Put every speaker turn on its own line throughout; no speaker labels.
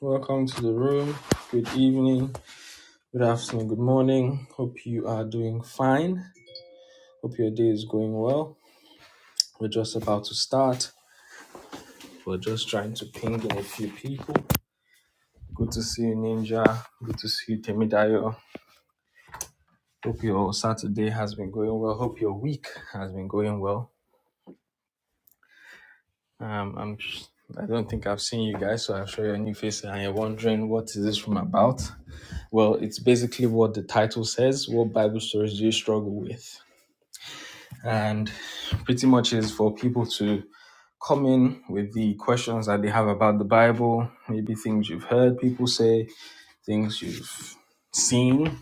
Welcome to the room. Good evening, good afternoon, good morning. Hope you are doing fine. Hope your day is going well. We're just about to start. We're just trying to ping in a few people. Good to see you, Ninja. Good to see you, Temidayo. Hope your Saturday has been going well. Hope your week has been going well. Um, I'm. I don't think I've seen you guys, so I'm sure your new face and you're wondering what is this room about. Well, it's basically what the title says. What Bible stories do you struggle with? and pretty much is for people to come in with the questions that they have about the Bible, maybe things you've heard people say, things you've seen,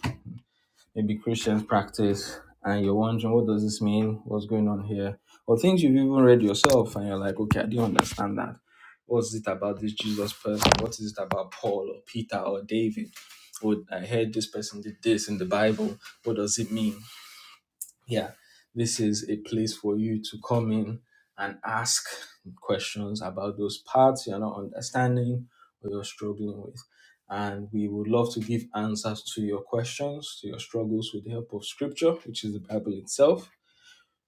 maybe Christians practice, and you're wondering what does this mean, what's going on here, or things you've even read yourself, and you're like, okay, I didn't understand that. What's it about this Jesus person? What is it about Paul or Peter or David? Or I heard this person did this in the Bible. What does it mean? yeah, this is a place for you to come in and ask questions about those parts you're not understanding or you're struggling with. And we would love to give answers to your questions, to your struggles with the help of Scripture, which is the Bible itself,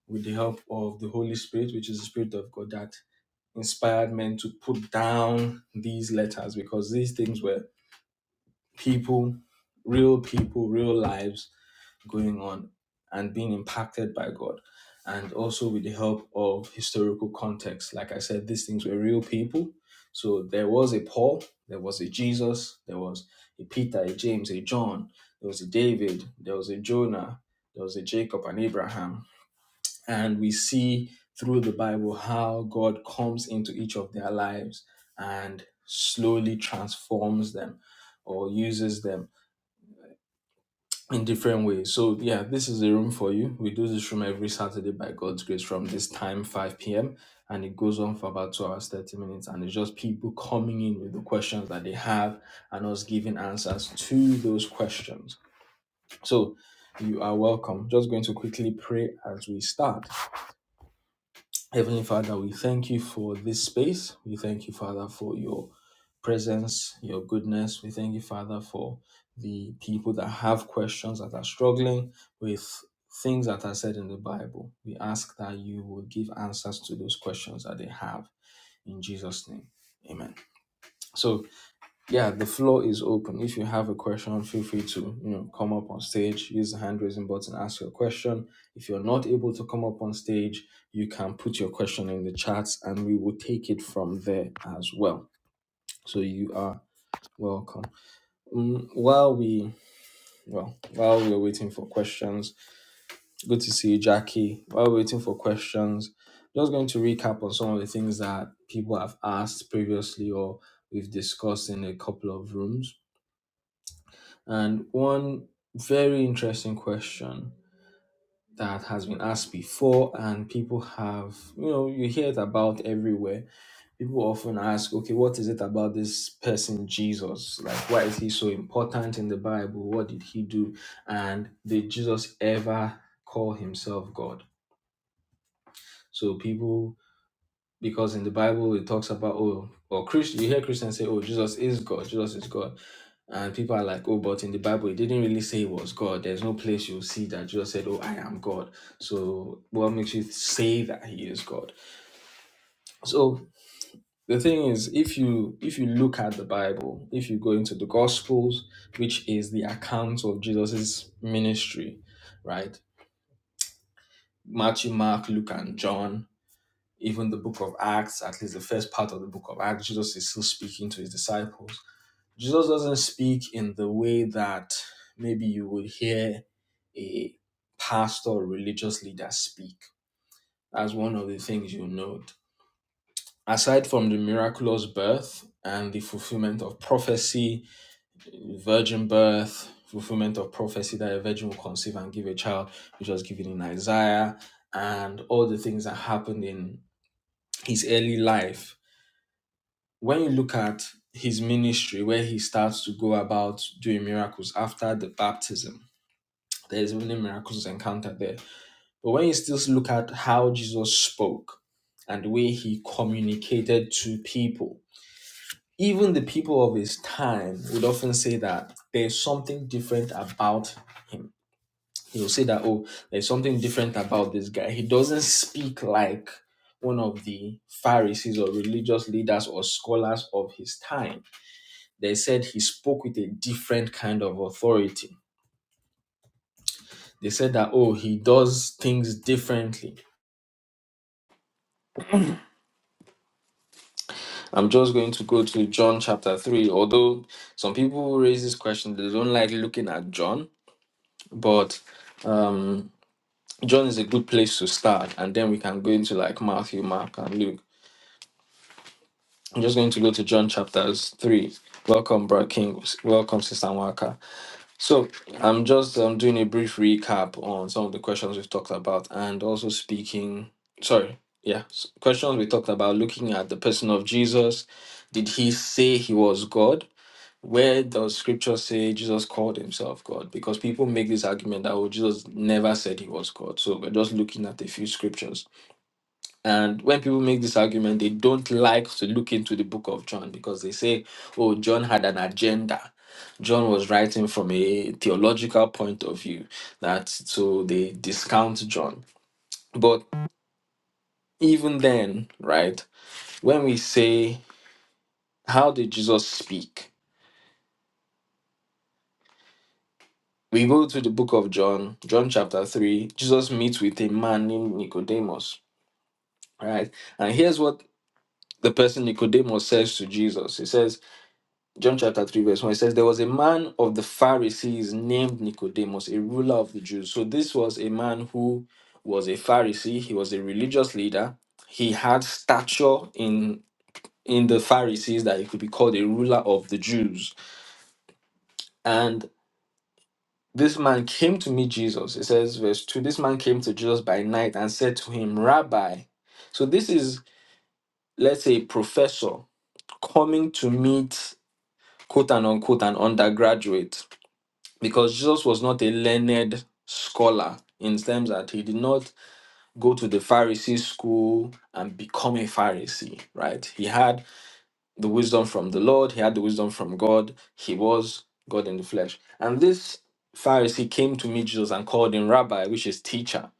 with the help of the Holy Spirit, which is the Spirit of God that inspired men to put down these letters because these things were people, real people, real lives going on and being impacted by God. And also with the help of historical context. Like I said, these things were real people. So there was a Paul, there was a Jesus, there was a Peter, a James, a John, there was a David, there was a Jonah, there was a Jacob and Abraham. And we see through the Bible how God comes into each of their lives and slowly transforms them or uses them in different ways. So yeah, this is the room for you. We do this room every Saturday by God's grace from this time 5 p.m. and it goes on for about two hours 30 minutes and it's just people coming in with the questions that they have and us giving answers to those questions. So you are welcome. Just going to quickly pray as we start. Heavenly Father, we thank you for this space. We thank you, Father, for your presence, your goodness. We thank you, Father, for the people that have questions that are struggling with things that are said in the Bible. We ask that you will give answers to those questions that they have in Jesus' name. Amen. So. Yeah, the floor is open. If you have a question, feel free to you know come up on stage, use the hand raising button, ask your question. If you're not able to come up on stage, you can put your question in the chat, and we will take it from there as well. So you are welcome. Mm, while we well while we're waiting for questions, good to see you, Jackie. While we're waiting for questions, just going to recap on some of the things that people have asked previously or we've discussed in a couple of rooms And one very interesting question that has been asked before, and people have, you know, you hear it about everywhere. People often ask, okay, what is it about this person, Jesus? Like, why is he so important in the Bible? What did he do? And did Jesus ever call himself God? So people because in the Bible it talks about oh or Christian you hear Christians say oh Jesus is God Jesus is God and people are like oh but in the Bible it didn't really say he was God there's no place you will see that Jesus said oh I am God so what makes you say that he is God so the thing is if you if you look at the Bible if you go into the Gospels which is the account of Jesus's ministry right Matthew Mark Luke and John even the book of Acts, at least the first part of the book of Acts, Jesus is still speaking to his disciples. Jesus doesn't speak in the way that maybe you would hear a pastor or religious leader speak. That's one of the things you note. Aside from the miraculous birth and the fulfillment of prophecy, virgin birth, fulfillment of prophecy that a virgin will conceive and give a child, which was given in Isaiah, and all the things that happened in his early life, when you look at his ministry, where he starts to go about doing miracles after the baptism, there's many miracles encountered there. But when you still look at how Jesus spoke and the way he communicated to people, even the people of his time would often say that there's something different about him. He'll say that, oh, there's something different about this guy. He doesn't speak like one of the Pharisees or religious leaders or scholars of his time they said he spoke with a different kind of authority. They said that, oh, he does things differently. I'm just going to go to John chapter 3. Although some people raise this question, they don't like looking at John, but um, John is a good place to start. And then we can go into like Matthew, Mark, and Luke. I'm just going to go to John chapters 3. Welcome, Brother King. Welcome, Sister Waka. So I'm just um, doing a brief recap on some of the questions we've talked about and also speaking, sorry, yeah, s- questions we talked about looking at the person of Jesus. Did he say he was God? Where does scripture say Jesus called himself God? Because people make this argument that oh, Jesus never said he was God. So we're just looking at a few scriptures. And when people make this argument, they don't like to look into the book of John because they say, oh, John had an agenda. John was writing from a theological point of view. That so they discount John. But even then, right, when we say, how did Jesus speak? We go to the book of John, John chapter 3. Jesus meets with a man named Nicodemus, right? And here's what the person Nicodemus says to Jesus. He says, John chapter 3, verse 1, it says, There was a man of the Pharisees named Nicodemus, a ruler of the Jews. So this was a man who was a Pharisee, he was a religious leader. He had stature in in the Pharisees that he could be called a ruler of the Jews. And this man came to meet Jesus. It says, verse 2, this man came to Jesus by night and said to him, Rabbi. So this is, let's say, a professor coming to meet quote and unquote an undergraduate because Jesus was not a learned scholar in terms that he did not go to the Pharisee school and become a Pharisee, right? He had the wisdom from the Lord, he had the wisdom from God, he was God in the flesh. And this Pharisee came to meet Jesus and called him Rabbi, which is teacher,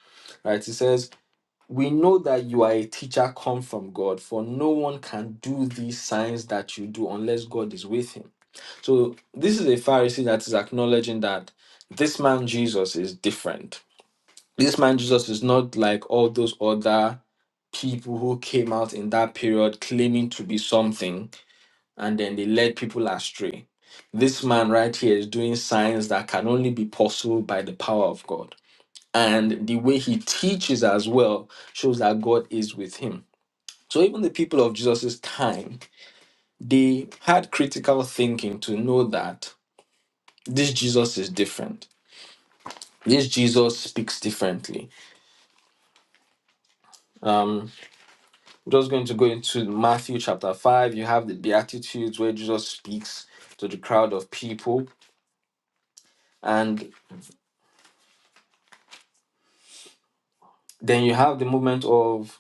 right? He says, We know that you are a teacher come from God, for no one can do these signs that you do unless God is with him. So this is a Pharisee that is acknowledging that this man Jesus is different. This man Jesus is not like all those other people who came out in that period claiming to be something and then they led people astray. This man right here is doing signs that can only be possible by the power of God. And the way he teaches as well shows that God is with him. So even the people of Jesus' time, they had critical thinking to know that this Jesus is different. This Jesus speaks differently. Um, I'm just going to go into Matthew chapter 5. You have the Beatitudes where Jesus speaks to the crowd of people. And then you have the moment of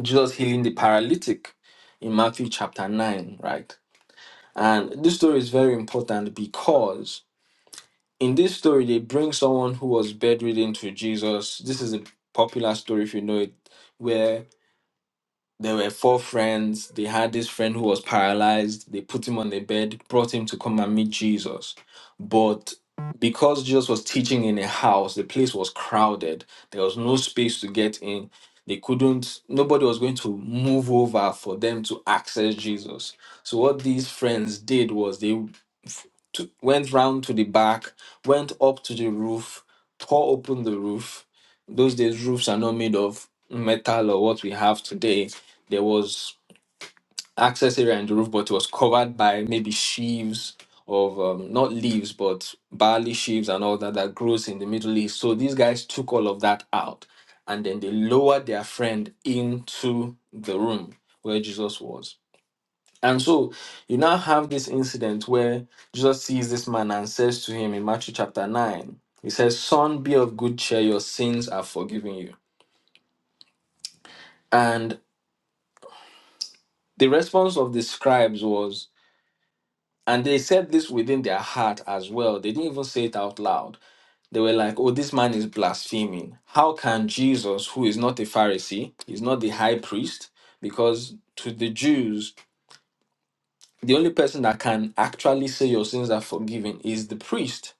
Jesus healing the paralytic in Matthew chapter 9, right? And this story is very important because in this story, they bring someone who was bedridden to Jesus. This is a popular story, if you know it, where. There were four friends. They had this friend who was paralyzed. They put him on the bed, brought him to come and meet Jesus. But because Jesus was teaching in a house, the place was crowded. There was no space to get in. They couldn't, nobody was going to move over for them to access Jesus. So, what these friends did was they to, went round to the back, went up to the roof, tore open the roof. Those days, roofs are not made of metal or what we have today. There was access area in the roof, but it was covered by maybe sheaves of um, not leaves, but barley sheaves and all that that grows in the Middle East. So these guys took all of that out and then they lowered their friend into the room where Jesus was and so you now have this incident where Jesus sees this man and says to him in Matthew chapter 9, he says, Son, be of good cheer, your sins are forgiven you. And the response of the scribes was, and they said this within their heart as well. They didn't even say it out loud. They were like, oh, this man is blaspheming. How can Jesus, who is not a Pharisee, he's not the high priest, because to the Jews, the only person that can actually say your sins are forgiven is the priest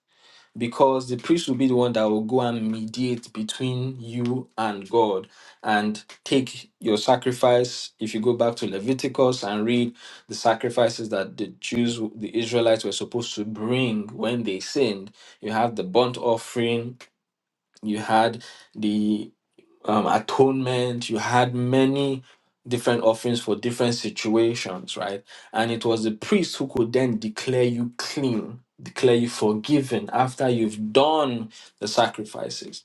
because the priest will be the one that will go and mediate between you and God and take your sacrifice. If you go back to Leviticus and read the sacrifices that the Jews, the Israelites were supposed to bring when they sinned, you have the burnt offering, you had the um, atonement. You had many different offerings for different situations, right? And it was the priest who could then declare you clean, declare you forgiven after you've done the sacrifices.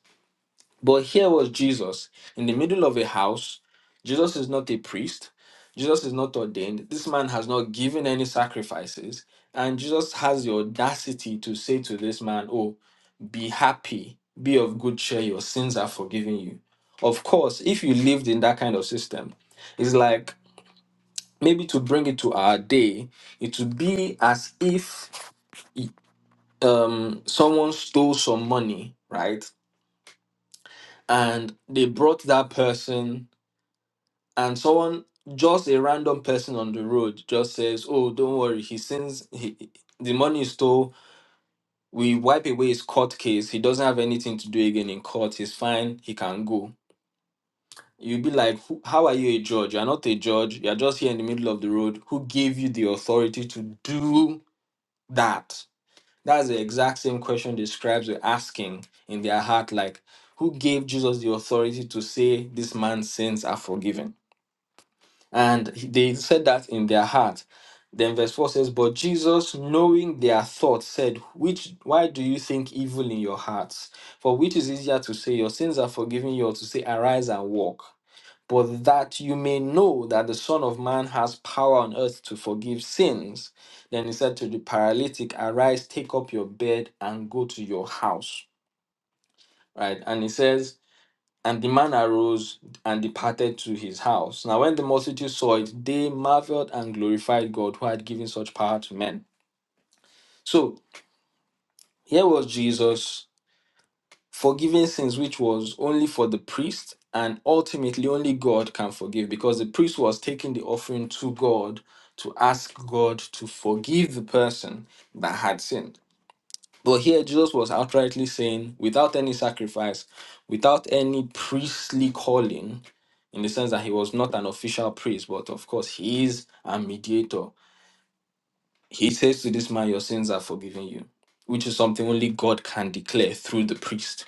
But here was Jesus in the middle of a house. Jesus is not a priest. Jesus is not ordained. This man has not given any sacrifices. And Jesus has the audacity to say to this man, Oh, be happy, be of good cheer, your sins are forgiven you. Of course, if you lived in that kind of system, it's like maybe to bring it to our day, it would be as if um, someone stole some money, right? And they brought that person, and someone, just a random person on the road, just says, Oh, don't worry, he sins, he, the money is stole, we wipe away his court case. He doesn't have anything to do again in court. He's fine. He can go You'll be like, "Who- how are you a judge? You're not a judge. You're just here in the middle of the road. Who gave you the authority to do that? That's the exact same question the scribes were asking in their heart like, who gave Jesus the authority to say this man's sins are forgiven? And he- they said that in their heart. Then verse 4 says, But Jesus, knowing their thoughts, said, Which why do you think evil in your hearts? For which is easier to say, Your sins are forgiven you, or to say, Arise and walk? but that you may know that the Son of Man has power on earth to forgive sins. Then he said to the paralytic, Arise, take up your bed, and go to your house. Right? And he says, And the man arose and departed to his house. Now, when the multitude saw it, they marveled and glorified God who had given such power to men. So here was Jesus forgiving sins which was only for the priest and ultimately only God can forgive because the priest was taking the offering to God to ask God to forgive the person that had sinned. But here Jesus was outrightly saying, without any sacrifice, without any priestly calling, in the sense that he was not an official priest, but of course he is a mediator. He says to this man, Your sins are forgiven you, which is something only God can declare through the priest.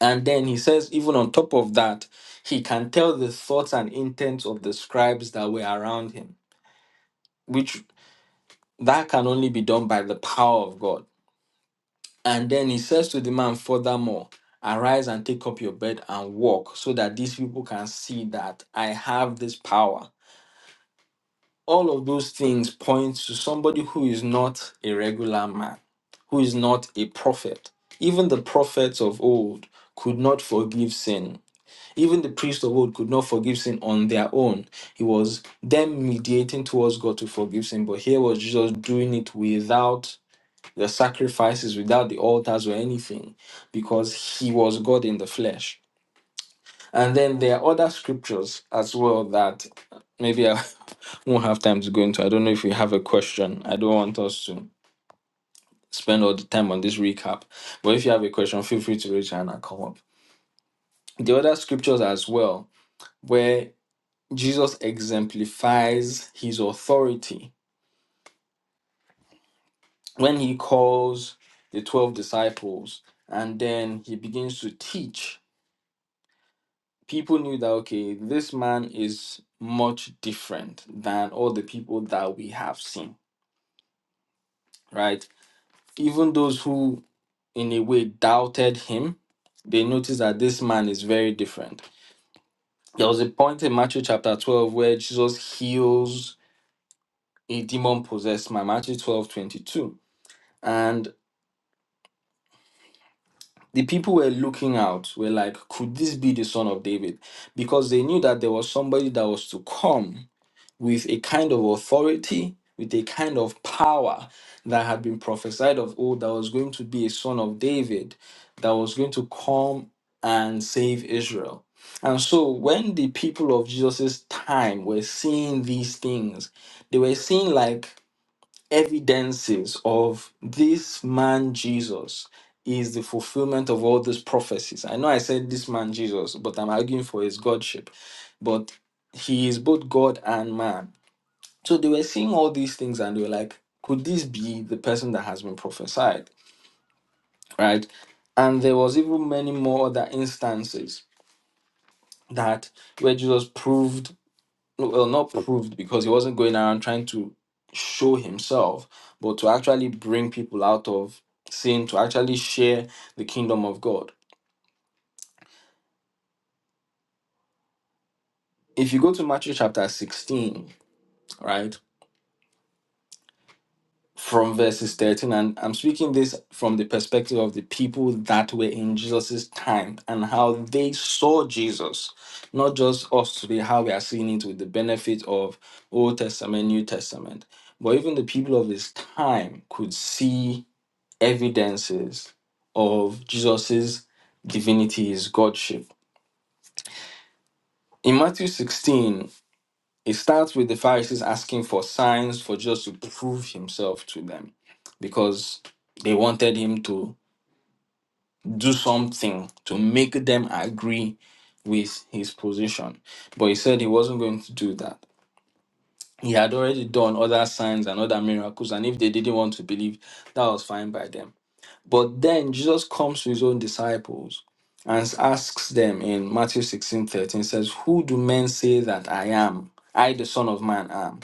And then he says, even on top of that, he can tell the thoughts and intents of the scribes that were around him, which that can only be done by the power of God. And then he says to the man, furthermore, arise and take up your bed and walk, so that these people can see that I have this power. All of those things point to somebody who is not a regular man, who is not a prophet. Even the prophets of old could not forgive sin Even the priests of old could not forgive sin on their own. It was them mediating towards God to forgive sin. But here was Jesus doing it without the sacrifices, without the altars or anything, because he was God in the flesh. And then there are other scriptures as well that uh, maybe I won't have time to go into. I don't know if you have a question. I don't want us to spend all the time on this recap. But if you have a question, feel free to raise your hand and come up. The other scriptures as well, where Jesus exemplifies his authority when he calls the 12 disciples and then he begins to teach. People knew that, okay, this man is much different than all the people that we have seen, right? Even those who, in a way, doubted him, they noticed that this man is very different. There was a point in Matthew chapter 12 where Jesus heals a demon possessed man, Matthew twelve twenty-two, 22. the people were looking out were like could this be the son of david because they knew that there was somebody that was to come with a kind of authority with a kind of power that had been prophesied of old that was going to be a son of david that was going to come and save israel and so when the people of jesus' time were seeing these things they were seeing like evidences of this man Jesus is the fulfillment of all these prophecies. I know I said this man Jesus, but I'm arguing for his godship. But he is both God and man. So they were seeing all these things and they were like, could this be the person that has been prophesied? Right? And there was even many more other instances that where Jesus proved No, well, not proved because he wasn't going around trying to show himself, but to actually bring people out of sin, to actually share the kingdom of God. If you go to Matthew chapter 16, right, from verses 13, and I'm speaking this from the perspective of the people that were in Jesus' time and how they saw Jesus, not just us today, how we are seeing it with the benefit of Old Testament, New Testament, but even the people of his time could see evidences of Jesus's divinity, his godship. In Matthew 16, it starts with the Pharisees asking for signs for Jesus to prove himself to them because they wanted him to do something to make them agree with his position. But he said he wasn't going to do that. He had already done other signs and other miracles, and if they didn't want to believe, that was fine by them. But then Jesus comes to his own disciples and asks them in Matthew 16 13 says, Who do men say that I am? I, the Son of Man, am.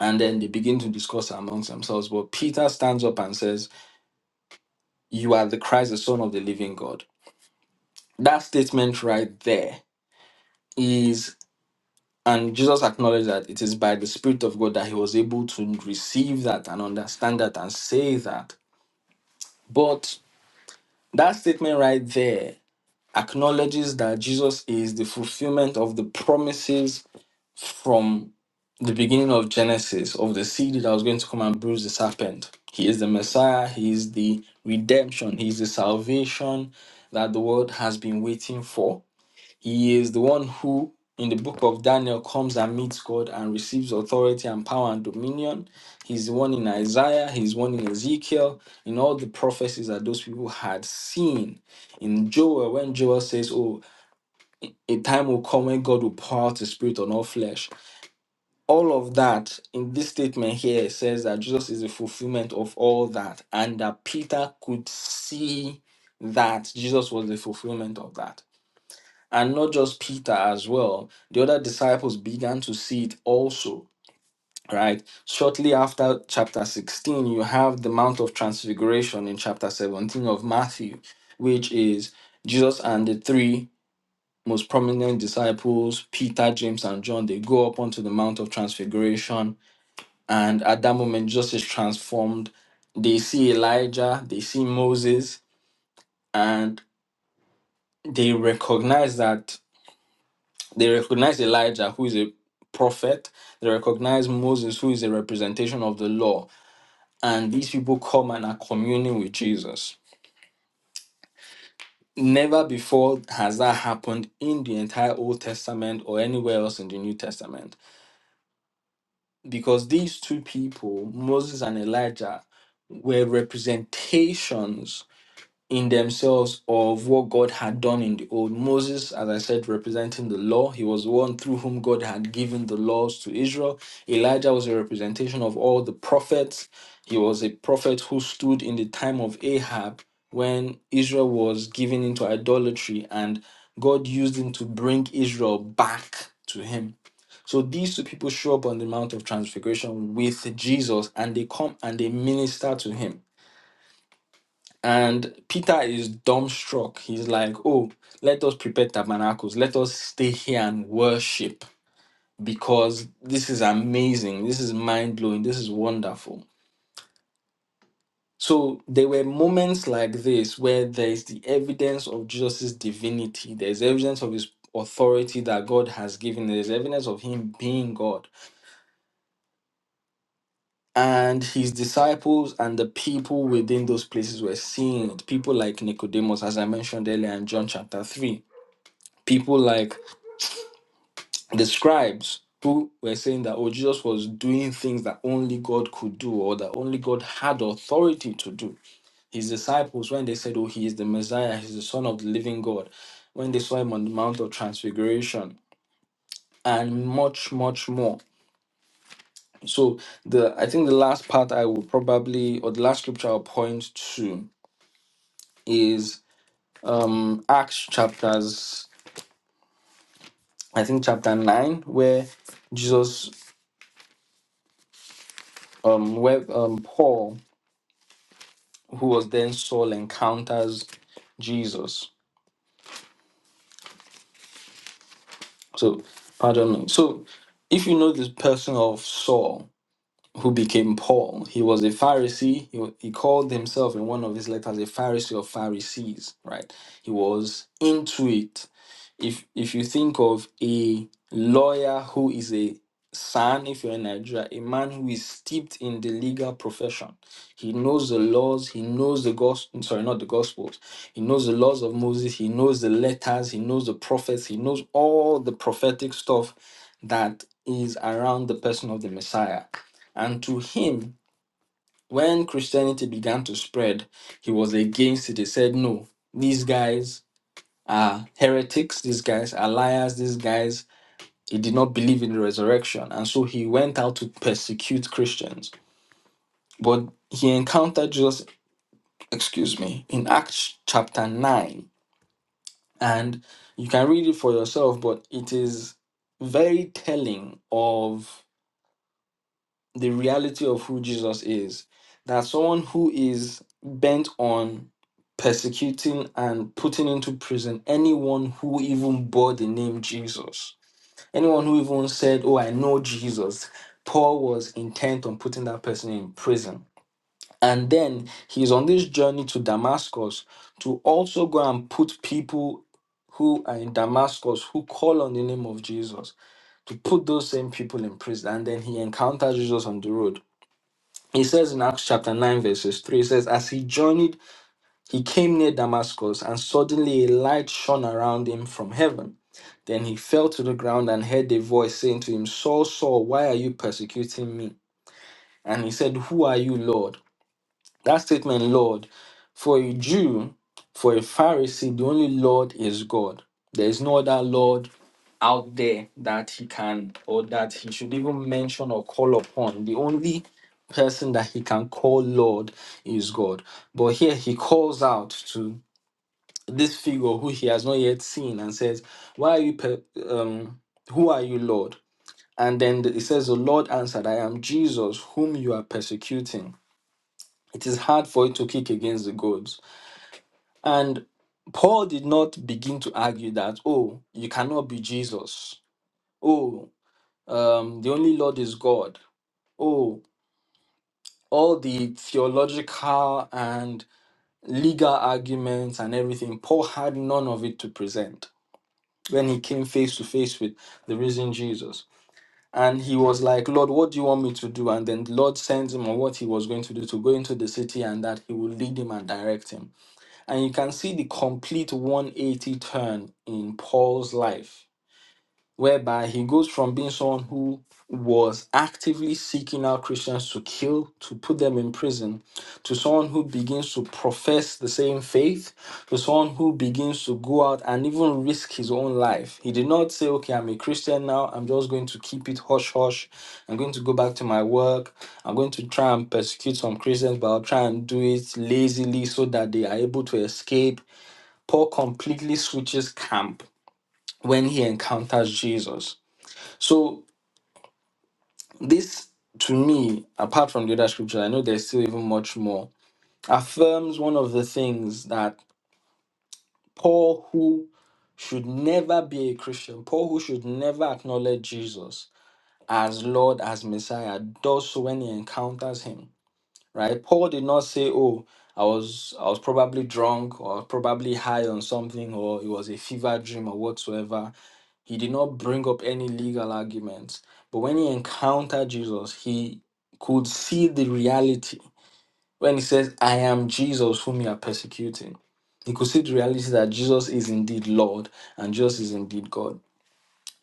And then they begin to discuss amongst themselves. But Peter stands up and says, You are the Christ, the Son of the living God. That statement right there is, and Jesus acknowledged that it is by the Spirit of God that he was able to receive that and understand that and say that. But that statement right there acknowledges that Jesus is the fulfillment of the promises from the beginning of Genesis, of the seed that was going to come and bruise the serpent. He is the Messiah, He is the redemption, He is the salvation that the world has been waiting for. He is the one who, in the book of Daniel, comes and meets God and receives authority and power and dominion. He's the one in Isaiah, he's one in Ezekiel, in all the prophecies that those people had seen. In Joel, when Joel says, Oh, a time will come when God will pour out his spirit on all flesh. All of that in this statement here it says that Jesus is the fulfillment of all that, and that Peter could see that Jesus was the fulfillment of that. And not just Peter as well, the other disciples began to see it also. Right, shortly after chapter 16, you have the Mount of Transfiguration in chapter 17 of Matthew, which is Jesus and the three most prominent disciples, Peter, James, and John. They go up onto the Mount of Transfiguration, and at that moment, Jesus is transformed. They see Elijah, they see Moses, and they recognize that They recognize Elijah, who is a prophet. They recognize Moses, who is a representation of the law. And these people come and are communing with Jesus. Never before has that happened in the entire Old Testament or anywhere else in the New Testament. Because these two people, Moses and Elijah, were representations in themselves of what God had done in the old. Moses, as I said, representing the law. He was the one through whom God had given the laws to Israel. Elijah was a representation of all the prophets. He was a prophet who stood in the time of Ahab when Israel was given into idolatry and God used him to bring Israel back to him. So these two people show up on the Mount of Transfiguration with Jesus and they come and they minister to him and Peter is dumbstruck. He's like, Oh, let us prepare tabernacles. Let us stay here and worship because this is amazing. This is mind blowing. This is wonderful. So there were moments like this where there is the evidence of Jesus' divinity, there's evidence of his authority that God has given, there's evidence of him being God. And his disciples and the people within those places were seeing it. People like Nicodemus, as I mentioned earlier in John chapter 3 people like the scribes who were saying that oh jesus was doing things that only god could do or that only god had authority to do his disciples when they said oh he is the messiah he's the son of the living god when they saw him on the mount of transfiguration and much much more so the i think the last part i will probably or the last scripture i'll point to is um acts chapters i think chapter 9 where jesus um where um paul who was then Saul, encounters Jesus. So, pardon me. So, if you know this person of Saul, who became Paul, he was a Pharisee. He, wa- he called himself in one of his letters a Pharisee of Pharisees, right? He was into it if if you think of a lawyer who is a son, if you're in Nigeria, a man who is steeped in the legal profession, he knows the laws, he knows the gospel, sorry, not the gospels, he knows the laws of Moses, he knows the letters, he knows the prophets, he knows all the prophetic stuff that is around the person of the Messiah. And to him, when Christianity began to spread, he was against it. He said, No, these guys are heretics, these guys are liars, these guys, he did not believe in the resurrection. And so he went out to persecute Christians. But he encountered Jesus, excuse me, in Acts chapter 9. And you can read it for yourself, but it is very telling of the reality of who Jesus is. That someone who is bent on persecuting and putting into prison anyone who even bore the name Jesus Anyone who even said, Oh, I know Jesus, Paul was intent on putting that person in prison. And then he's on this journey to Damascus to also go and put people who are in Damascus who call on the name of Jesus to put those same people in prison. And then he encounters Jesus on the road. He says in Acts chapter 9, verses 3, he says, As he journeyed, he came near Damascus, and suddenly a light shone around him from heaven. Then he fell to the ground and heard a voice saying to him, Saul, Saul, why are you persecuting me? And he said, Who are you, Lord? That statement, Lord, for a Jew, for a Pharisee, the only Lord is God. There is no other Lord out there that he can or that he should even mention or call upon. The only person that he can call Lord is God. But here he calls out to this figure who he has not yet seen and says, Why are you, per- um, who are you, Lord? And then it says, The Lord answered, I am Jesus, whom you are persecuting. It is hard for you to kick against the goads. And Paul did not begin to argue that, oh, you cannot be Jesus. Oh, um, the only Lord is God. Oh, all the theological and legal arguments and everything, Paul had none of it to present when he came face to face with the risen Jesus. And he was like, Lord, what do you want me to do? And then the Lord sends him on what he was going to do to go into the city and that he will lead him and direct him. And you can see the complete 180 turn in Paul's life whereby he goes from being someone who was actively seeking out Christians to kill, to put them in prison, to someone who begins to profess the same faith, to someone who begins to go out and even risk his own life. He did not say, Okay, I'm a Christian now, I'm just going to keep it hush hush, I'm going to go back to my work, I'm going to try and persecute some Christians, but I'll try and do it lazily so that they are able to escape. Paul completely switches camp when he encounters Jesus. So this, to me, apart from the other scriptures, I know there's still even much more, affirms one of the things that Paul, who should never be a Christian, Paul, who should never acknowledge Jesus as Lord, as Messiah, does so when he encounters him. Right? Paul did not say, "Oh, I was I was probably drunk or probably high on something or it was a fever dream or whatsoever." He did not bring up any legal arguments. But when he encountered Jesus, he could see the reality. When he says, I am Jesus whom you are persecuting, he could see the reality that Jesus is indeed Lord and Jesus is indeed God.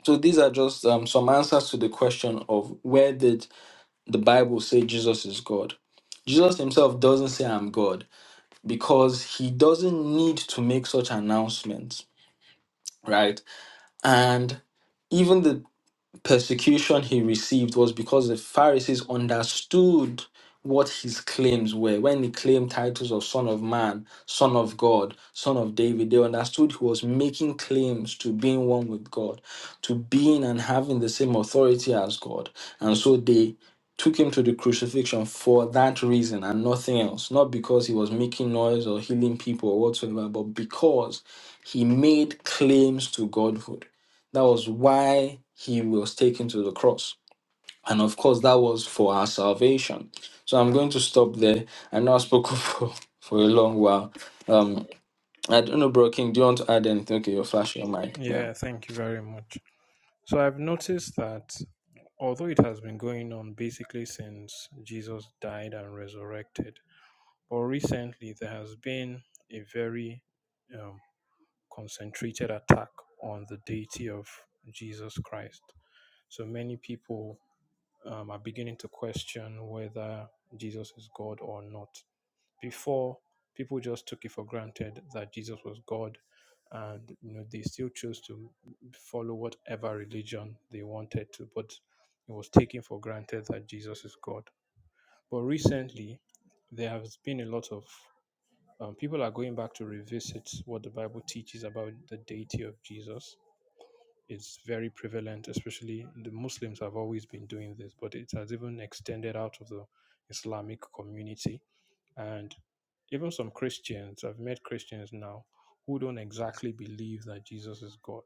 So these are just um, some answers to the question of where did the Bible say Jesus is God? Jesus himself doesn't say I'm God because he doesn't need to make such announcements, right? And even the persecution he received was because the Pharisees understood what his claims were. When he claimed titles of Son of Man, Son of God, Son of David, they understood he was making claims to being one with God, to being and having the same authority as God. And so they took him to the crucifixion for that reason and nothing else. Not because he was making noise or healing people or whatsoever, but because he made claims to Godhood. That was why he was taken to the cross. And of course, that was for our salvation. So I'm going to stop there. I know I spoke for, for a long while. Um, I don't know, Bro King, do you want to add anything? Okay, you're flashing your mic. Yeah.
Yeah, thank you very much. So I've noticed that although it has been going on basically since Jesus died and resurrected, but recently there has been a very um, concentrated attack on the deity of Jesus Christ. So many people um, are beginning to question whether Jesus is God or not. Before, people just took it for granted that Jesus was God, and you know they still chose to follow whatever religion they wanted to, but it was taken for granted that Jesus is God. But recently, there has been a lot of um, people are going back to revisit what the Bible teaches about the deity of Jesus. It's very prevalent, especially the Muslims have always been doing this, but it has even extended out of the Islamic community. And even some Christians, I've met Christians now who don't exactly believe that Jesus is God.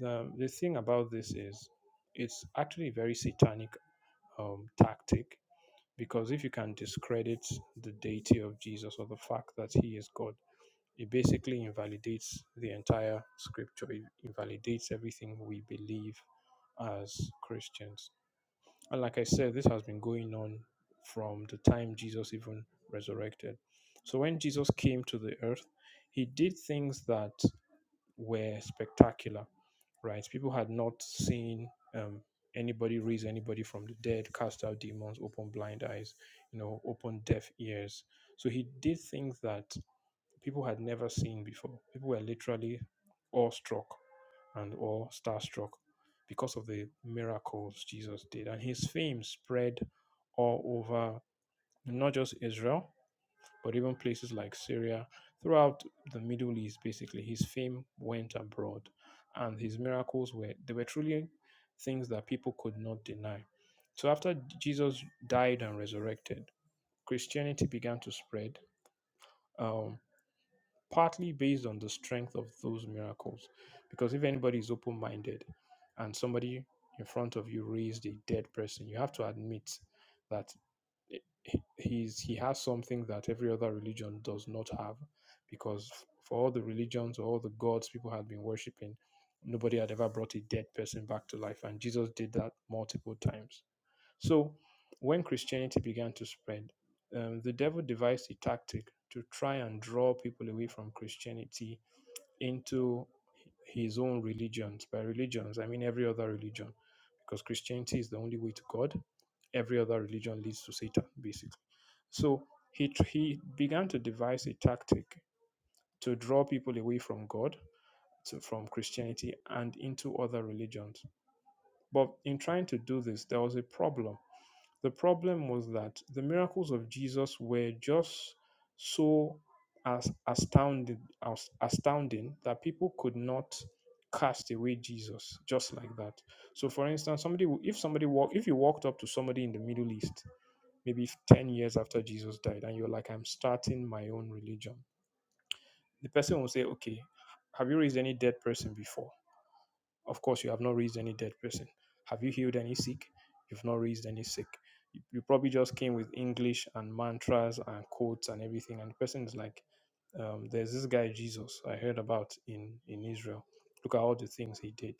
The, the thing about this is it's actually a very satanic um, tactic because if you can discredit the deity of Jesus or the fact that he is God, it basically invalidates the entire scripture, it invalidates everything we believe as Christians. And like I said, this has been going on from the time Jesus even resurrected. So when Jesus came to the earth, he did things that were spectacular, right? People had not seen um, anybody raise anybody from the dead, cast out demons, open blind eyes, you know, open deaf ears. So he did things that people had never seen before. People were literally awestruck and awe starstruck because of the miracles Jesus did. And his fame spread all over not just Israel, but even places like Syria, throughout the Middle East, basically. His fame went abroad. And his miracles were they were truly things that people could not deny. So after Jesus died and resurrected, Christianity began to spread. Um partly based on the strength of those miracles. Because if anybody is open minded and somebody in front of you raised a dead person, you have to admit that he- he's, he has something that every other religion does not have. Because for all the religions or all the gods people had been worshipping, nobody had ever brought a dead person back to life. And Jesus did that multiple times so, when Christianity began to spread, um, the devil devised a tactic to try and draw people away from Christianity into his own religions. By religions, I mean every other religion, because Christianity is the only way to God. Every other religion leads to Satan, basically. So he tr- he began to devise a tactic to draw people away from God, to, from Christianity, and into other religions. But in trying to do this, there was a problem the problem was that the miracles of Jesus were just so as astounding, as astounding that people could not cast away Jesus just like that. So, for instance, somebody who- if somebody walk if you walked up to somebody in the Middle East, maybe f- ten years after Jesus died, and you're like, "I'm starting my own religion," the person will say, "Okay, have you raised any dead person before?" Of course, you have not raised any dead person. Have you healed any sick? You've not raised any sick. You, you probably just came with English and mantras and quotes and everything, and the person is like, um, "There's this guy Jesus I heard about in in Israel. Look at all the things he did.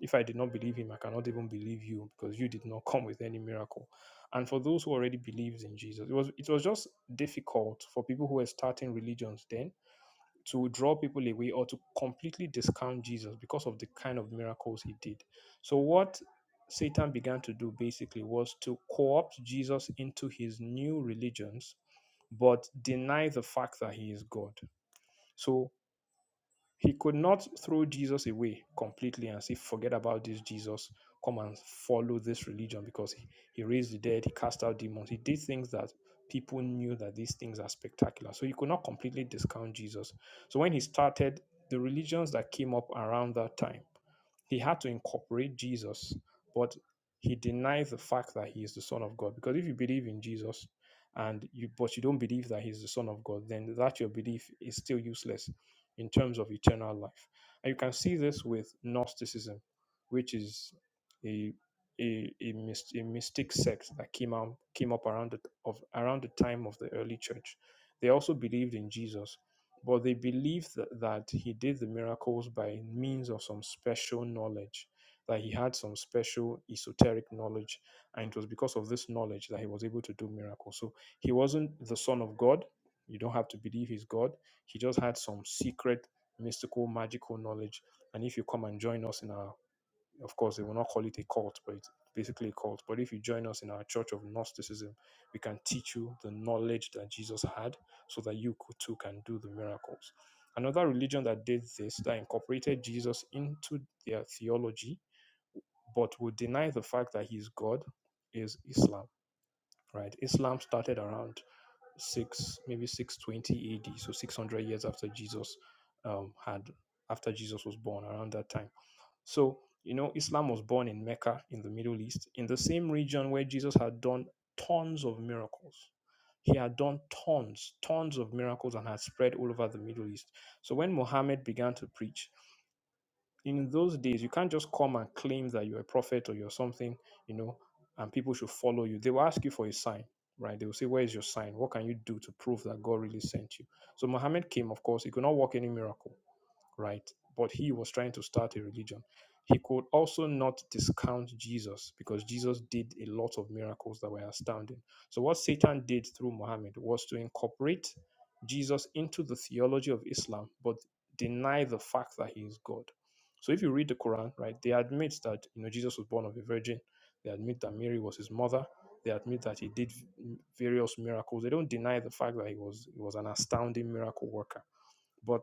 If I did not believe him, I cannot even believe you because you did not come with any miracle." And for those who already believed in Jesus, it was it was just difficult for people who were starting religions then to draw people away or to completely discount Jesus because of the kind of miracles he did. So, what Satan began to do basically was to co opt Jesus into his new religions, but deny the fact that he is God. So, he could not throw Jesus away completely and say, forget about this Jesus, come and follow this religion because he, he raised the dead, he cast out demons. He did things that people knew that these things are spectacular. So he could not completely discount Jesus. So when he started, the religions that came up around that time, he had to incorporate Jesus, but he denied the fact that he is the Son of God. Because if you believe in Jesus and you but you don't believe that he's the Son of God, then that your belief is still useless in terms of eternal life. And you can see this with Gnosticism, which is a a, a, mys- a mystic sect that came out came up around the, of around the time of the early church. They also believed in Jesus, but they believed that, that he did the miracles by means of some special knowledge, that he had some special esoteric knowledge, and it was because of this knowledge that he was able to do miracles. So he wasn't the son of God. You don't have to believe he's God she just had some secret, mystical, magical knowledge. And if you come and join us in our, of course, they will not call it a cult, but it's basically a cult. But if you join us in our Church of Gnosticism, we can teach you the knowledge that Jesus had so that you could, too can do the miracles. Another religion that did this, that incorporated Jesus into their theology, but would deny the fact that he's God, is Islam, right? Islam started around six maybe six twenty AD, so six hundred years after Jesus um, had after Jesus was born around that time. So you know, Islam was born in Mecca in the Middle East, in the same region where Jesus had done tons of miracles. He had done tons, tons of miracles and had spread all over the Middle East. So when Muhammad began to preach, in those days you can't just come and claim that you're a prophet or you're something you know and people should follow you they will ask you for a sign right they will say where is your sign what can you do to prove that god really sent you so muhammad came of course he could not work any miracle right? But he was trying to start a religion. He could also not discount Jesus because Jesus did a lot of miracles that were astounding. So, what Satan did through Muhammad was to incorporate Jesus into the theology of Islam, but deny the fact that he is God. So, if you read the Quran, right, they admit that you know Jesus was born of a virgin. They admit that Mary was his mother. They admit that he did various miracles. They don't deny the fact that he was he was an astounding miracle worker but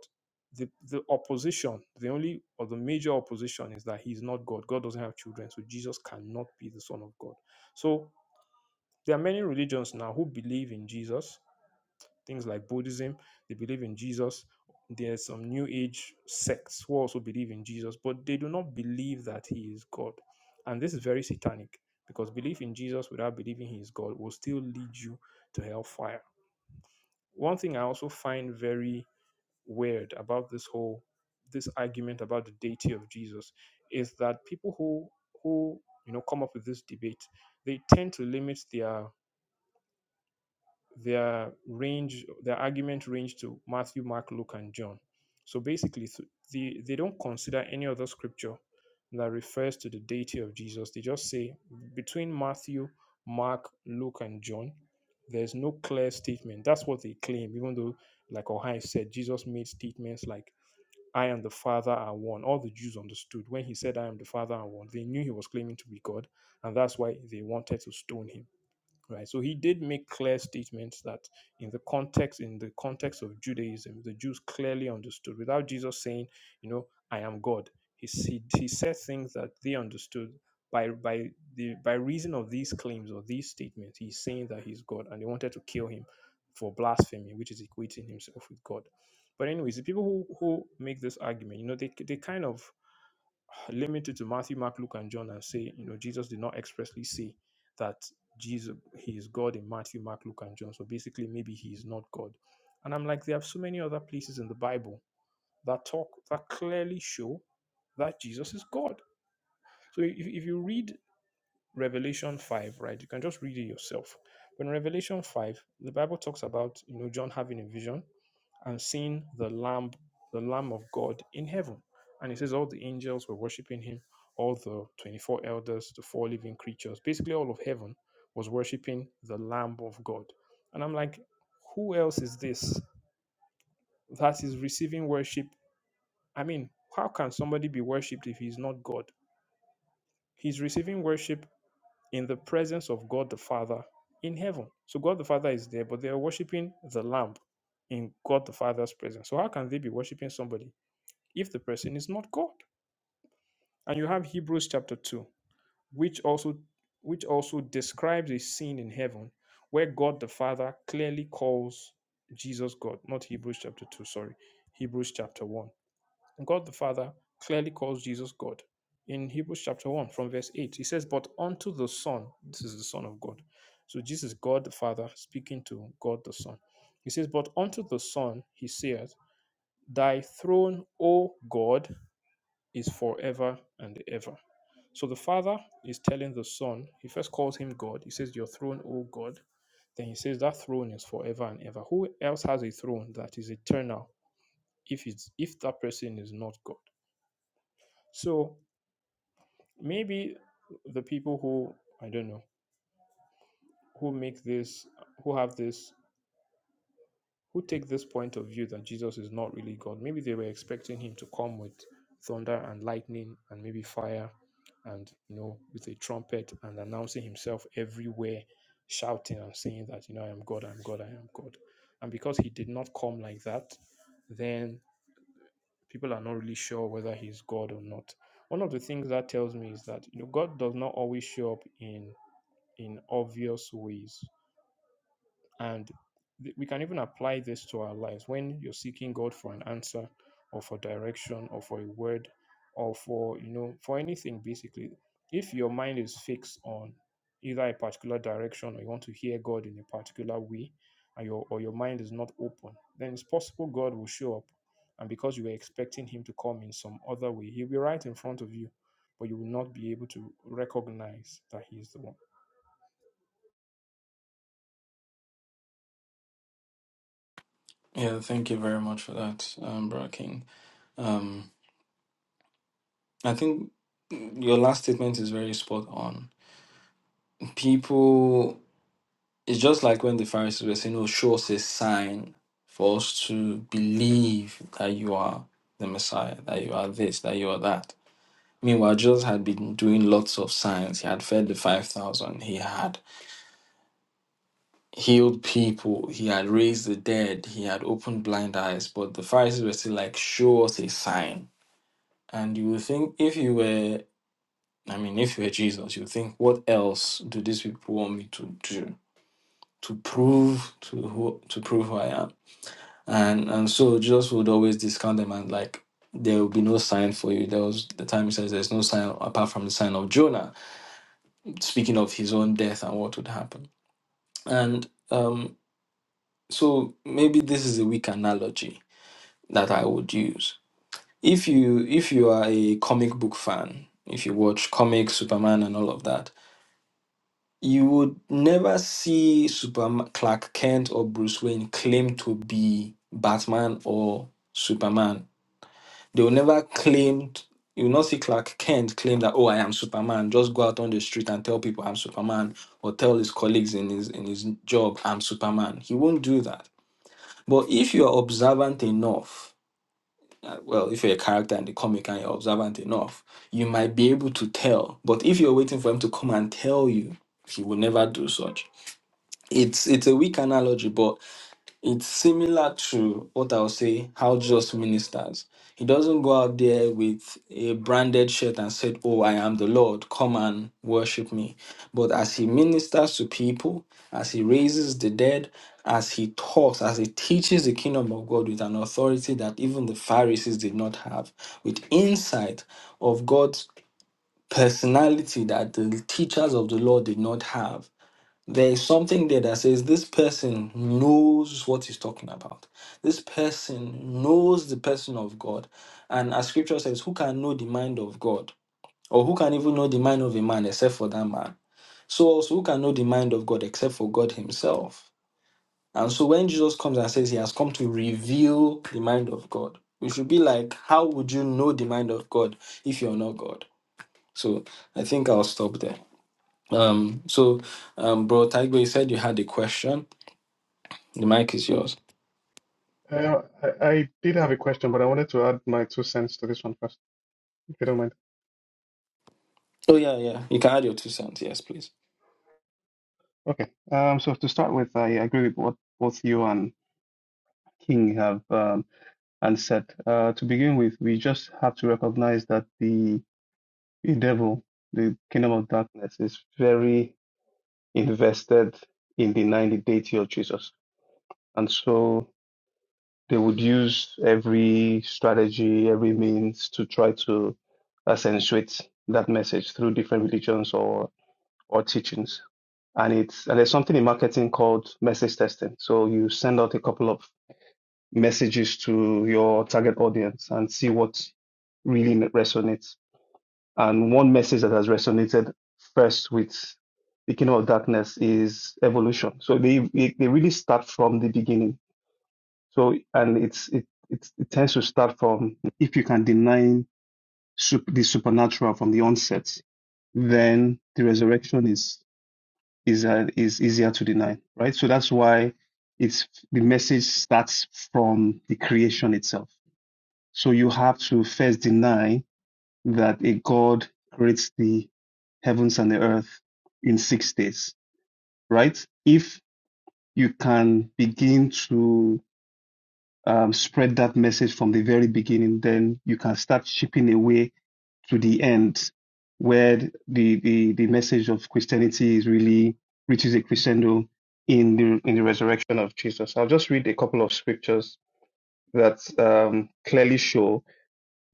the, the opposition, the only or the major opposition is that he's not God. God doesn't have children, so Jesus cannot be the Son of God. So there are many religions now who believe in Jesus, things like Buddhism, they believe in Jesus. There are some new age sects who also believe in Jesus, but they do not believe that he is God. And this is very satanic because belief in Jesus without believing he is God will still lead you to hellfire. One thing I also find very weird about this whole this argument about the deity of Jesus is that people who who you know come up with this debate they tend to limit their their range their argument range to Matthew, Mark, Luke, and John. So basically, th- the, they don't consider any other scripture that refers to the deity of Jesus. They just say between Matthew, Mark, Luke, and John, there's no clear statement. That's what they claim, even though, like Ohio said, Jesus made statements like I am the Father are one. All the Jews understood when he said, I am the Father are one. They knew he was claiming to be God, and that's why they wanted to stone him right so he did make clear statements that in the context in the context of judaism the jews clearly understood without jesus saying you know i am god he he, he said things that they understood by by the by reason of these claims or these statements he's saying that he's god and they wanted to kill him for blasphemy which is equating himself with god but anyways the people who who make this argument you know they they kind of limit it to Matthew, Mark, Luke, and John and say, you know, Jesus did not expressly say that Jesus he is God in Matthew, Mark, Luke, and John. So basically, maybe he is not God. And I'm like, there are so many other places in the Bible that talk that clearly show that Jesus is God. So if, if you read Revelation 5, right? You can just read it yourself. But in Revelation 5, the Bible talks about, you know, John having a vision and seeing the Lamb, the Lamb of God in heaven. And it says all the angels were worshiping him, all the 24 elders, the four living creatures, basically all of heaven was worshiping the Lamb of God. And I'm like, who else is this that is receiving worship? I mean, how can somebody be worshipped if he's not God? He's receiving worship in the presence of God the Father in heaven. So God the Father is there, but they are worshiping the Lamb in God the Father's presence. So how can they be worshiping somebody if the person is not God? And you have Hebrews chapter 2, which also which also describes a scene in heaven where God the Father clearly calls Jesus God, not Hebrews chapter 2, sorry, Hebrews chapter 1. God the Father clearly calls Jesus God. In Hebrews chapter 1, from verse 8, he says, But unto the Son, this is the Son of God. So Jesus, is God the Father, speaking to God the Son. He says, But unto the Son, he saith, Thy throne, O God, is forever and ever. So the Father is telling the Son, he first calls him God. He says, Your throne, O God. Then he says, That throne is forever and ever. Who else has a throne that is eternal if it's if that person is not God? So maybe the people who i don't know who make this who have this who take this point of view that jesus is not really god maybe they were expecting him to come with thunder and lightning and maybe fire and you know with a trumpet and announcing himself everywhere shouting and saying that you know i am god i am god i am god and because he did not come like that then people are not really sure whether he's god or not one of the things that tells me is that you know god does not always show up in. in obvious ways. And th- we can even apply this to our lives. When you're seeking God for an answer or for direction or for a word or for, you know, for anything basically, if your mind is fixed on either a particular direction or you want to hear God in a particular way and your or your mind is not open, then it's possible God will show up. And because you were expecting him to come in some other way, he'll be right in front of you, but you will not be able to recognize that he is the one.
Yeah, thank you very much for that, um, Bro King. Um, I think your last statement is very spot on. People It's just like when the Pharisees were saying, Oh, show us a sign for us to believe that you are the Messiah, that you are this, that you are that. Meanwhile, Jesus had been doing lots of signs. He had fed the 5,000, he had healed people, he had raised the dead, he had opened blind eyes. But the Pharisees were still like, Show us a sign. And you would think, if you were, I mean, if you were Jesus, you would think, What else do these people want me to do? To prove to who to prove who I am and and so Jesus would always discount them and like there will be no sign for you. There was the time he says there's no sign apart from the sign of Jonah, speaking of his own death and what would happen. And um, so maybe this is a weak analogy that I would use. If you if you are a comic book fan, if you watch comics, Superman and all of that, you would never see Superman Clark Kent or Bruce Wayne claim to be Batman or Superman They will never claim, you will not see Clark Kent claim that, oh, I am Superman. Just go out on the street and tell people I'm Superman or tell his colleagues in his, in his job, I'm Superman. He won't do that. But if you are observant enough, uh, well, if you're a character in the comic and you're observant enough, you might be able to tell. But if you're waiting for him to come and tell you, he will never do such. It's it's a weak analogy, but it's similar to what I'll say, how just ministers. He doesn't go out there with a branded shirt and said, Oh, I am the Lord, come and worship me. But as he ministers to people, as he raises the dead, as he talks, as he teaches the kingdom of God with an authority that even the Pharisees did not have, with insight of God's personality that the teachers of the law did not have there is something there that says this person knows what he's talking about. This person knows the person of God. And as scripture says, who can know the mind of God? Or who can even know the mind of a man except for that man? So also who can know the mind of God except for God himself? And so when Jesus comes and says he has come to reveal the mind of God, we should be like, how would you know the mind of God if you're not God? So I think I'll stop there. Um, so, um, bro, Taigo, you said you had a question. The mic is yours.
Uh, I, I did have a question, but I wanted to add my two cents to this one first, if you don't mind.
Oh yeah, yeah. You can add your two cents. Yes, please.
Okay. Um, so to start with, I agree with what both you and King have um, and said. Uh, to begin with, we just have to recognize that the, the devil, the kingdom of darkness, is very invested in the 90 deity of Jesus. And so they would use every strategy, every means to try to accentuate that message through different religions or or teachings. And it's and there's something in marketing called message testing. So you send out a couple of messages to your target audience and see what really resonates. And one message that has resonated first with the kingdom of darkness is evolution. So they they they really start from the beginning. So and it's it it, it tends to start from if you can deny sup- the supernatural from the onset, then the resurrection is is uh, is easier to deny, right? So that's why it's the message starts from the creation itself. So you have to first deny that a God creates the heavens and the earth in six days, right? If you can begin to um, spread that message from the very beginning, then you can start chipping away to the end where the, the, the message of Christianity is really reaches a crescendo in the, in the resurrection of Jesus. I'll just read a couple of scriptures that um, clearly show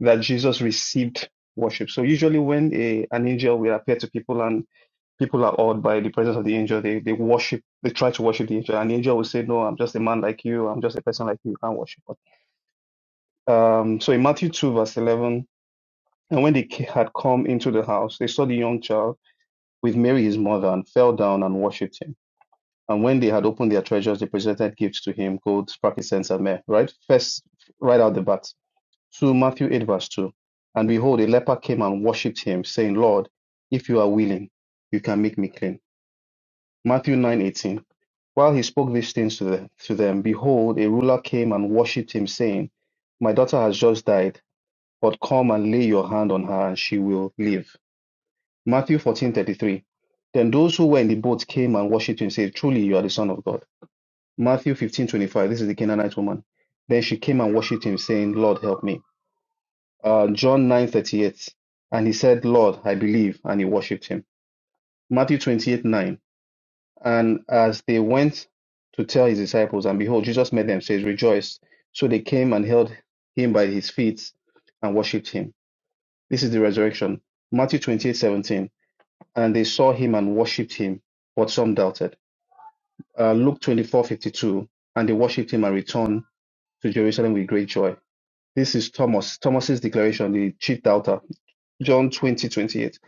that Jesus received worship. So usually when a, an angel will appear to people and people are awed by the presence of the angel, they, they worship, they try to worship the angel and the angel will say, no, I'm just a man like you. I'm just a person like you. You can't worship um, so in Matthew 2, verse 11, and when they ca- had come into the house, they saw the young child with Mary his mother and fell down and worshipped him. And when they had opened their treasures, they presented gifts to him gold, frankincense, and myrrh. Right? First, right out the bat. To Matthew 8, verse 2. And behold, a leper came and worshipped him, saying, Lord, if you are willing, you can make me clean. Matthew 9 18, While he spoke these things to them, to them, behold, a ruler came and worshipped him, saying, My daughter has just died but come and lay your hand on her and she will live. Matthew 14 33. Then those who were in the boat came and worshipped him, and said, Truly you are the Son of God. Matthew 15 25. This is the Canaanite woman. Then she came and worshipped him, saying, Lord, help me. Uh, John 9 38. And he said, Lord, I believe. And he worshipped him. Matthew 28 9. And as they went to tell his disciples, and behold, Jesus met them, says, Rejoice. So they came and held him by his feet and worshipped him. This is the resurrection. Matthew 28 17, And they saw him and worshipped him, but some doubted. Uh, Luke 24 52, And they worshipped him and returned to Jerusalem with great joy. This is Thomas, Thomas's declaration, the chief doubter. John 20 28,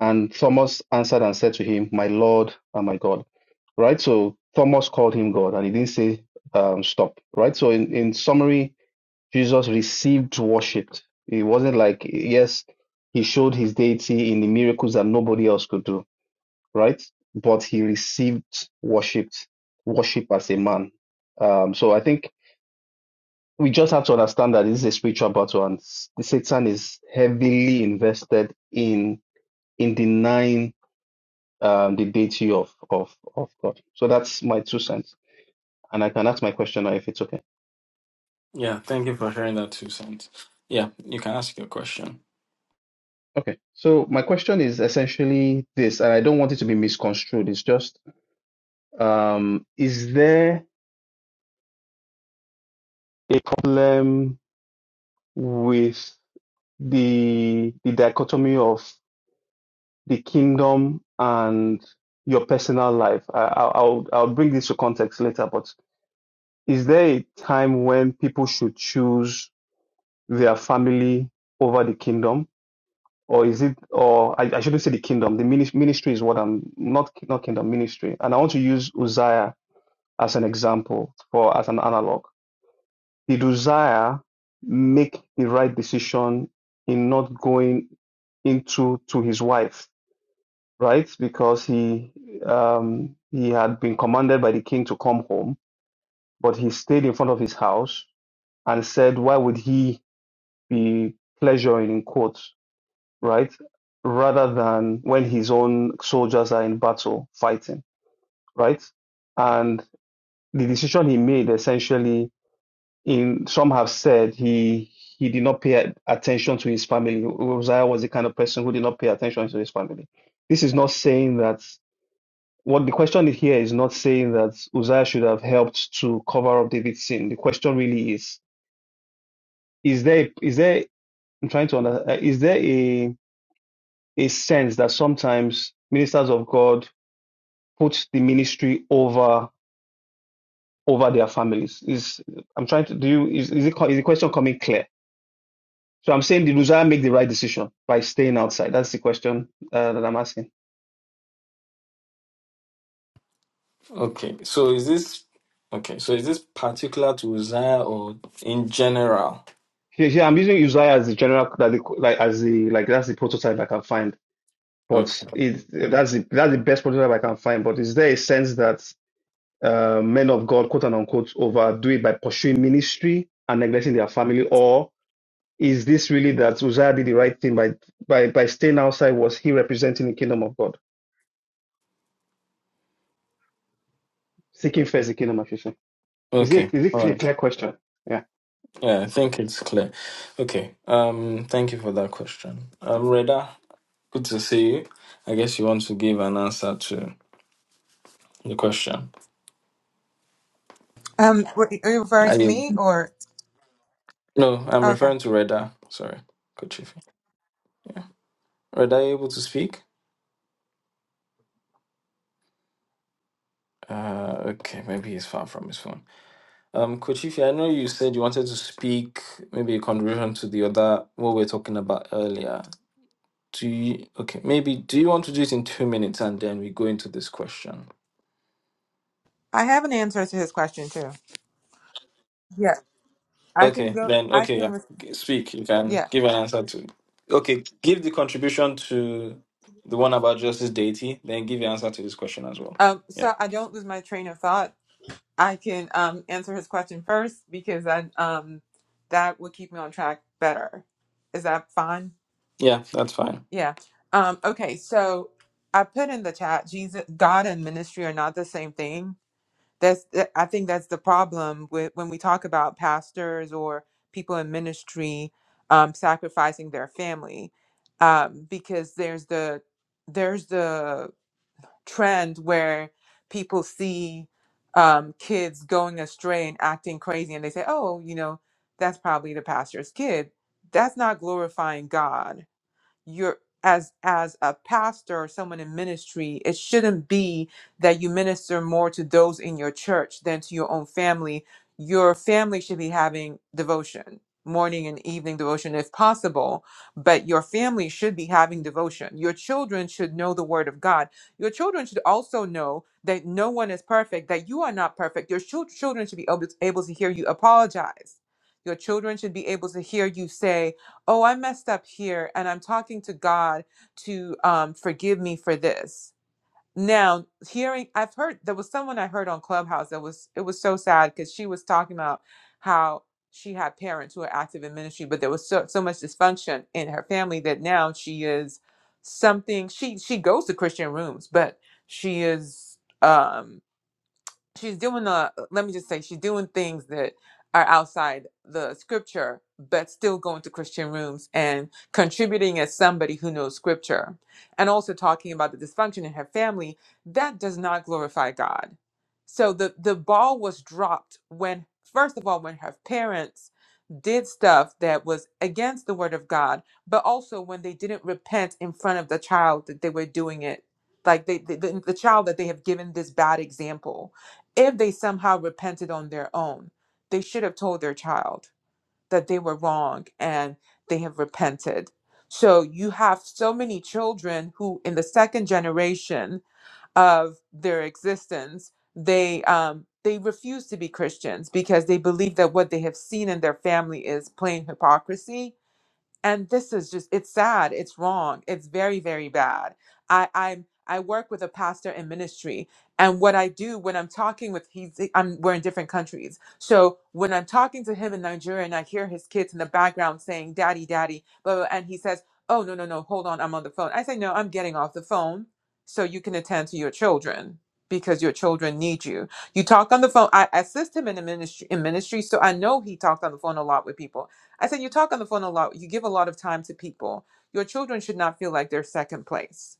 And Thomas answered and said to him, My Lord and my God. Right? So Thomas called him God and he didn't say, um, Stop. Right? So, in, in summary, Jesus received worship. It wasn't like, yes, he showed his deity in the miracles that nobody else could do, right? But he received worship, worship as a man. Um, so I think we just have to understand that this is a spiritual battle, and s- Satan is heavily invested in in denying um, the deity of of of God. So that's my two cents, and I can ask my question now if it's okay.
Yeah, thank you for sharing that two cents. Yeah, you can ask your question.
Okay. So my question is essentially this, and I don't want it to be misconstrued. It's just, um, is there a problem with the the dichotomy of the kingdom and your personal life? I, I'll I'll I'll bring this to context later, but is there a time when people should choose their family over the kingdom? Or is it, or I, I shouldn't say the kingdom, the minis- ministry is what I'm, not, not kingdom, ministry. And I want to use Uzziah as an example or as an analog. The desire make the right decision in not going into to his wife, right? Because he um, he had been commanded by the king to come home, but he stayed in front of his house and said, "Why would he be pleasuring in quotes, right? Rather than when his own soldiers are in battle fighting, right?" And the decision he made essentially in some have said he he did not pay a- attention to his family. Uzziah was the kind of person who did not pay attention to his family. This is not saying that what the question here is not saying that Uzziah should have helped to cover up David's sin. The question really is is there is there I'm trying to understand is there a a sense that sometimes ministers of God put the ministry over over their families? Is I'm trying to do you is is, it, co- is the question coming clear? So I'm saying, did Uzziah make the right decision by staying outside? That's the question uh, that I'm asking.
Okay, so is this okay? So is this particular to Uzziah or in general?
Yeah, yeah, I'm using Uzziah as the general, like, the- like as the like that's the prototype I can find. But
Okay.
it that's the that's the best prototype I can find. But is there a sense that uh, men of God, quote and unquote, overdo it by pursuing ministry and neglecting their family, or is this really that Uzziah did the right thing by by by staying outside? Was he representing the kingdom of God, seeking first the kingdom of Israel? Is it
Okay.
is it
All
a
right.
clear question? Yeah.
Yeah, I think it's clear. Okay. Um, thank you for that question. Um, Reda, good to see you. I guess you want to give an answer to the question.
Um, were- are you referring
Are
to
you?
me or
No, I'm
okay?
referring to Reda. Sorry, Kochifi. Reda, are you able to speak? Uh, okay, maybe he's far from his phone. Um, Coach I know you said you wanted to speak maybe a contribution to the other what we are talking about earlier. Do you okay, maybe do you want to do it in two minutes and then we go into this question?
I have an answer to his question too. Yeah, I can
Okay,
go.
then
I
okay,
can.
yeah.
Re-
G- Speak. You can
yeah.
give an answer to okay, give the contribution to the one about justice deity, then give your answer to this question as well.
Um.
Yeah.
So I don't lose my train of thought. I can um answer his question first because I um that would keep me on track better. Is that fine?
Yeah, that's fine.
Yeah. Um. Okay. So I put in the chat. Jesus, God, and ministry are not the same thing. that's that- i think that's the problem with when we talk about pastors or people in ministry um, sacrificing their family um, because there's the there's the trend where people see um, kids going astray and acting crazy and they say oh you know that's probably the pastor's kid that's not glorifying god you're as as a pastor or someone in ministry it shouldn't be that you minister more to those in your church than to your own family your family should be having devotion morning and evening devotion if possible but your family should be having devotion your children should know the word of god your children should also know that no one is perfect that you are not perfect your chil- children should be able able to hear you apologize your children should be able to hear you say oh i messed up here and i'm talking to god to um, forgive me for this now hearing i've heard there was someone i heard on clubhouse that was it was so sad because she was talking about how she had parents who were active in ministry but there was so, so much dysfunction in her family that now she is something she she goes to christian rooms but she is um, she's doing the. uh, let me just say she's doing things that are outside the scripture but still going to christian rooms and contributing as somebody who knows scripture and also talking about the dysfunction in her family that does not glorify god so the the ball was dropped when first of all when her parents did stuff that was against the word of god but also when they didn't repent in front of the child that they were doing it like they, the, the the child that they have given this bad example if they somehow repented on their own, they should have told their child that they were wrong and they have repented. So you have so many children who, in the second generation of their existence, they um, they refuse to be Christians because they believe that what they have seen in their family is plain hypocrisy, and this is just it's sad it's wrong it's very very bad i i'm i work with a pastor in ministry and what i do when i'm talking with he's i'm we're in different countries so when i'm talking to him in nigeria and i hear his kids in the background saying daddy daddy blah, blah, and he says oh no no no hold on i'm on the phone i say no i'm getting off the phone so you can attend to your children because your children need you you talk on the phone i assist him in the ministry in ministry so i know he talked on the phone a lot with people I said, You talk on the phone a lot. You give a lot of time to people. Your children should not feel like they're second place.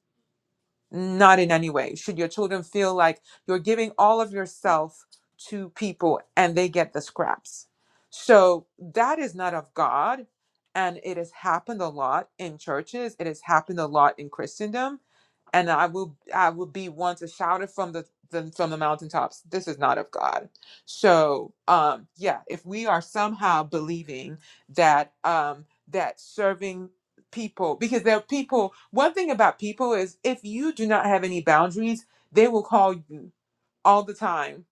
Not in any way. Should your children feel like you're giving all of yourself to people and they get the scraps? So that is not of God. And it has happened a lot in churches, it has happened a lot in Christendom and I will I will be one to shout it from the, the from the mountaintops. This is not of God. So um yeah, if we are somehow believing that um that serving people because there are people one thing about people is if you do not have any boundaries, they will call you all the time.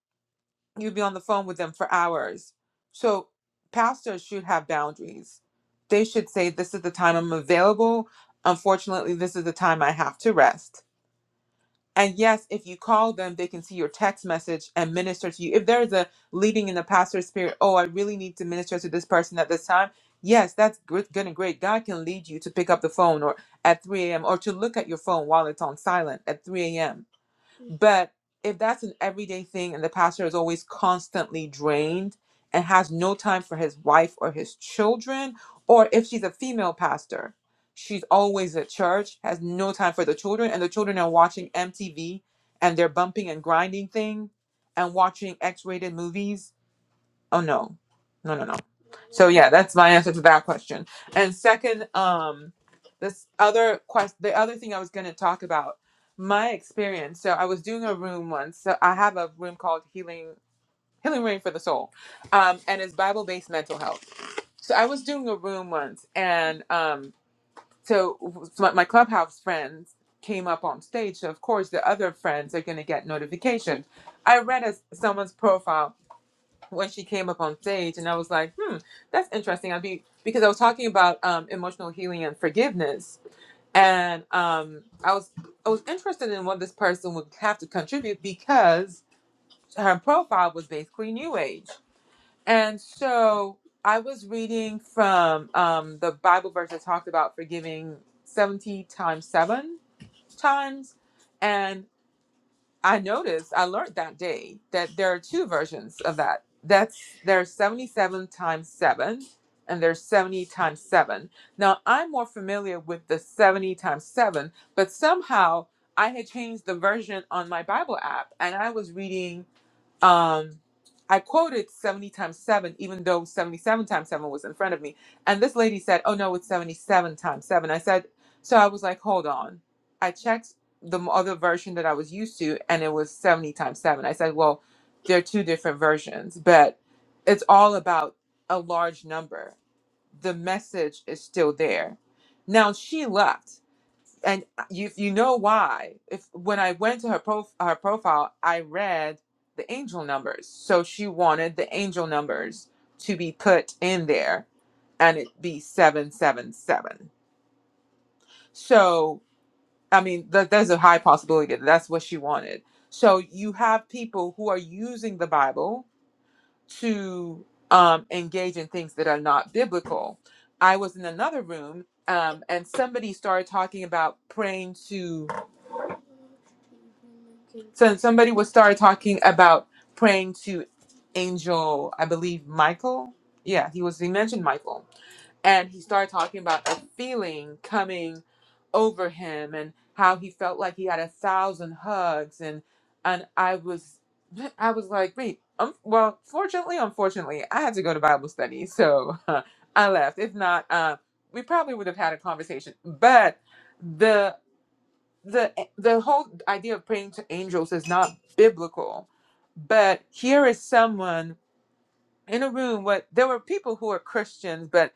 You'll be on the phone with them for hours. So pastors should have boundaries. They should say this is the time I'm available. Unfortunately, this is the time I have to rest and yes, if you call them, they can see your text message and minister to you. If there is a leading in the pastor's spirit, oh, I really need to minister to this person at this time. Yes, that's gr- good and great. God can lead you to pick up the phone or at 3 a.m. or to look at your phone while it's on silent at 3 a.m. But if that's an everyday thing and the pastor is always constantly drained and has no time for his wife or his children, or if she's a female pastor, she's always at church, has no time for the children, and the children are watching MTV and they're bumping and grinding thing and watching X rated movies Oh no, no, no, no. So yeah, that's my answer to that question. And second, um, this other quest, the other thing I was going to talk about, my experience. So I was doing a room once. So I have a room called Healing Healing Room for the Soul, um, and it's Bible based mental health. So I was doing a room once, and um, so so my, my clubhouse friends came up on stage. So of course, the other friends are going to get notifications. I read as someone's profile when she came up on stage and I was like, hmm, that's interesting. I'd be because I was talking about um, emotional healing and forgiveness. And um, I was I was interested in what this person would have to contribute because her profile was basically new age. And so I was reading from um, the Bible verse that talked about forgiving 70 times seven times. and. I noticed, I learned that day that there are two versions of that. That's there's 77 times 7 and there's 70 times 7. Now, I'm more familiar with the 70 times 7, but somehow I had changed the version on my Bible app and I was reading um, I quoted 70 times 7, even though 77 times 7 was in front of me. And this lady said, Oh, no, it's 77 times 7." I said, So I was like, Hold on. I checked the m- other version that I was used to, and it was 70 times 7. I said, Well, there are two different versions, but it's all about a large number. The message is still there. Now she left and you you know why if when i went to her prof, her profile i read the angel numbers so she wanted the angel numbers to be put in there and it be 777 so i mean th- there's a high possibility that that's what she wanted so you have people who are using the bible to um, engage in things that are not biblical i was in another room um, and somebody started talking about praying to So somebody would start talking about praying to Angel, I believe Michael. Yeah, he was he mentioned Michael. And he started talking about a feeling coming over him and how he felt like he had a thousand hugs and and I was I was like, wait, um, well, fortunately, unfortunately, I had to go to Bible study, so I left. If not, uh, we probably would have had a conversation. But the the the whole idea of praying to angels is not biblical but here is someone in a room what there were people who are christians but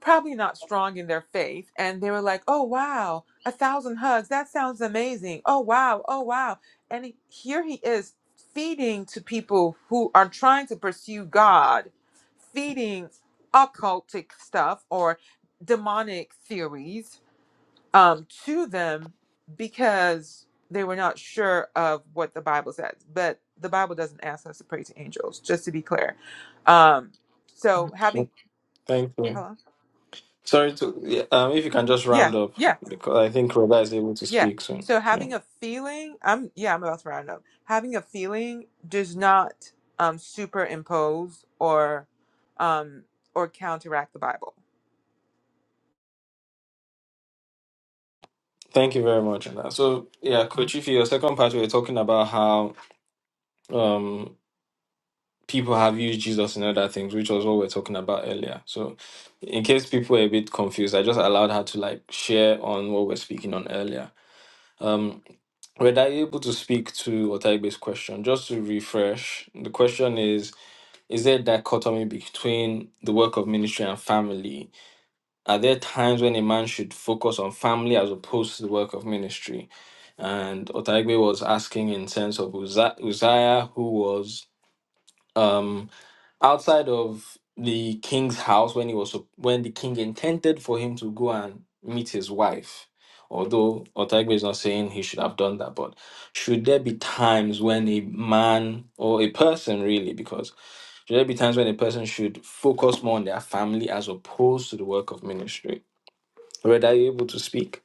probably not strong in their faith and they were like oh wow a thousand hugs that sounds amazing oh wow oh wow and he- here he is feeding to people who are trying to pursue god feeding occultic stuff or demonic theories um, to them because they were not sure of what the Bible says. But the Bible doesn't ask us to pray to angels, just to be clear. Um, so having,
Thank you.
hello,
Sorry to, yeah, um, if you can just
yeah,
round up
yeah,
because I think Roda is able to
yeah.
speak soon.
So
Yeah.
having a feeling, I'm yeah, I'm about to round up. Having a feeling does not um, superimpose or um, or counteract the Bible.
Thank you very much. on that. So, yeah, Coach, if your second part, we were talking about how um, people have used Jesus in other things, which was what we are talking about earlier. So, in case people were a bit confused, I just allowed her to like share on what we're speaking on earlier. Um, were I able to speak to Otaigbe's question? Just to refresh, the question is Is there a dichotomy between the work of ministry and family? Are there times when a man should focus on family as opposed to the work of ministry? And Otaigwe was asking in sense of Uza- Uzziah, who was um, outside of the king's house when he was sup- when the king intended for him to go and meet his wife. Although Otaigwe is not saying he should have done that, but should there be times when a man or a person really, because should there be times when a person should focus more on their family as opposed to the work of ministry? Reda, are you able to speak?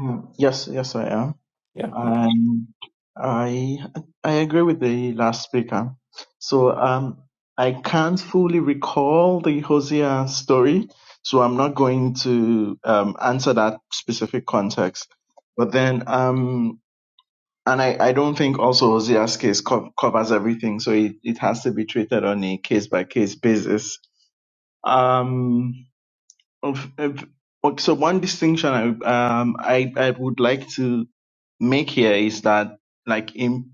Mm, Yes, yes, I am.
Yeah. Okay.
And I I agree with the last speaker. So um, I can't fully recall the Hosea story, so I'm not going to um, answer that specific context. But then um, and I, I don't think also Hosea's case co- covers everything, so it, it has to be treated on a case by case basis. Um, of, of, ok- so one distinction I um I, I would like to make here is that like in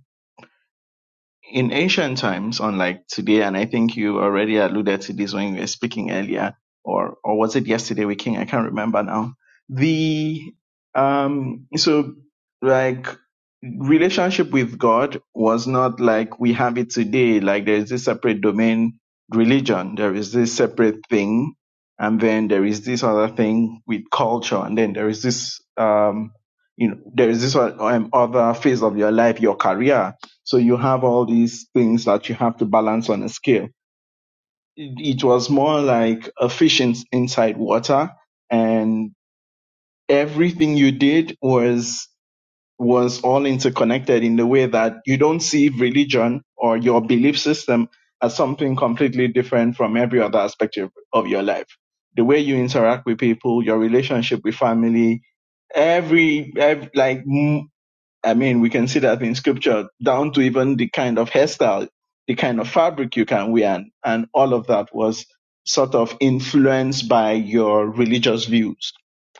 in ancient times, unlike today, and I think you already alluded to this when you were speaking earlier, or or was it yesterday we came? I can't remember now. The um so like relationship with God was not like we have it today, like there is this separate domain religion, there is this separate thing, and then there is this other thing with culture, and then there is this um you know there is this one- um, other phase of your life, your career so you have all these things that you have to balance on a scale. It, it was more like a fish in, inside water and everything you did was was all interconnected in the way that you don't see religion or your belief system as something completely different from every other aspect of, of your life. The way you interact with people, your relationship with family, every, ev like m- I mean, we can see that in scripture, down to even the kind of hairstyle, the kind of fabric you can wear, and, and all of that was sort of influenced by your religious views,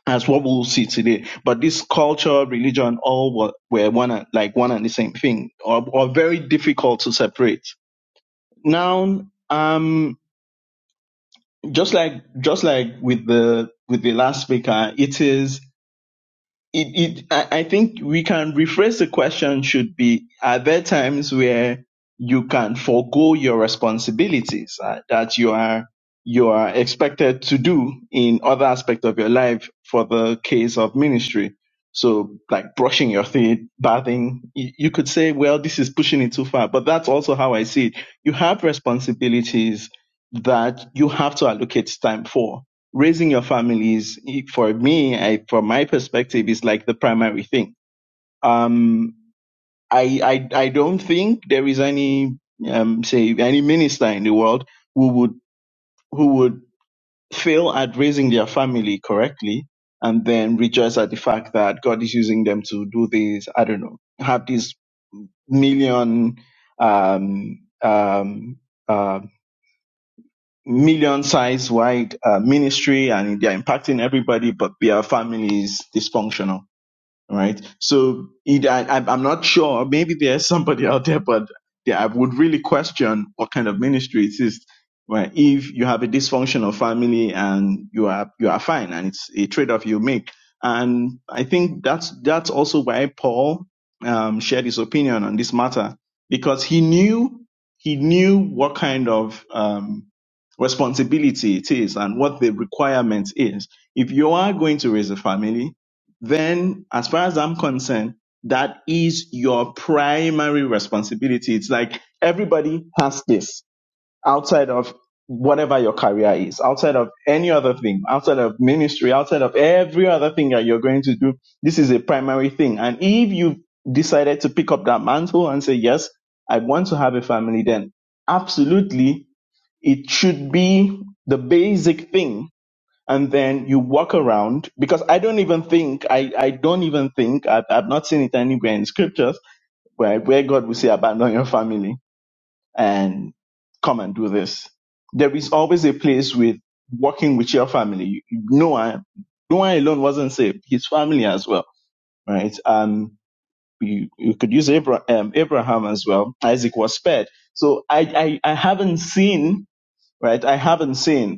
as what we'll see today. But this culture, religion, all were, were one and, like one and the same thing, or, or very difficult to separate. Now, um, just like just like with the with the last speaker, it is it, it I, I think we can rephrase the question should be are there times where you can forego your responsibilities uh, that you are you are expected to do in other aspects of your life for the case of ministry so like brushing your teeth bathing you, you could say well this is pushing it too far but that's also how i see it you have responsibilities that you have to allocate time for raising your families for me I, from my perspective is like the primary thing um i i, I don't think there is any um say any minister in the world who would who would fail at raising their family correctly and then rejoice at the fact that god is using them to do this i don't know have this million um um um million size wide uh, ministry and they are impacting everybody, but their family is dysfunctional right? So it, I, I'm I'm not sure. Maybe there's somebody out there, but yeah, I would really question what kind of ministry it is. Right? If you have a dysfunctional family and you are you are fine, and it's a trade-off you make, and I think that's that's also why Paul um, shared his opinion on this matter because he knew he knew what kind of um, responsibility it is and what the requirement is. If you are going to raise a family, then as far as I'm concerned, that is your primary responsibility. It's like everybody has this outside of whatever your career is, outside of any other thing, outside of ministry, outside of every other thing that you're going to do. This is a primary thing. And if you've decided to pick up that mantle and say, yes, I want to have a family, then absolutely it should be the basic thing and then you walk around because I don't even think I, I don't even think I've, I've not seen it anywhere in scriptures where, where God will say abandon your family and come and do this. There is always a place with walking with your family. Noah Noah alone wasn't saved; his family as well, right? Um, you, you could use Abra- um, Abraham as well. Isaac was spared. So I, I I haven't seen right. I haven't seen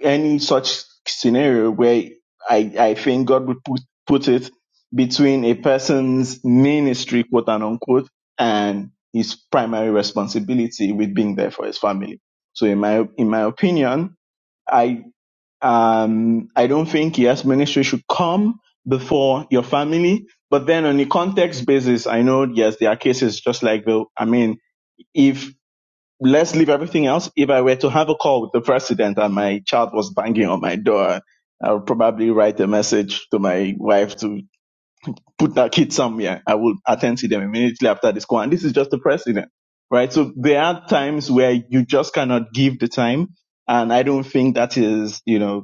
any such scenario where I, I think God would put, put it between a person's ministry, quote and unquote, and his primary responsibility with being there for his family. So in my, in my opinion, I, um, I don't think yes, ministry should come before your family. But then on a context basis, I know, yes, there are cases just like the, I mean, if let's leave everything else. If I were to have a call with the president and my child was banging on my door, I would probably write a message to my wife to put that kid somewhere. I will attend to them immediately after this call. And this is just the president, right? So there are times where you just cannot give the time. And I don't think that is, you know,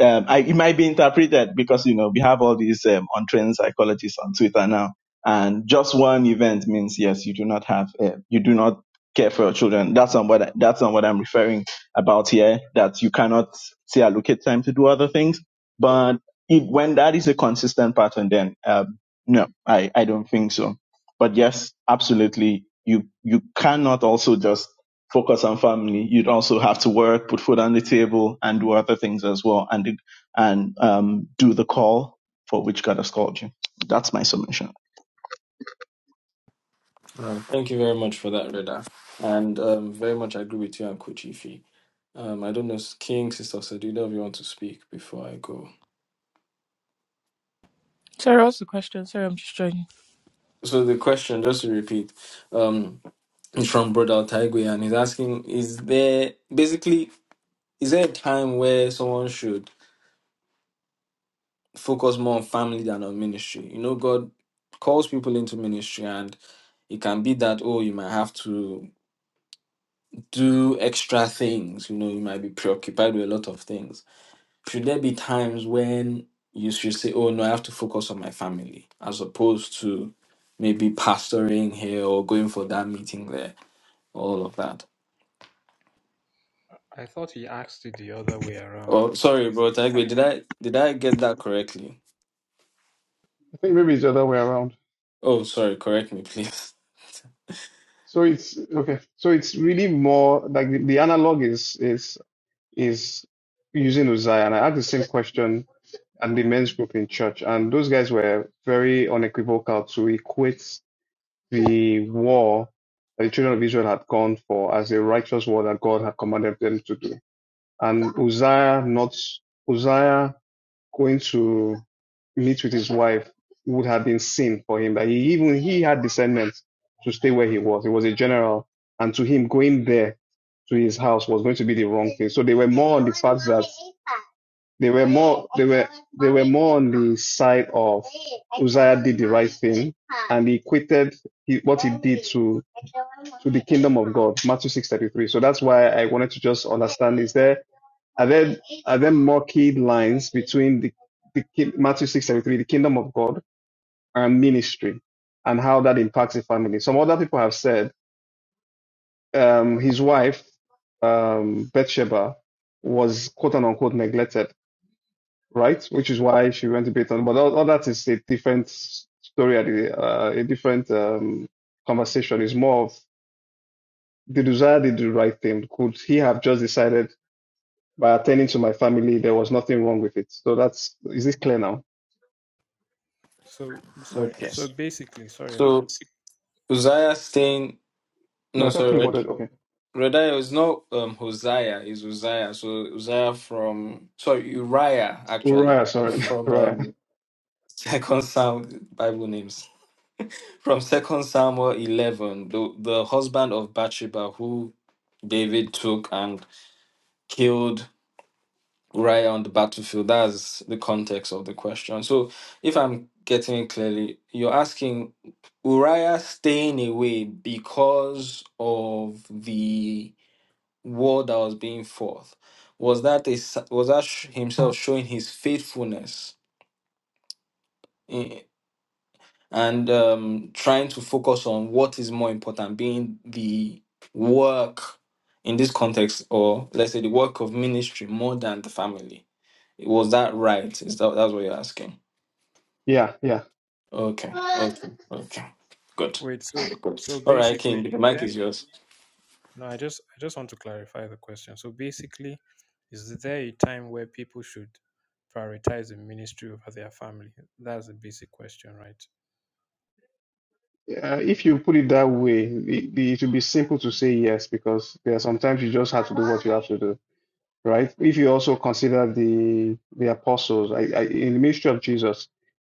um, I, it might be interpreted because you know we have all these um, untrained psychologists on Twitter now, and just one event means yes, you do not have, uh, you do not care for your children. That's not what I, that's not what I'm referring about here. That you cannot say allocate time to do other things, but it, when that is a consistent pattern, then um, no, I, I don't think so. But yes, absolutely, you you cannot also just focus on family, you'd also have to work, put food on the table, and do other things as well, and and um, do the call for which God has called you. That's my submission.
Uh, thank you very much for that, Reda. And um, very much agree with you and Kuchifi. Um, I don't know, King, Sister Sadida, if you want to speak before I go.
Sorry, what's the question? Sorry, I'm just joining.
So the question, just to repeat, um, is from Brother Taigwe, and he's asking, is there basically is there a time where someone should focus more on family than on ministry? You know, God calls people into ministry, and it can be that oh, you might have to. do extra things. You know, you might be preoccupied with a lot of things. Should there be times when you should say, oh, no, I have to focus on my family, as opposed to maybe pastoring here or going for that meeting there, all of that?
I thought he asked it the other way around.
Oh,
Like,
sorry,
is,
bro. Tagwe, did I did I get that correctly?
I think maybe it's the other way around.
Oh, sorry. Correct me, please.
So it's okay. So it's really more like the, the analog is is is using Uzziah. And I had the same question at the men's group in church, and those guys were very unequivocal to equate the war that the children of Israel had gone for as a righteous war that God had commanded them to do. And Uzziah not Uzziah going to meet with his wife would have been sin for him. That he even he had discernment to stay where he was. He was a general, and to him going there to his house was going to be the wrong thing. So they were more on the fact that they were more they were they were more on the side of Uzziah did the right thing and he equated he- what he did to to the kingdom of God. Matthew six thirty three. So that's why I wanted to just understand: is there are there are there murky lines between the, the ki- Matthew six seventy three, the kingdom of God, and ministry, and how that impacts the family? Some other people have said um, his wife um, Bathsheba was quote unquote neglected, right? Which is why she went to Bethlehem. But all, all that is a different story, at the- uh, a different um, conversation. is more of the desire to do the right thing. Could he have just decided by attending to my family, there was nothing wrong with it? So that's, is this clear now?
so sorry.
Okay.
So basically, sorry. man.
So Uzziah staying.
No,
No,
I thought King
sorry.
wanted. Okay,
Rediah is not um Hosea, it's Uzziah. So Uzziah from sorry, Uriah actually
Uriah. Sorry,
from
Uriah.
um Second Psalm Bible names. From Second Samuel eleven, the the husband of Bathsheba who David took and killed Uriah on the battlefield. That's the context of the question. So if I'm getting it clearly, you're asking Uriah staying away because of the word that was being forth was that a, s- was that sh- himself showing his faithfulness in, and um, trying to focus on what is more important being the work in this context or let's say the work of ministry more than the family was that right is that that's what you're asking
Yeah, yeah.
okay okay okay good
Wait. So
I'm good
so
all right
basically,
king
is
the mic
there?
is yours
No, I just I just want to clarify the question. So basically, is there a time where people should prioritize the ministry over their family? That's the basic question, right?
Uh, if you put it that way, it, it will be simple to say yes because there are sometimes you just have to do what you have to do, right? If you also consider the the apostles, I, I, in the ministry of Jesus,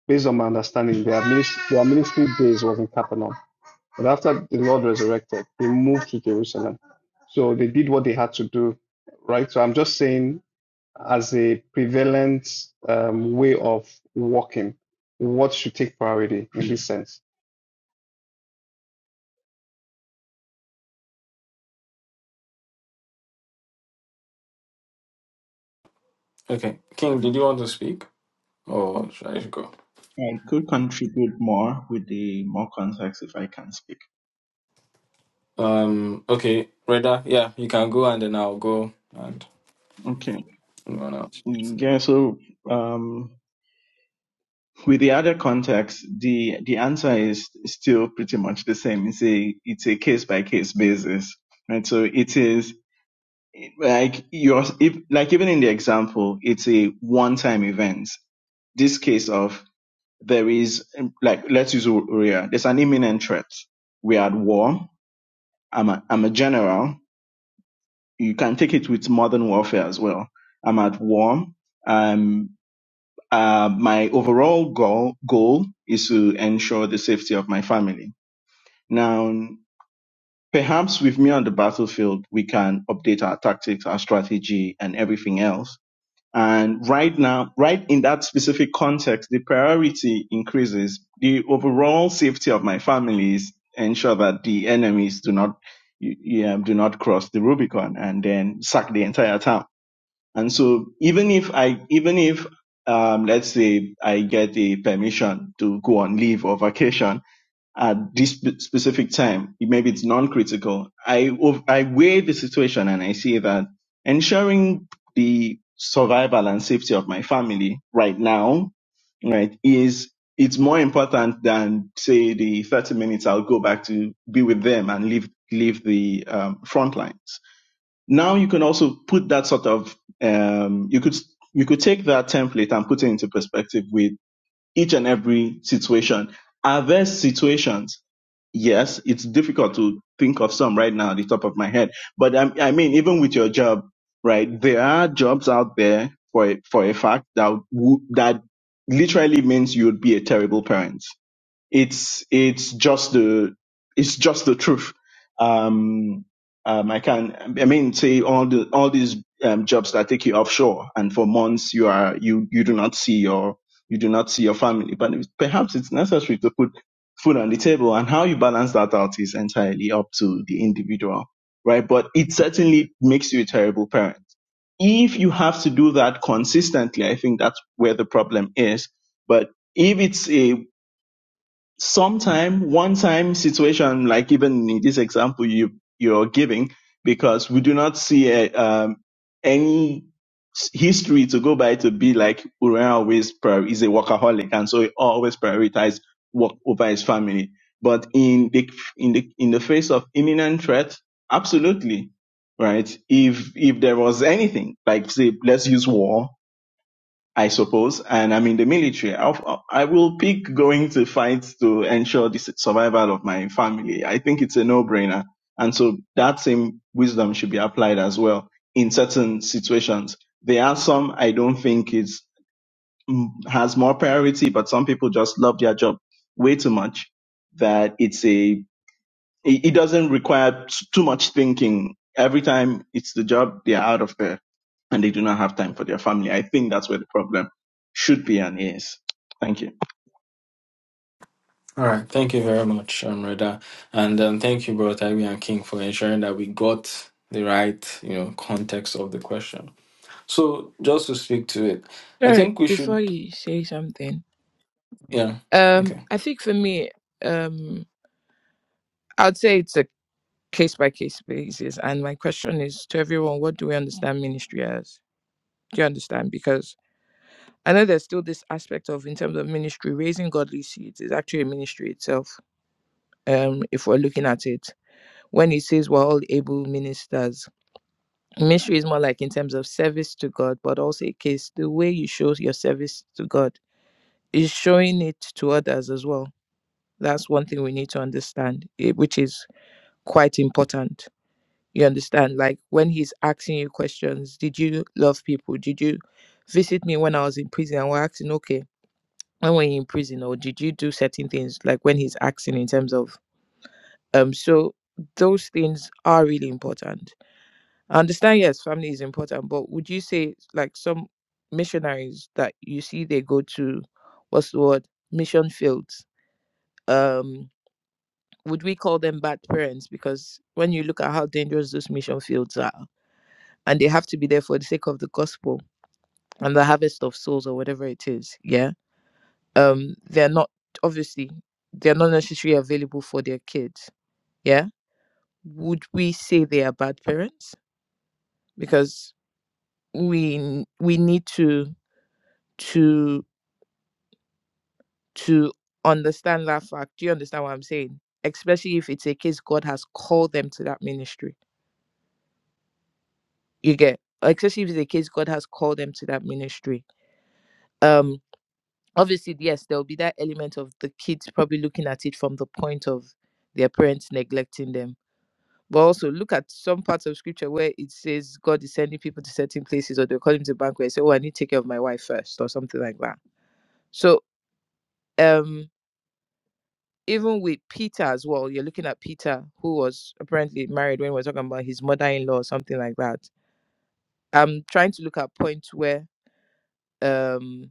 based on my understanding, their ministry, their ministry days was in Capernaum, but after the Lord resurrected, they moved to Jerusalem. So they did what they had to do, right? So I'm just saying as a prevalent um, way of working, what should take priority in this sense?
okay king did you want to speak or should i go
I could contribute more with the more context if I can speak.
Um, okay, Reda, yeah, you can go and then I'll go and
Okay.
run out.
Yeah, so um, with the other context, the the answer is still pretty much the same. It's a it's a case by case basis, right? So it is like your if like even in the example, it's a one time event. This case of there is um, like let's use Korea. There's an imminent threat. We are at war. I'm a, I'm a general. You can take it with modern warfare as well. I'm at war. Um, Uh, my overall goal, goal is to ensure the safety of my family. Now, perhaps with me on the battlefield, we can update our tactics, our strategy, and everything else. And right now, right in that specific context, the priority increases. The overall safety of my family is ensure that the enemies do not, yeah, do not cross the Rubicon and then sack the entire town. And so even if I, even if, um, let's say I get a permission to go on leave or vacation at this spe- specific time, maybe it's non-critical. I, ov- I weigh the situation and I see that ensuring the survival and safety of my family right now, right, is, it's more important than say the 30 minutes I'll go back to be with them and leave, leave the um, front lines now you can also put that sort of um, you could you could take that template and put it into perspective with each and every situation. Are there situations? Yes, it's difficult to think of some right now at the top of my head, but I, I mean, even with your job, right? There are jobs out there for a, for a fact that w- that literally means you'd be a terrible parent it's it's just the it's just the truth. Um, um, I can I mean say all the all these um, jobs that take you offshore and for months you are you you do not see your you do not see your family, but it- perhaps it's necessary to put food on the table and how you balance that out is entirely up to the individual, right? But it certainly makes you a terrible parent. If you have to do that consistently, I think that's where the problem is. But if it's a sometime one time situation like even in this example you you're giving because we do not see a, um, any s- history to go by to be like Uriah always prior is a workaholic and so he always prioritized work over his family but in the in the in the face of imminent threat absolutely right if if there was anything like say let's use war I suppose, and I'm in the military. I'll, I will pick going to fight to ensure the survival of my family. I think it's a no-brainer. And so that same wisdom should be applied as well in certain situations. There are some I don't think is mm, has more priority, but some people just love their job way too much that it's a it, it doesn't require t- too much thinking. Every time it's the job, they're out of there and they do not have time for their family. I think that's where the problem should be and is. Thank you.
All right, thank you very much, um, Reda. And um, thank you, bro, Taibi and King, for ensuring that we got the right, you know, context of the question. So just to speak to it, I
Sorry,
think we
before
should,
you say something,
yeah,
um,
okay.
I think for me, um, I'd say it's a case by case basis. And my question is to everyone: What do we understand ministry as? Do you understand? Because I know there's still this aspect of, in terms of ministry, raising godly seeds is actually a ministry itself. Um, if we're looking at it, when it says we're all able ministers, ministry is more like in terms of service to God, but also a case the way you show your service to God is showing it to others as well. That's one thing we need to understand, eh, which is quite important. You understand? Like when he's asking you questions, did you love people? Did you visit me when I was in prison? And we're asking, okay, when were you in prison? Or did you do certain things? Like when he's asking in terms of, um, so those things are really important. I understand, yes, family is important, but would you say like some missionaries that you see they go to, what's the word, mission fields? um? would we call them bad parents? Because when you look at how dangerous those mission fields are, and they have to be there for the sake of the gospel and the harvest of souls or whatever it is, yeah. Um, they're not obviously they're not necessarily available for their kids, yeah. Would we say they are bad parents? Because we we need to to to understand that fact. Do you understand what I'm saying? Especially if it's a case God has called them to that ministry you get especially if it's a case god has called them to that ministry um obviously yes there will be that element of the kids probably looking at it from the point of their parents neglecting them but also look at some parts of scripture where it says god is sending people to certain places or they're calling to banquet and say oh i need to take care of my wife first," or something like that so um even with peter as well you're looking at peter who was apparently married when we we're talking about his mother-in-law or something like that i'm trying to look at points where um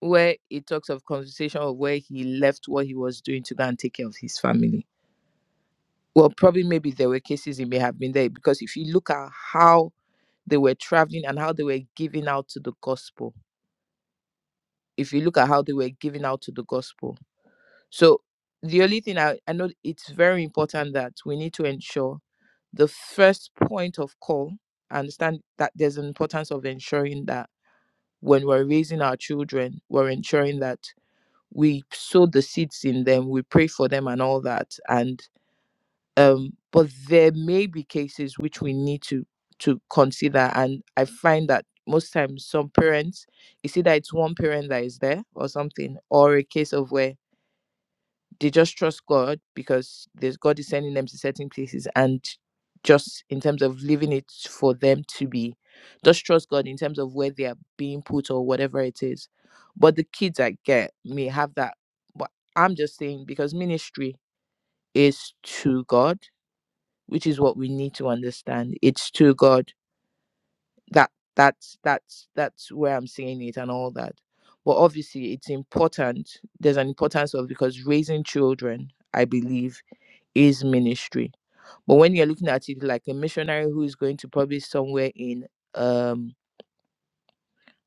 where it talks of conversation of where he left what he was doing to go and take care of his family. Well, probably maybe there were cases he may have been there because if you look at how they were traveling and how they were giving out to the gospel, if you look at how they were giving out to the gospel. So the only thing I, I know it's very important that we need to ensure the first point of call, I understand that there's an importance of ensuring that when we're raising our children, we're ensuring that we sow the seeds in them we pray for them and all that and um but there may be cases which we need to to consider and i find that most times some parents you see that it's one parent that is there or something or a case of where they just trust God because there's God is sending them to certain places and just in terms of leaving it for them to be just trust God in terms of where they are being put or whatever it is. But the kids I get may have that but I'm just saying because ministry is to God, which is what we need to understand. It's to God. That that's that's that's where I'm saying it and all that. But obviously it's important. There's an importance of because raising children, I believe, is ministry. But when you're looking at it like a missionary who is going to probably somewhere in um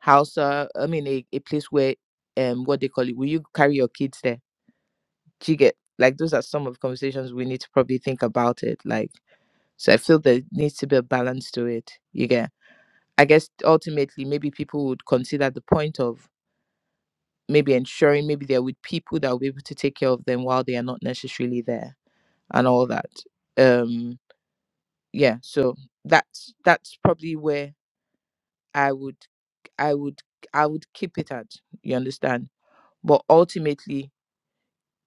Hausa, I mean a, a place where um what they call it, will you carry your kids there? Do you get like those are some of the conversations we need to probably think about it. Like so I feel there needs to be a balance to it. You get I guess ultimately maybe people would consider the point of maybe ensuring maybe they're with people that will be able to take care of them while they are not necessarily there and all that. Um. yeah so that's that's probably where i would i would i would keep it at you understand but ultimately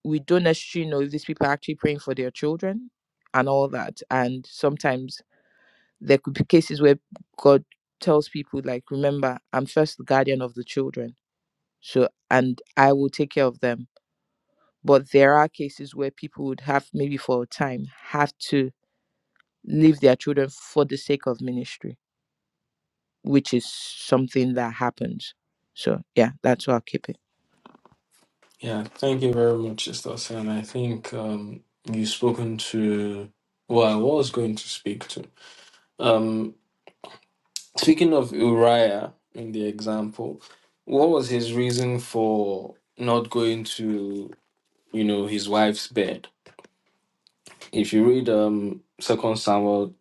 we don't necessarily know if these people are actually praying for their children and all that and sometimes there could be cases where god tells people like remember i'm first the guardian of the children so and i will take care of them but there are cases where people would have maybe for a time have to leave their children for the sake of ministry which is something that happens. So yeah, that's why I keep it.
Yeah, thank you very much, Sister And I think um, you've spoken to what I was going to speak to. Um, Speaking of Uriah in the example, what was his reason for not going to, you know, his wife's bed? If you read um Second Samuel,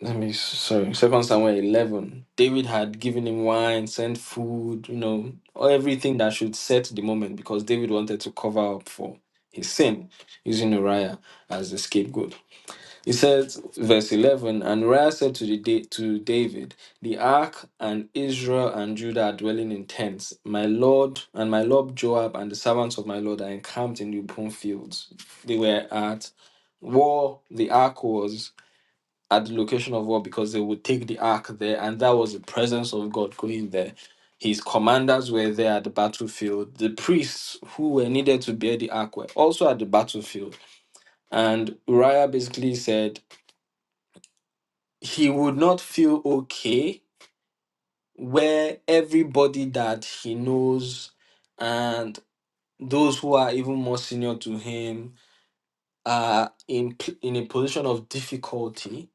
let me sorry, Second Samuel eleven, David had given him wine, sent food, you know, everything that should set the moment because David wanted to cover up for his sin using Uriah as the scapegoat. He says, verse 11, and Uriah said to, the da- to David, The ark and Israel and Judah are dwelling in tents. My lord and my lord Joab and the servants of my lord are encamped in the open fields. They were at war. The ark was at the location of war because they would take the ark there, and that was the presence of God going there. His commanders were there at the battlefield. The priests who were needed to bear the ark were also at the battlefield. And Uriah basically said, he would not feel okay where everybody that he knows and those who are even more senior to him are in p- in a position of difficulty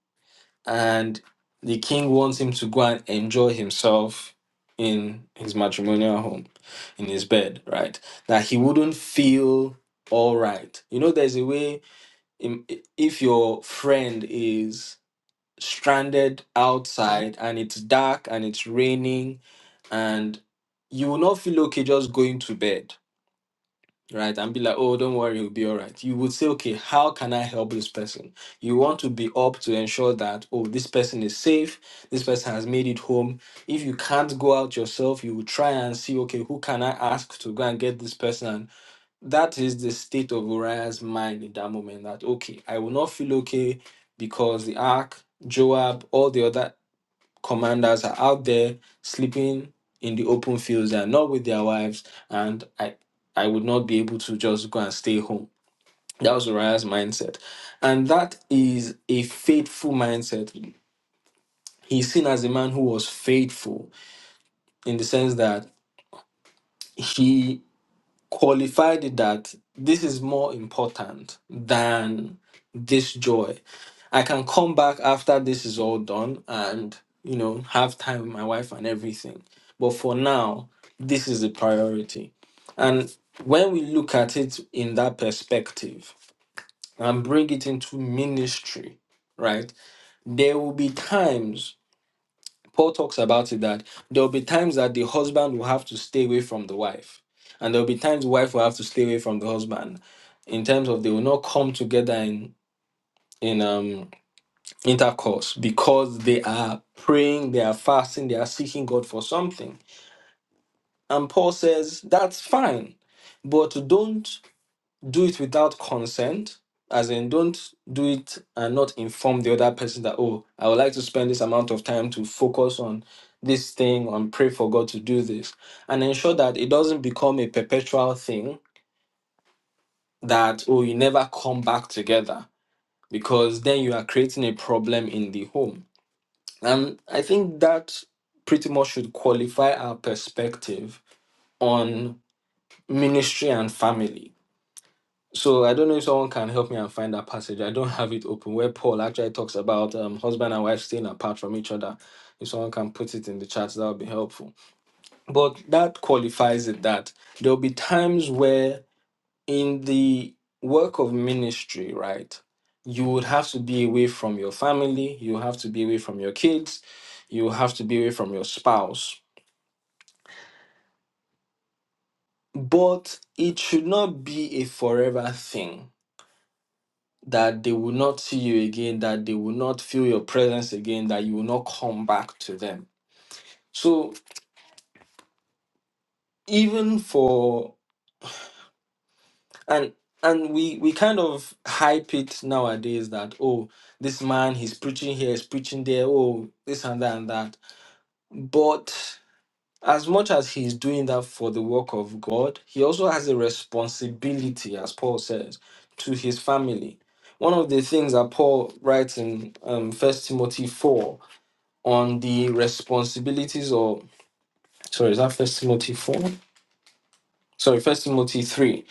and the king wants him to go and enjoy himself in his matrimonial home in his bed right that he wouldn't feel all right you know there's a way in, if your friend is stranded outside and it's dark and it's raining and you will not feel okay just going to bed right and be like oh don't worry it'll be all right you would say okay how can i help this person you want to be up to ensure that oh this person is safe this person has made it home if you can't go out yourself you will try and see okay who can i ask to go and get this person and that is the state of uriah's mind in that moment that okay i will not feel okay because the ark Joab, all the other commanders are out there sleeping in the open fields They are not with their wives and i i would not be able to just go and stay home that was uriah's mindset and that is a faithful mindset he's seen as a man who was faithful in the sense that he qualified it that this is more important than this joy I can come back after this is all done and, you know, have time with my wife and everything. But for now, this is the priority. And when we look at it in that perspective and bring it into ministry, right, there will be times, Paul talks about it, that there will be times that the husband will have to stay away from the wife. And there will be times the wife will have to stay away from the husband in terms of they will not come together in in um intercourse because they are praying, they are fasting, they are seeking God for something. And Paul says, that's fine, but don't do it without consent. As in, don't do it and not inform the other person that, oh, I would like to spend this amount of time to focus on this thing and pray for God to do this. And ensure that it doesn't become a perpetual thing that, oh, you never come back together because then you are creating a problem in the home And I think that pretty much should qualify our perspective on ministry and family. So I don't know if someone can help me and find that passage. I don't have it open where Paul actually talks about um, husband and wife staying apart from each other. If someone can put it in the chat, that would be helpful. But that qualifies it that there'll be times where in the work of ministry, right, you would have to be away from your family, you have to be away from your kids, you have to be away from your spouse. But it should not be a forever thing that they will not see you again, that they will not feel your presence again, that you will not come back to them. So even for and and we we kind of hype it nowadays that oh this man he's preaching here, he's preaching there, oh this and that and that But as much as he's doing that for the work of God, he also has a responsibility, as Paul says, to his family. One of the things that Paul writes in um, 1 Timothy 4 on the responsibilities or sorry, is that First Timothy 4? Sorry, First Timothy 3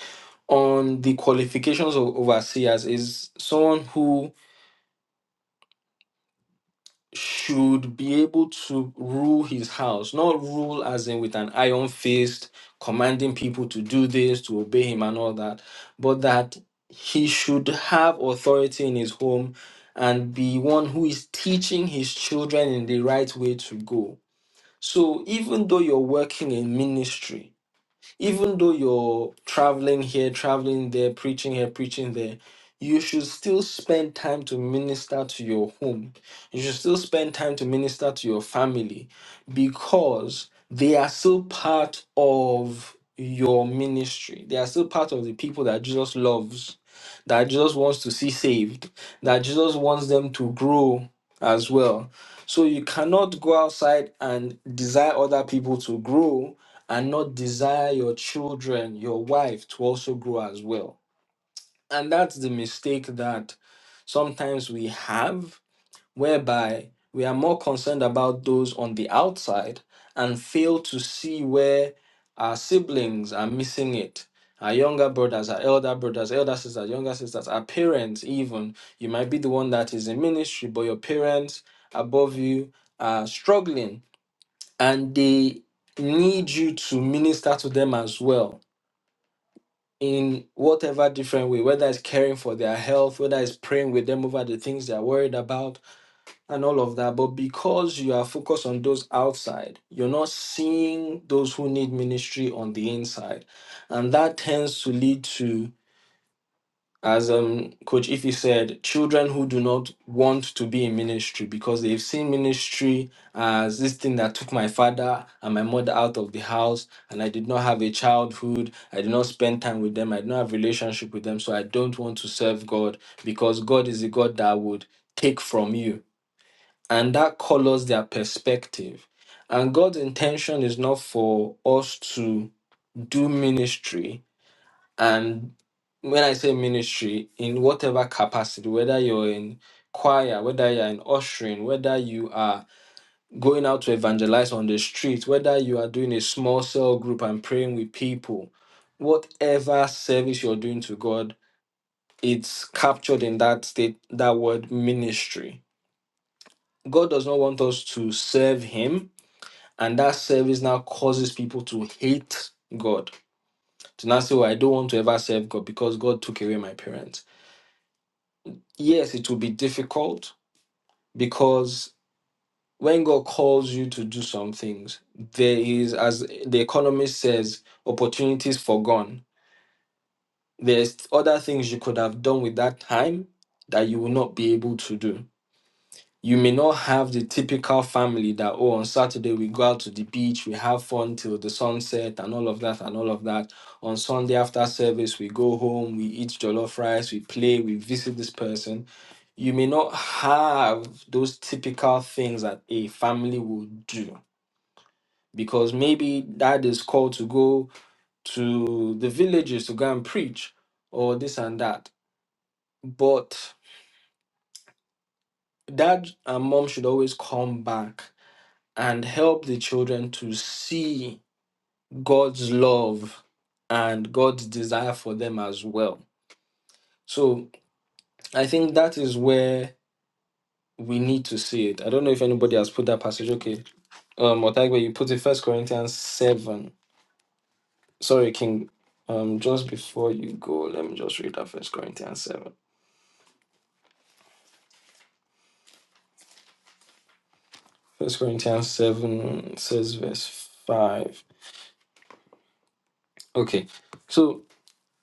on the qualifications of overseers is someone who should be able to rule his house, not rule as in with an iron fist, commanding people to do this, to obey him, and all that, but that he should have authority in his home and be one who is teaching his children in the right way to go. So even though you're working in ministry, even though you're traveling here, traveling there, preaching here, preaching there, you should still spend time to minister to your home. You should still spend time to minister to your family because they are still part of your ministry. They are still part of the people that Jesus loves, that Jesus wants to see saved, that Jesus wants them to grow as well. So you cannot go outside and desire other people to grow and not desire your children, your wife to also grow as well. And that's the mistake that sometimes we have, whereby we are more concerned about those on the outside and fail to see where our siblings are missing it. Our younger brothers, our elder brothers, elder sisters, younger sisters, our parents, even. You might be the one that is in ministry, but your parents above you are struggling and they need you to minister to them as well in whatever different way, whether it's caring for their health, whether it's praying with them over the things they're worried about, and all of that. But because you are focused on those outside, you're not seeing those who need ministry on the inside. And that tends to lead to as um Coach Ify said, children who do not want to be in ministry because they've seen ministry as this thing that took my father and my mother out of the house, and I did not have a childhood, I did not spend time with them, I did not have relationship with them, so I don't want to serve God because God is a God that would take from you. And that colors their perspective. And God's intention is not for us to do ministry and when I say ministry, in whatever capacity, whether you're in choir, whether you're in ushering, whether you are going out to evangelize on the street, whether you are doing a small cell group and praying with people, whatever service you're doing to God, it's captured in that state, that word ministry. God does not want us to serve Him, and that service now causes people to hate God. To now say, well, I don't want to ever serve God because God took away my parents yes, it will be difficult because when God calls you to do some things, there is, as the economist says, opportunities forgone. There's other things you could have done with that time that you will not be able to do. you may not have the typical family that oh on saturday we go out to the beach we have fun till the sunset and all of that and all of that on sunday after service we go home we eat jollof rice we play we visit this person you may not have those typical things that a family would do because maybe dad is called to go to the villages to go and preach or this and that but dad and mom should always come back and help the children to see God's love and God's desire for them as well. So I think that is where we need to see it. I don't know if anybody has put that passage. Okay. Um Otagwe, you put it first Corinthians seven. Sorry, King. Um just before you go, let me just read that first Corinthians seven. First Corinthians seven says verse five. Okay. So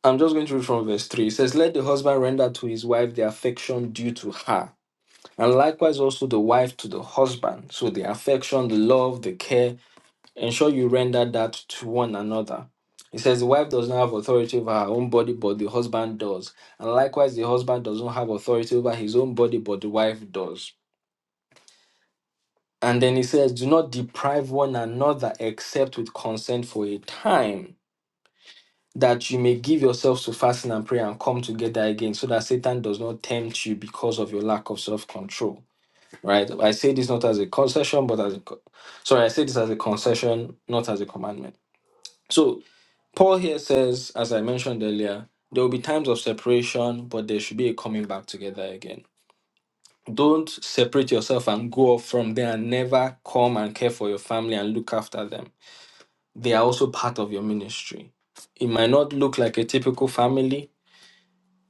I'm just going to read from verse 3. It says, Let the husband render to his wife the affection due to her And likewise also the wife to the husband. So the affection, the love, the care, ensure you render that to one another. It says the wife does not have authority over her own body, but the husband does. And likewise, the husband does not have authority over his own body, but the wife does. And then he says, Do not deprive one another except with consent for a time, that you may give yourselves to fasting and prayer and come together again, so that Satan does not tempt you because of your lack of self control. right? I say this not as a concession, but as a co- sorry, I say this as a concession, not as a commandment. So Paul here says, as I mentioned earlier, there will be times of separation, but there should be a coming back together again. Don't separate yourself and go off from there and never come and care for your family and look after them. They are also part of your ministry. It might not look like a typical family,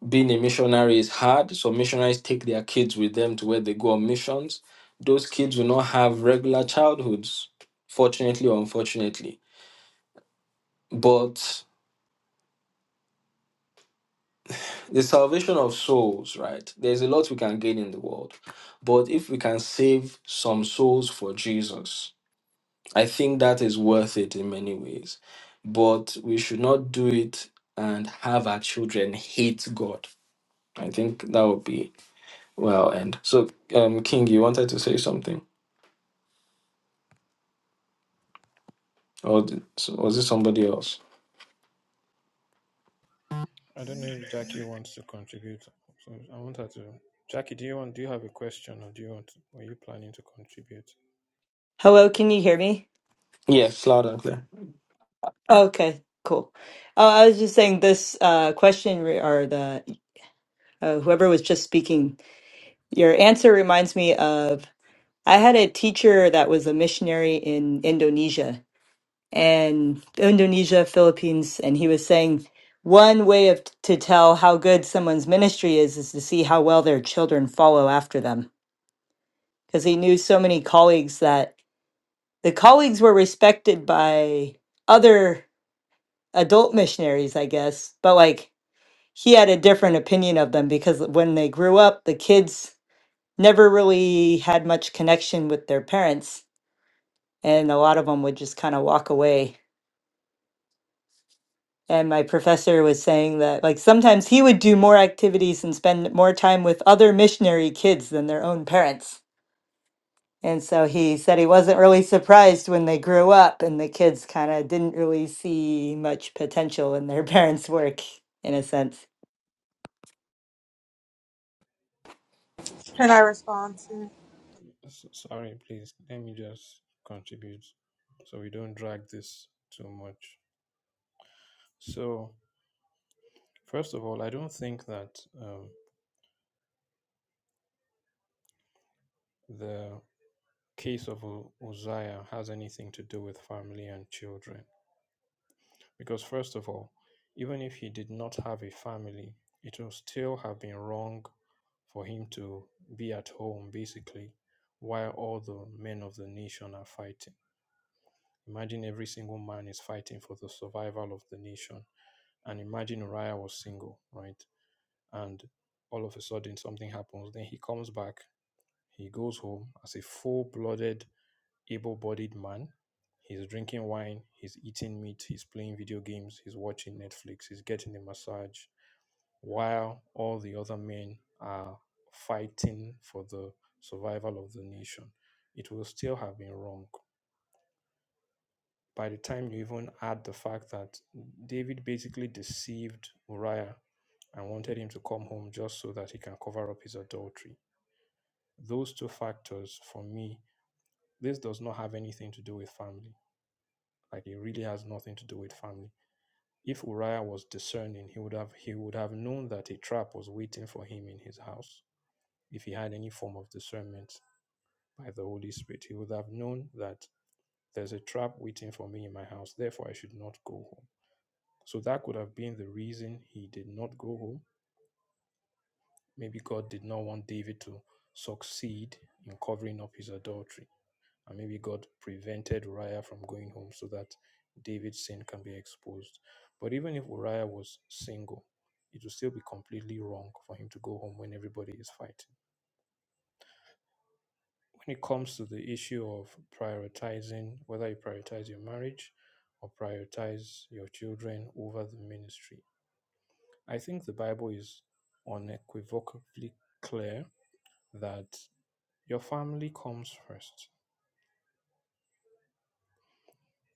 being a missionary is hard. So missionaries take their kids with them to where they go on missions. Those kids will not have regular childhoods, fortunately or unfortunately. But the salvation of souls, right? There's a lot we can gain in the world. But if we can save some souls for Jesus, I think that is worth it in many ways. But we should not do it and have our children hate God. I think that would be well end. So um King, you wanted to say something? Or d- so- was it somebody else?
I don't know if Jackie wants to contribute. So I want her to. Jackie, do you want? Do you have a question, or do you want? Were you planning to contribute?
Hello, can you hear me?
Yes, loud and clear.
Okay, cool. Oh, I was just saying this uh, question re- or the uh, whoever was just speaking, your answer reminds me of I had a teacher that was a missionary in Indonesia and Indonesia, Philippines, and he was saying one way of to tell how good someone's ministry is is to see how well their children follow after them. Because he knew so many colleagues that the colleagues were respected by other adult missionaries, I guess, but like he had a different opinion of them because when they grew up, the kids never really had much connection with their parents, and a lot of them would just kind of walk away. And my professor was saying that like sometimes he would do more activities and spend more time with other missionary kids than their own parents. And so he said he wasn't really surprised when they grew up and the kids kind of didn't really see much potential in their parents' work in a sense.
Can I respond to?
S- sorry, please. Let me just contribute so we don't drag this too much. So, first of all, I don't think that um, the case of U- Uzziah has anything to do with family and children. Because, first of all, even if he did not have a family, it would still have been wrong for him to be at home, basically, while all the men of the nation are fighting. Imagine every single man is fighting for the survival of the nation And imagine Uriah was single, right? And all of a sudden something happens. Then he comes back, he goes home as a full blooded, able bodied man. He's drinking wine, he's eating meat, he's playing video games, he's watching Netflix, he's getting a massage, while all the other men are fighting for the survival of the nation. It will still have been wrong. By the time you even add the fact that David basically deceived Uriah and wanted him to come home just so that he can cover up his adultery. Those two factors, for me, this does not have anything to do with family. Like it really has nothing to do with family. If Uriah was discerning, he would have he would have known that a trap was waiting for him in his house. If he had any form of discernment by the Holy Spirit, he would have known that there's a trap waiting for me in my house. Therefore, I should not go home. So that could have been the reason he did not go home Maybe God did not want David to succeed in covering up his adultery. And maybe God prevented Uriah from going home so that David's sin can be exposed. But even if Uriah was single, it would still be completely wrong for him to go home when everybody is fighting. When it comes to the issue of prioritizing, whether you prioritize your marriage or prioritize your children over the ministry, I think the Bible is unequivocally clear that Your family comes first.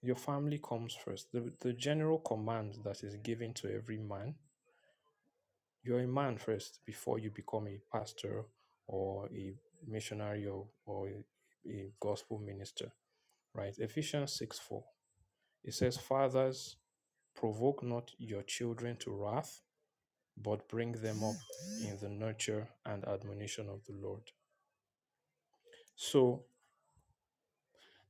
Your family comes first. The, the general command that is given to every man, you're a man first before you become a pastor or a missionary or, or a, a gospel minister, right? Ephesians 6 4. It says, Fathers, provoke not your children to wrath, but bring them up in the nurture and admonition of the Lord. So,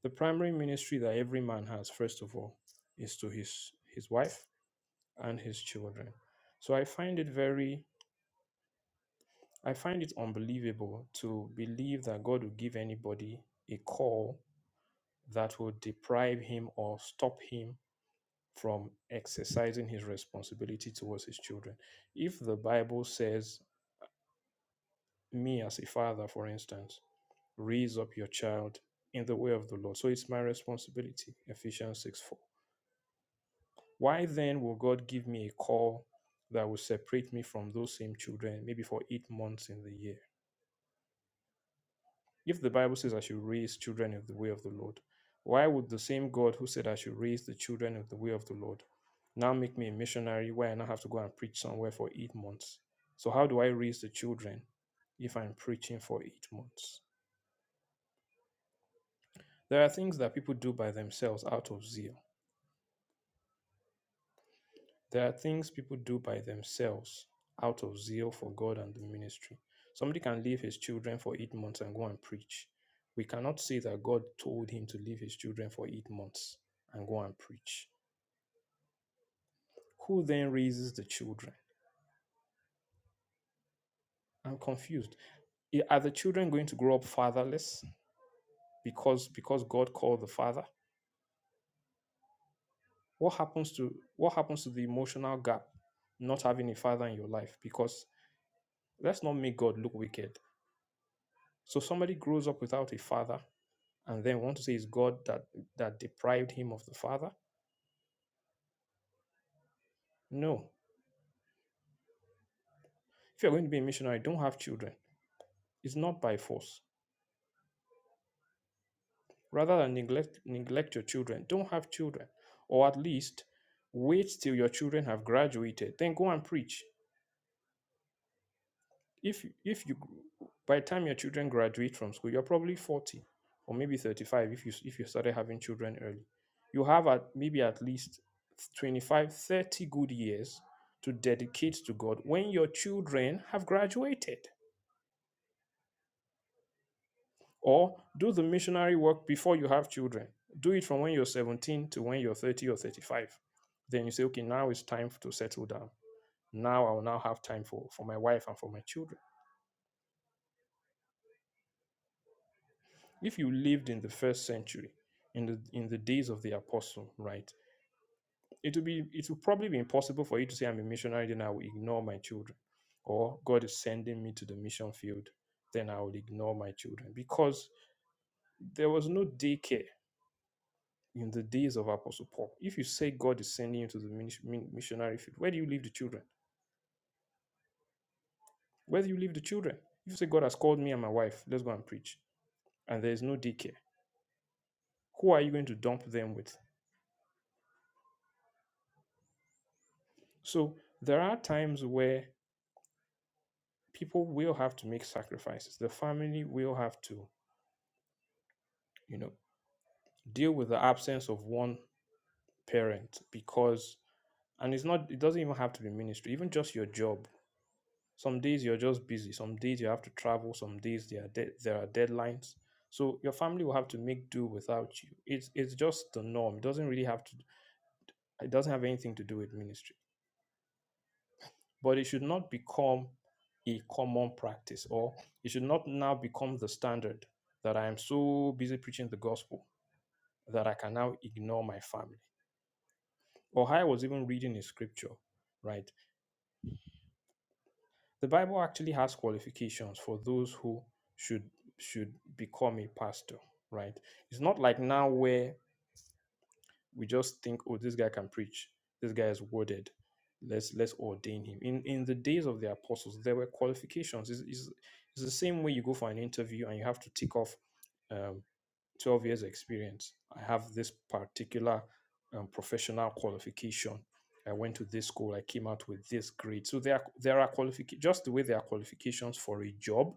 the primary ministry that every man has, first of all, is to his, his wife and his children. So I find it very, I find it unbelievable to believe that God will give anybody a call that will deprive him or stop him from exercising his responsibility towards his children. If the Bible says, me as a father, for instance, raise up your child in the way of the Lord. So it's my responsibility, Ephesians 6 4. Why then will God give me a call that will separate me from those same children, maybe for eight months in the year? If the Bible says I should raise children of the way of the Lord, why would the same God who said I should raise the children of the way of the Lord now make me a missionary where I now have to go and preach somewhere for eight months? So, how do I raise the children if I'm preaching for eight months? There are things that people do by themselves out of zeal There are things people do by themselves out of zeal for God and the ministry. Somebody can leave his children for eight months and go and preach. We cannot say that God told him to leave his children for eight months and go and preach. Who then raises the children? I'm confused. I- Are the children going to grow up fatherless because because God called the father? What happens to what happens to the emotional gap not having a father in your life? Because let's not make God look wicked. So somebody grows up without a father and then want to say it's God that that deprived him of the father. No. If you're going to be a missionary, don't have children. It's not by force. Rather than neglect neglect your children, don't have children. Or at least wait till your children have graduated. Then go and preach. if if you by the time your children graduate from school you're probably 40 or maybe 35 if you if you started having children early you have at maybe at least 25, 30 good years to dedicate to god when your children have graduated or do the missionary work before you have children do it from when you're 17 to when you're 30 or 35 then you say okay now it's time to settle down now i will now have time for for my wife and for my children if you lived in the first century in the in the days of the apostle right it would be it would probably be impossible for you to say i'm a missionary then i will ignore my children or god is sending me to the mission field then i will ignore my children because there was no daycare in the days of apostle paul if you say god is sending you to the minis- min- missionary field where do you leave the children where do you leave the children if you say god has called me and my wife let's go and preach and there is no daycare who are you going to dump them with so there are times where people will have to make sacrifices. The family will have to, you know, deal with the absence of one parent because, and it's not, it doesn't even have to be ministry, even just your job. Some days you're just busy, some days you have to travel, some days there are, de- there are deadlines. So your family will have to make do without you. It's, it's just the norm. It doesn't really have to, it doesn't have anything to do with ministry. But it should not become a common practice or it should not now become the standard that I am so busy preaching the gospel that I can now ignore my family. Or how I was even reading in scripture, right? The Bible actually has qualifications for those who should should become a pastor, right? It's not like now where we just think, oh, this guy can preach, this guy is worded. Let's let's ordain him. In in the days of the apostles, there were qualifications. It's, it's, it's the same way you go for an interview and you have to tick off um, 12 years experience i have this particular um, professional qualification i went to this school i came out with this grade so there are, there are qualifications just the way there are qualifications for a job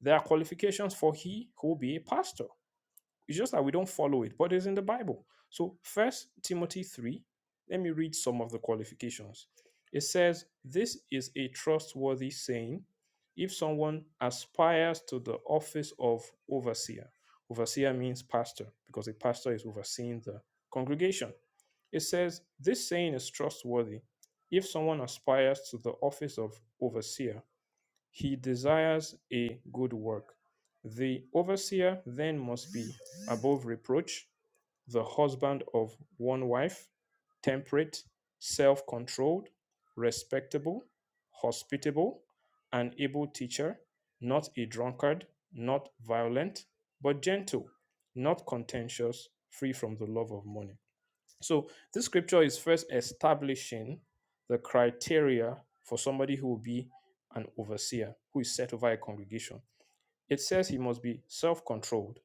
there are qualifications for he who will be a pastor it's just that we don't follow it, but it's in the Bible. So first Timothy 3, let me read some of the qualifications. It says, This is a trustworthy saying if someone aspires to the office of overseer. Overseer means pastor, because a pastor is overseeing the congregation. It says, This saying is trustworthy if someone aspires to the office of overseer he desires a good work. The overseer then must be above reproach, the husband of one wife, temperate, self controlled, respectable, hospitable, an able teacher, not a drunkard, not violent, but gentle, not contentious, free from the love of money. So this scripture is first establishing the criteria for somebody who will be an overseer, who is set over a congregation. It says he must be self-controlled.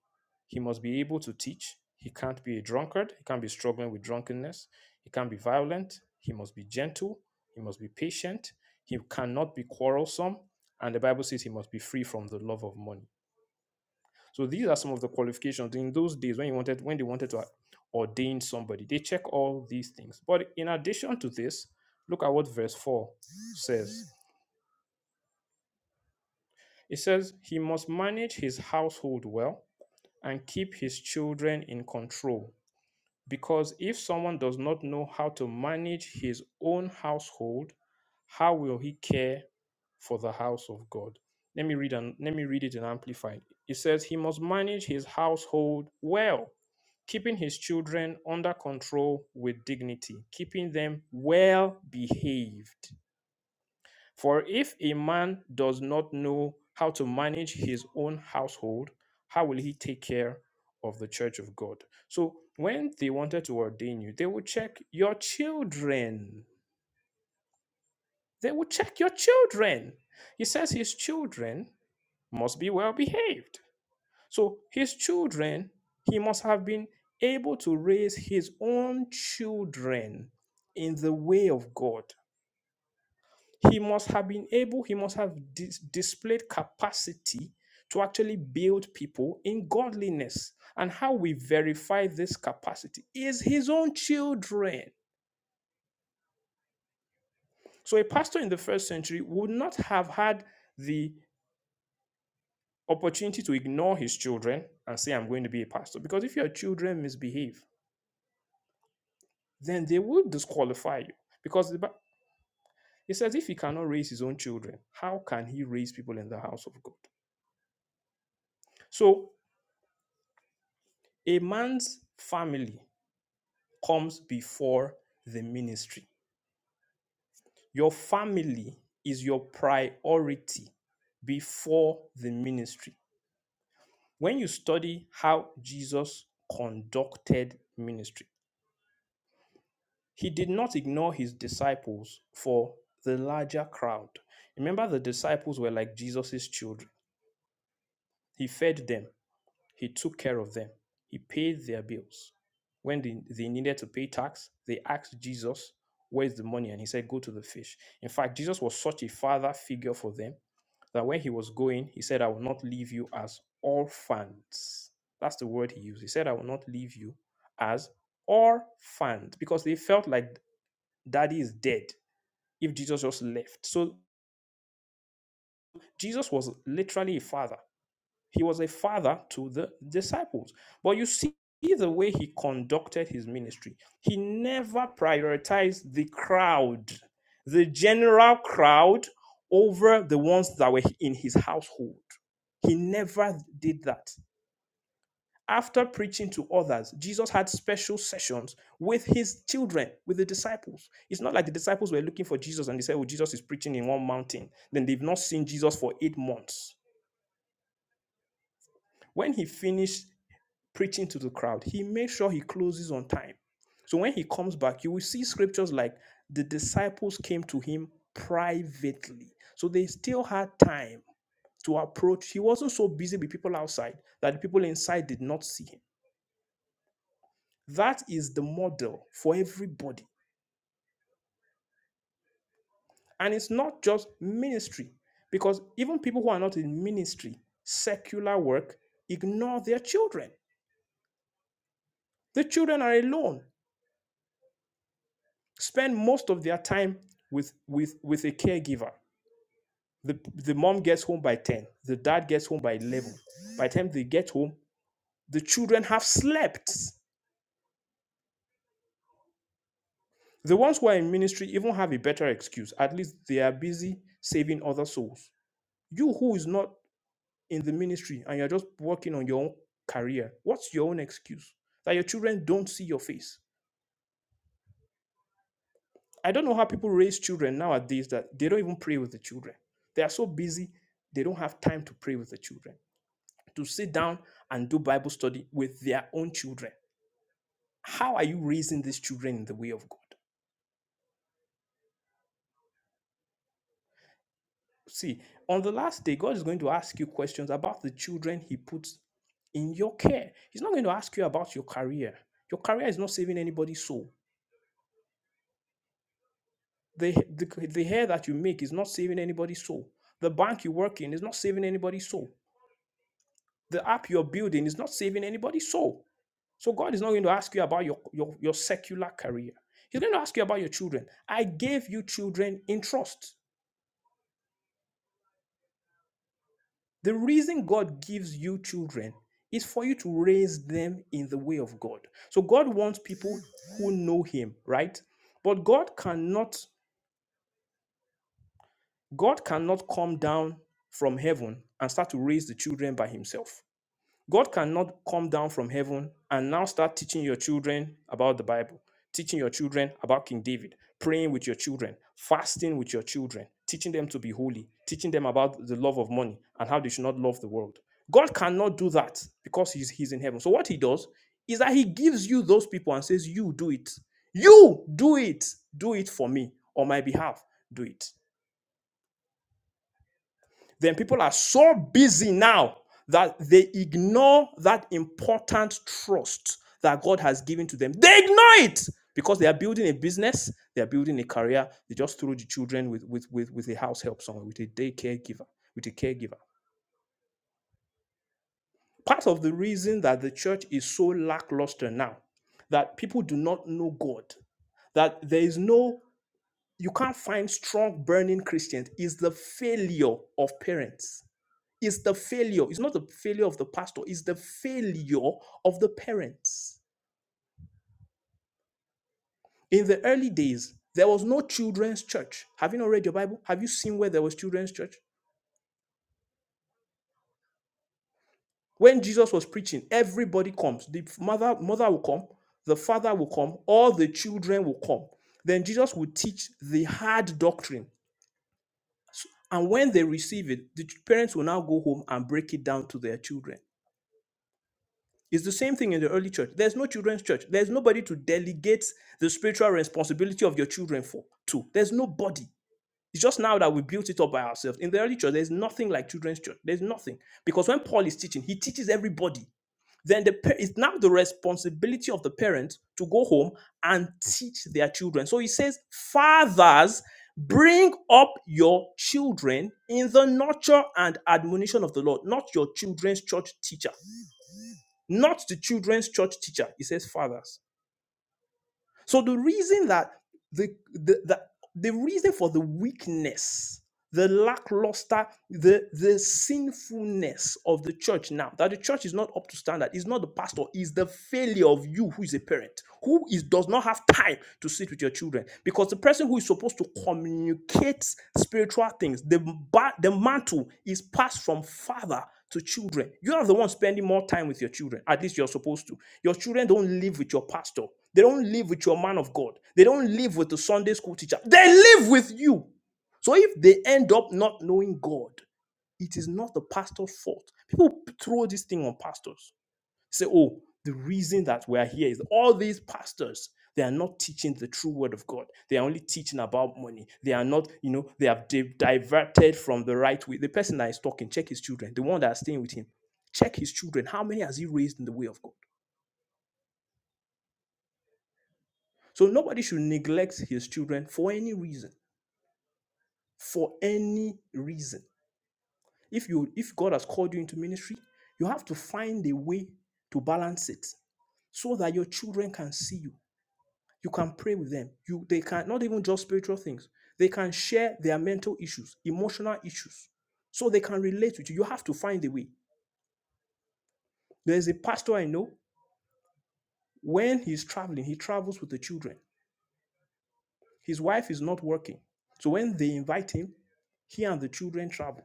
He must be able to teach. He can't be a drunkard. He can't be struggling with drunkenness. He can't be violent. He must be gentle. He must be patient. He cannot be quarrelsome. And the Bible says he must be free from the love of money. So these are some of the qualifications in those days when you wanted when they wanted to ordain somebody. They check all these things. But in addition to this, look at what verse 4 says. It says he must manage his household well and keep his children in control. Because if someone does not know how to manage his own household, how will he care for the house of God? Let me read and let me read it in amplified. It says he must manage his household well, keeping his children under control with dignity, keeping them well behaved for if a man does not know how to manage his own household, how will he take care of the church of God? So when they wanted to ordain you, they would check your children. They would check your children. He says his children must be well behaved. So his children, he must have been able to raise his own children in the way of God. He must have been able, he must have dis- displayed capacity to actually build people in godliness. And how we verify this capacity is his own children. So a pastor in the first century would not have had the opportunity to ignore his children and say, I'm going to be a pastor. Because if your children misbehave, then they will disqualify you. Because the, Bi- it says, if he cannot raise his own children, how can he raise people in the house of God? So a man's family comes before the ministry. Your family is your priority before the ministry. When you study how Jesus conducted ministry, he did not ignore his disciples for the larger crowd. Remember, the disciples were like Jesus's children. He fed them, He took care of them. He paid their bills. When they, they needed to pay tax, they asked Jesus, Where's the money? And he said, Go to the fish. In fact, Jesus was such a father figure for them that when he was going, he said, I will not leave you as orphans. That's the word he used. He said, I will not leave you as orphans because they felt like daddy is dead if Jesus just left. So Jesus was literally a father He was a father to the disciples. But you see the way he conducted his ministry, he never prioritized the crowd, the general crowd, over the ones that were in his household. He never did that. After preaching to others, Jesus had special sessions with his children, with the disciples. It's not like the disciples were looking for Jesus and they said, Oh, Jesus is preaching in one mountain. Then they've not seen Jesus for eight months. When he finished preaching to the crowd. He makes sure he closes on time. So when he comes back, you will see scriptures like the disciples came to him privately. So they still had time to approach. He wasn't so busy with people outside that the people inside did not see him. That is the model for everybody. And it's not just ministry, because even people who are not in ministry, secular work, ignore their children. The children are alone. spend most of their time with with with a caregiver the the mom gets home by 10 the dad gets home by 11 by the time they get home the children have slept the ones who are in ministry even have a better excuse at least they are busy saving other souls you who is not in the ministry and you're just working on your own career what's your own excuse that your children don't see your face i don't know how people raise children nowadays that they don't even pray with the children they are so busy they don't have time to pray with the children to sit down and do Bible study with their own children. How are you raising these children in the way of God? See, on the last day, God is going to ask you questions about the children He puts in your care. He's not going to ask you about your career. Your career is not saving anybody's soul. The, the, the hair that you make is not saving anybody's soul. The bank you work in is not saving anybody's soul. The app you're building is not saving anybody's soul. So God is not going to ask you about your, your, your secular career. He's going to ask you about your children. I gave you children in trust. The reason God gives you children is for you to raise them in the way of God. So God wants people who know him, right? But God cannot God cannot come down from heaven and start to raise the children by himself. God cannot come down from heaven and now start teaching your children about the Bible, teaching your children about King David, praying with your children, fasting with your children, teaching them to be holy, teaching them about the love of money and how they should not love the world. God cannot do that because he's, he's in heaven. So, what he does is that he gives you those people and says, You do it. You do it. Do it for me on my behalf. Do it then people are so busy now that they ignore that important trust that God has given to them. They ignore it because they are building a business, they are building a career. They just throw the children with with with, with a house help somewhere, with a day caregiver, with a caregiver. Part of the reason that the church is so lackluster now, that people do not know God, that there is no you can't find strong burning Christians is the failure of parents It's the failure. It's not the failure of the pastor, it's the failure of the parents. In the early days, there was no children's church. Have you not read your Bible? Have you seen where there was children's church? When Jesus was preaching, everybody comes. The mother, mother will come, the father will come, all the children will come. Then Jesus will teach the hard doctrine. And when they receive it, the parents will now go home and break it down to their children. It's the same thing in the early church. There's no children's church. There's nobody to delegate the spiritual responsibility of your children for to. There's nobody. It's just now that we built it up by ourselves. In the early church, there's nothing like children's church. There's nothing. Because when Paul is teaching, he teaches everybody. Then the pa- it's now the responsibility of the parents to go home and teach their children. So he says, Fathers, bring up your children in the nurture and admonition of the Lord, not your children's church teacher not the children's church teacher. It says fathers. So the reason that the the the, the reason for the weakness, the lackluster, the the sinfulness of the church now, that the church is not up to standard, is not the pastor, is the failure of you who is a parent, who is does not have time to sit with your children. Because the person who is supposed to communicate spiritual things, the ba- the mantle is passed from father to children. You are the one spending more time with your children. At least you're supposed to. Your children don't live with your pastor. They don't live with your man of God. They don't live with the Sunday school teacher. They live with you. So if they end up not knowing God, it is not the pastor's fault. People throw this thing on pastors. Say, oh, the reason that we're here is all these pastors, they are not teaching the true word of God. They are only teaching about money. They are not, you know, they have di- diverted from the right way. The person that is talking, check his children. The one that is staying with him, check his children. How many has he raised in the way of God? So nobody should neglect his children for any reason. For any reason. If you if God has called you into ministry, you have to find a way to balance it so that your children can see you. You can pray with them. You they can not even just spiritual things. They can share their mental issues, emotional issues. So they can relate with you. You have to find a way. There's a pastor I know. When he's traveling, he travels with the children. His wife is not working. So when they invite him, he and the children travel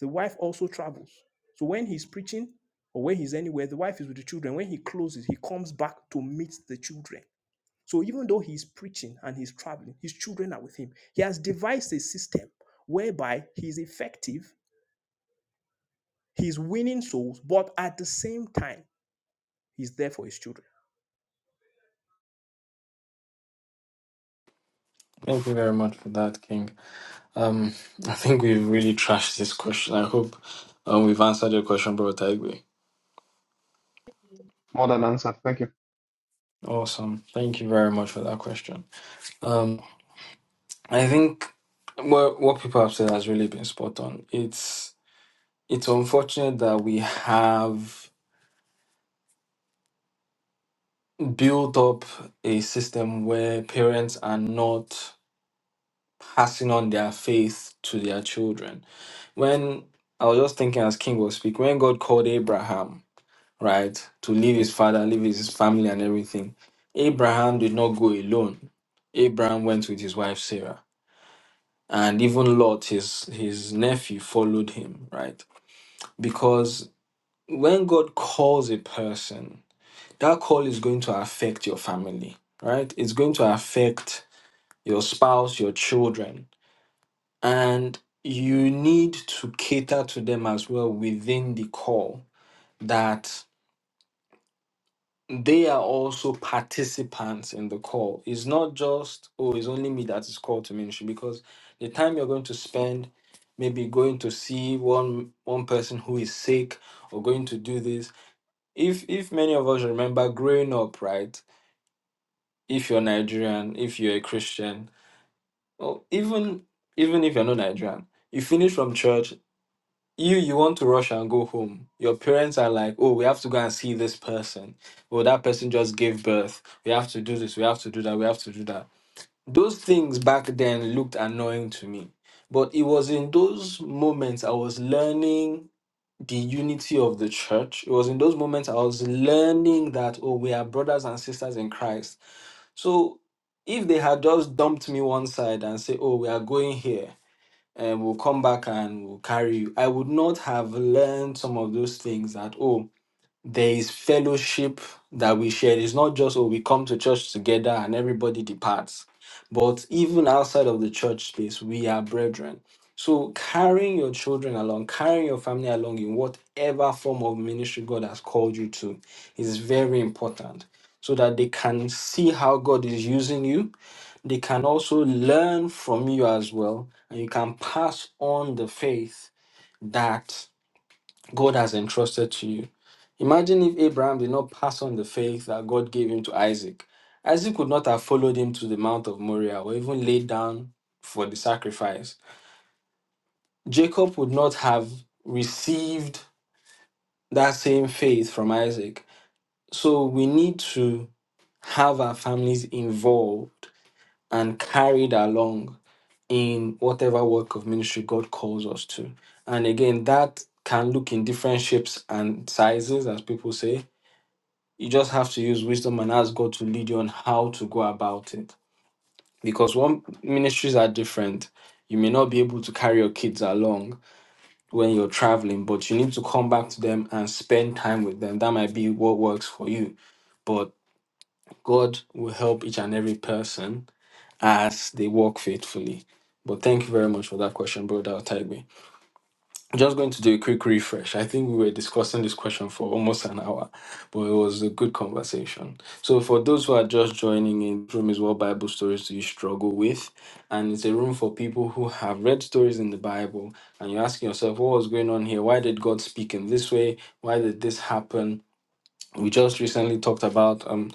The wife also travels. So when he's preaching or when he's anywhere, the wife is with the children. When he closes, he comes back to meet the children. So even though he's preaching and he's traveling, his children are with him. He has devised a system whereby he's effective, he's winning souls, but at the same time, he's there for his children.
Thank you very much for that, King. Um, I think we've really trashed this question. I hope um, we've answered your question, Bro Taigwe.
More than answered. Thank you.
Awesome. Thank you very much for that question. Um, I think what what people have said has really been spot on. It's it's unfortunate that we have built up a system where parents are not passing on their faith to their children when I was just thinking as King was speaking, when God called Abraham, right, to leave his father, leave his family and everything, Abraham did not go alone. Abraham went with his wife Sarah. And even Lot, his his nephew, followed him, right? Because when God calls a person, that call is going to affect your family, right? It's going to affect your spouse, your children. And you need to cater to them as well within the call that they are also participants in the call. It's not just, oh, it's only me that is called to ministry because the time you're going to spend maybe going to see one one person who is sick or going to do this. If if many of us remember growing up, right? If you're Nigerian, if you're a Christian, or even even if you're not Nigerian, you finish from church, you you want to rush and go home your parents are like oh we have to go and see this person oh that person just gave birth we have to do this we have to do that we have to do that those things back then looked annoying to me but it was in those moments i was learning the unity of the church it was in those moments i was learning that oh we are brothers and sisters in christ so if they had just dumped me one side and say oh we are going here and we'll come back and we'll carry you. I would not have learned some of those things that, oh, there is fellowship that we share. It's not just, oh, we come to church together and everybody departs. But even outside of the church space, we are brethren. So carrying your children along, carrying your family along in whatever form of ministry God has called you to is very important so that they can see how God is using you they can also learn from you as well, and you can pass on the faith that God has entrusted to you. Imagine if Abraham did not pass on the faith that God gave him to Isaac. Isaac would not have followed him to the Mount of Moriah or even laid down for the sacrifice. Jacob would not have received that same faith from Isaac. So we need to have our families involved and carried along. in whatever work of ministry God calls us to. And again, that can look in different shapes and sizes, as people say. You just have to use wisdom and ask God to lead you on how to go about it. Because one ministries are different. You may not be able to carry your kids along when you're traveling, but you need to come back to them and spend time with them. That might be what works for you. But God will help each and every person as they walk faithfully. But thank you very much for that question, brother Otaigbe. Just going to do a quick refresh. I think we were discussing this question for almost an hour, but it was a good conversation. So, for those who are just joining in, this room is what Bible stories do you struggle with? And it's a room for people who have read stories in the Bible and you're asking yourself, what was going on here? Why did God speak in this way? Why did this happen? We just recently talked about. um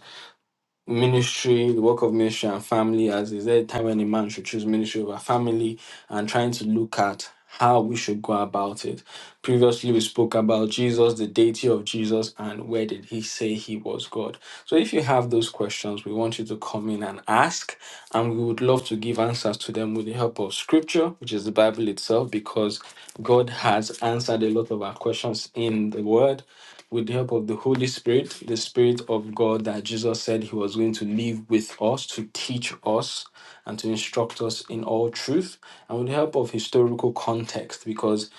ministry, the work of ministry and family, as is there a time when a man should choose ministry over family and trying to look at how we should go about it. Previously, we spoke about Jesus, the deity of Jesus, and where did he say he was God. So, if you have those questions, we want you to come in and ask, and we would love to give answers to them with the help of scripture, which is the Bible itself, because God has answered a lot of our questions in the word with the help of the Holy Spirit, the Spirit of God that Jesus said He was going to leave with us, to teach us, and to instruct us in all truth, and with the help of historical context, because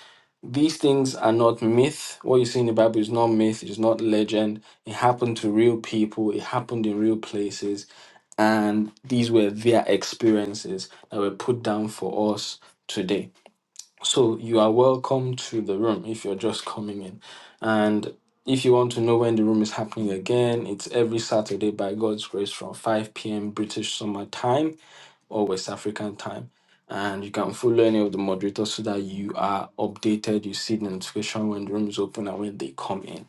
these things are not myth. What you see in the Bible is not myth, it's not legend. It happened to real people, it happened in real places, and these were their experiences that were put down for us today. So you are welcome to the room if you're just coming in. And if you want to know when the room is happening again, it's every Saturday by God's grace from 5 p.m. British summer time or West African time. And you can follow any of the moderators so that you are updated. You see the notification when the room is open and when they come in.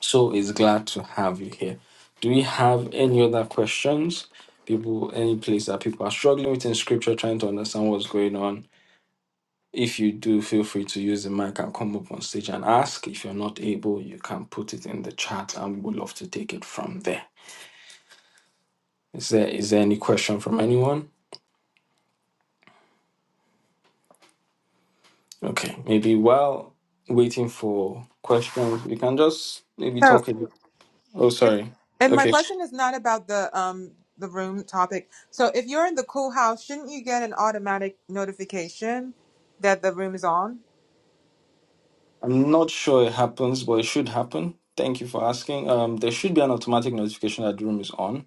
So it's glad to have you here. Do we have any other questions? People, any place that people are struggling with in scripture, trying to understand what's going on if you do, feel free to use the mic and come up on stage and ask. If you're not able, you can put it in the chat and we would love to take it from there. Is there is there any question from anyone? Okay, maybe while waiting for questions, we can just maybe
So,
talk a bit. Oh,
If,
sorry.
And my
Okay,
question is not about the um the room topic. So if you're in the cool house, shouldn't you get an automatic notification that the room is on?
I'm not sure it happens, but it should happen. Thank you for asking. Um, there should be an automatic notification that the room is on.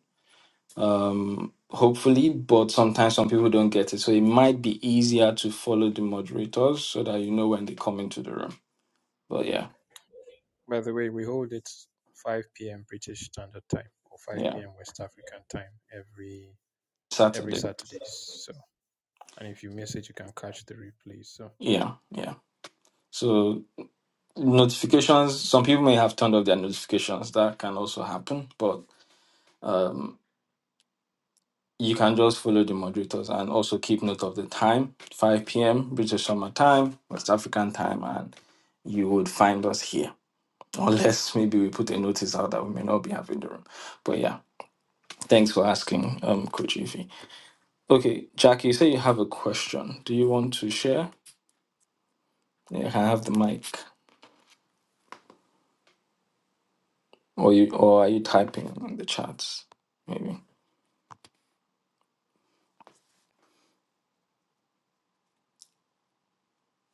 um, hopefully, but sometimes some people don't get it. So it might be easier to follow the moderators so that you know when they come into the room. But yeah,
By the way, we hold it 5 p.m. British Standard Time or 5
yeah,
p.m. West African Time every every
Saturday.
Saturday. So and if you miss it, you can catch the replay. So,
Yeah, yeah. So notifications, some people may have turned off their notifications. That can also happen, but um, you can just follow the moderators and also keep note of the time 5 p.m. British summer time, West African time, and you would find us here. Unless maybe we put a notice out that we may not be having the room. But yeah. Thanks for asking, um, Coach Ify. Okay, Jackie, you say you have a question. Do you want to share? Yeah, I have the mic. Or you or are you typing in the chats? Maybe.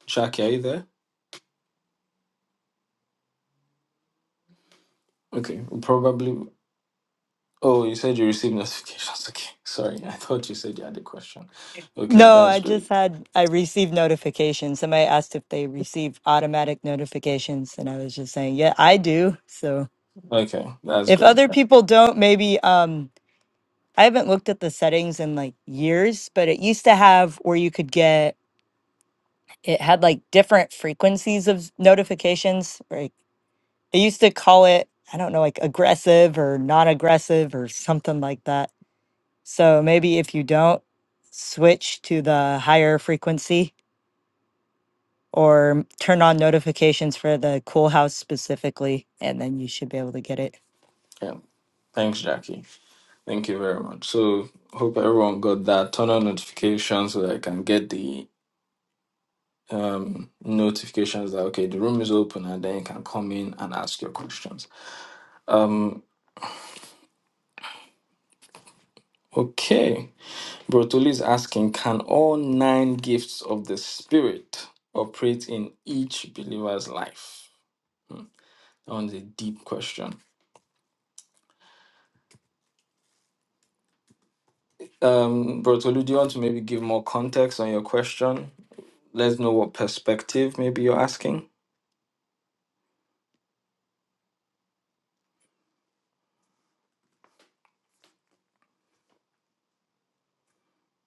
Jackie, are you there? Okay. we Probably oh you said you received notifications. Okay. Sorry. I thought you said you had a question. Okay,
No,
that's
I
great.
just had I received notifications. Somebody asked if they receive automatic notifications, and I was just saying, yeah, I do. So
Okay, that's
if
great.
other people don't, maybe um I haven't looked at the settings in like years, but it used to have where you could get it had like different frequencies of notifications. Like it used to call it, I don't know, like aggressive or non-aggressive or something like that. So maybe if you don't switch to the higher frequency or turn on notifications for the Cool House specifically, and then you should be able to get it.
Yeah. Thanks, Jackie. Thank you very much. So hope everyone got that. Turn on notifications so that I can get the um, notifications that okay the room is open and then you can come in and ask your questions um okay brotoli is asking can all nine gifts of the spirit operate in each believer's life that one's a deep question um brotoli do you want to maybe give more context on your question let's know what perspective maybe you're asking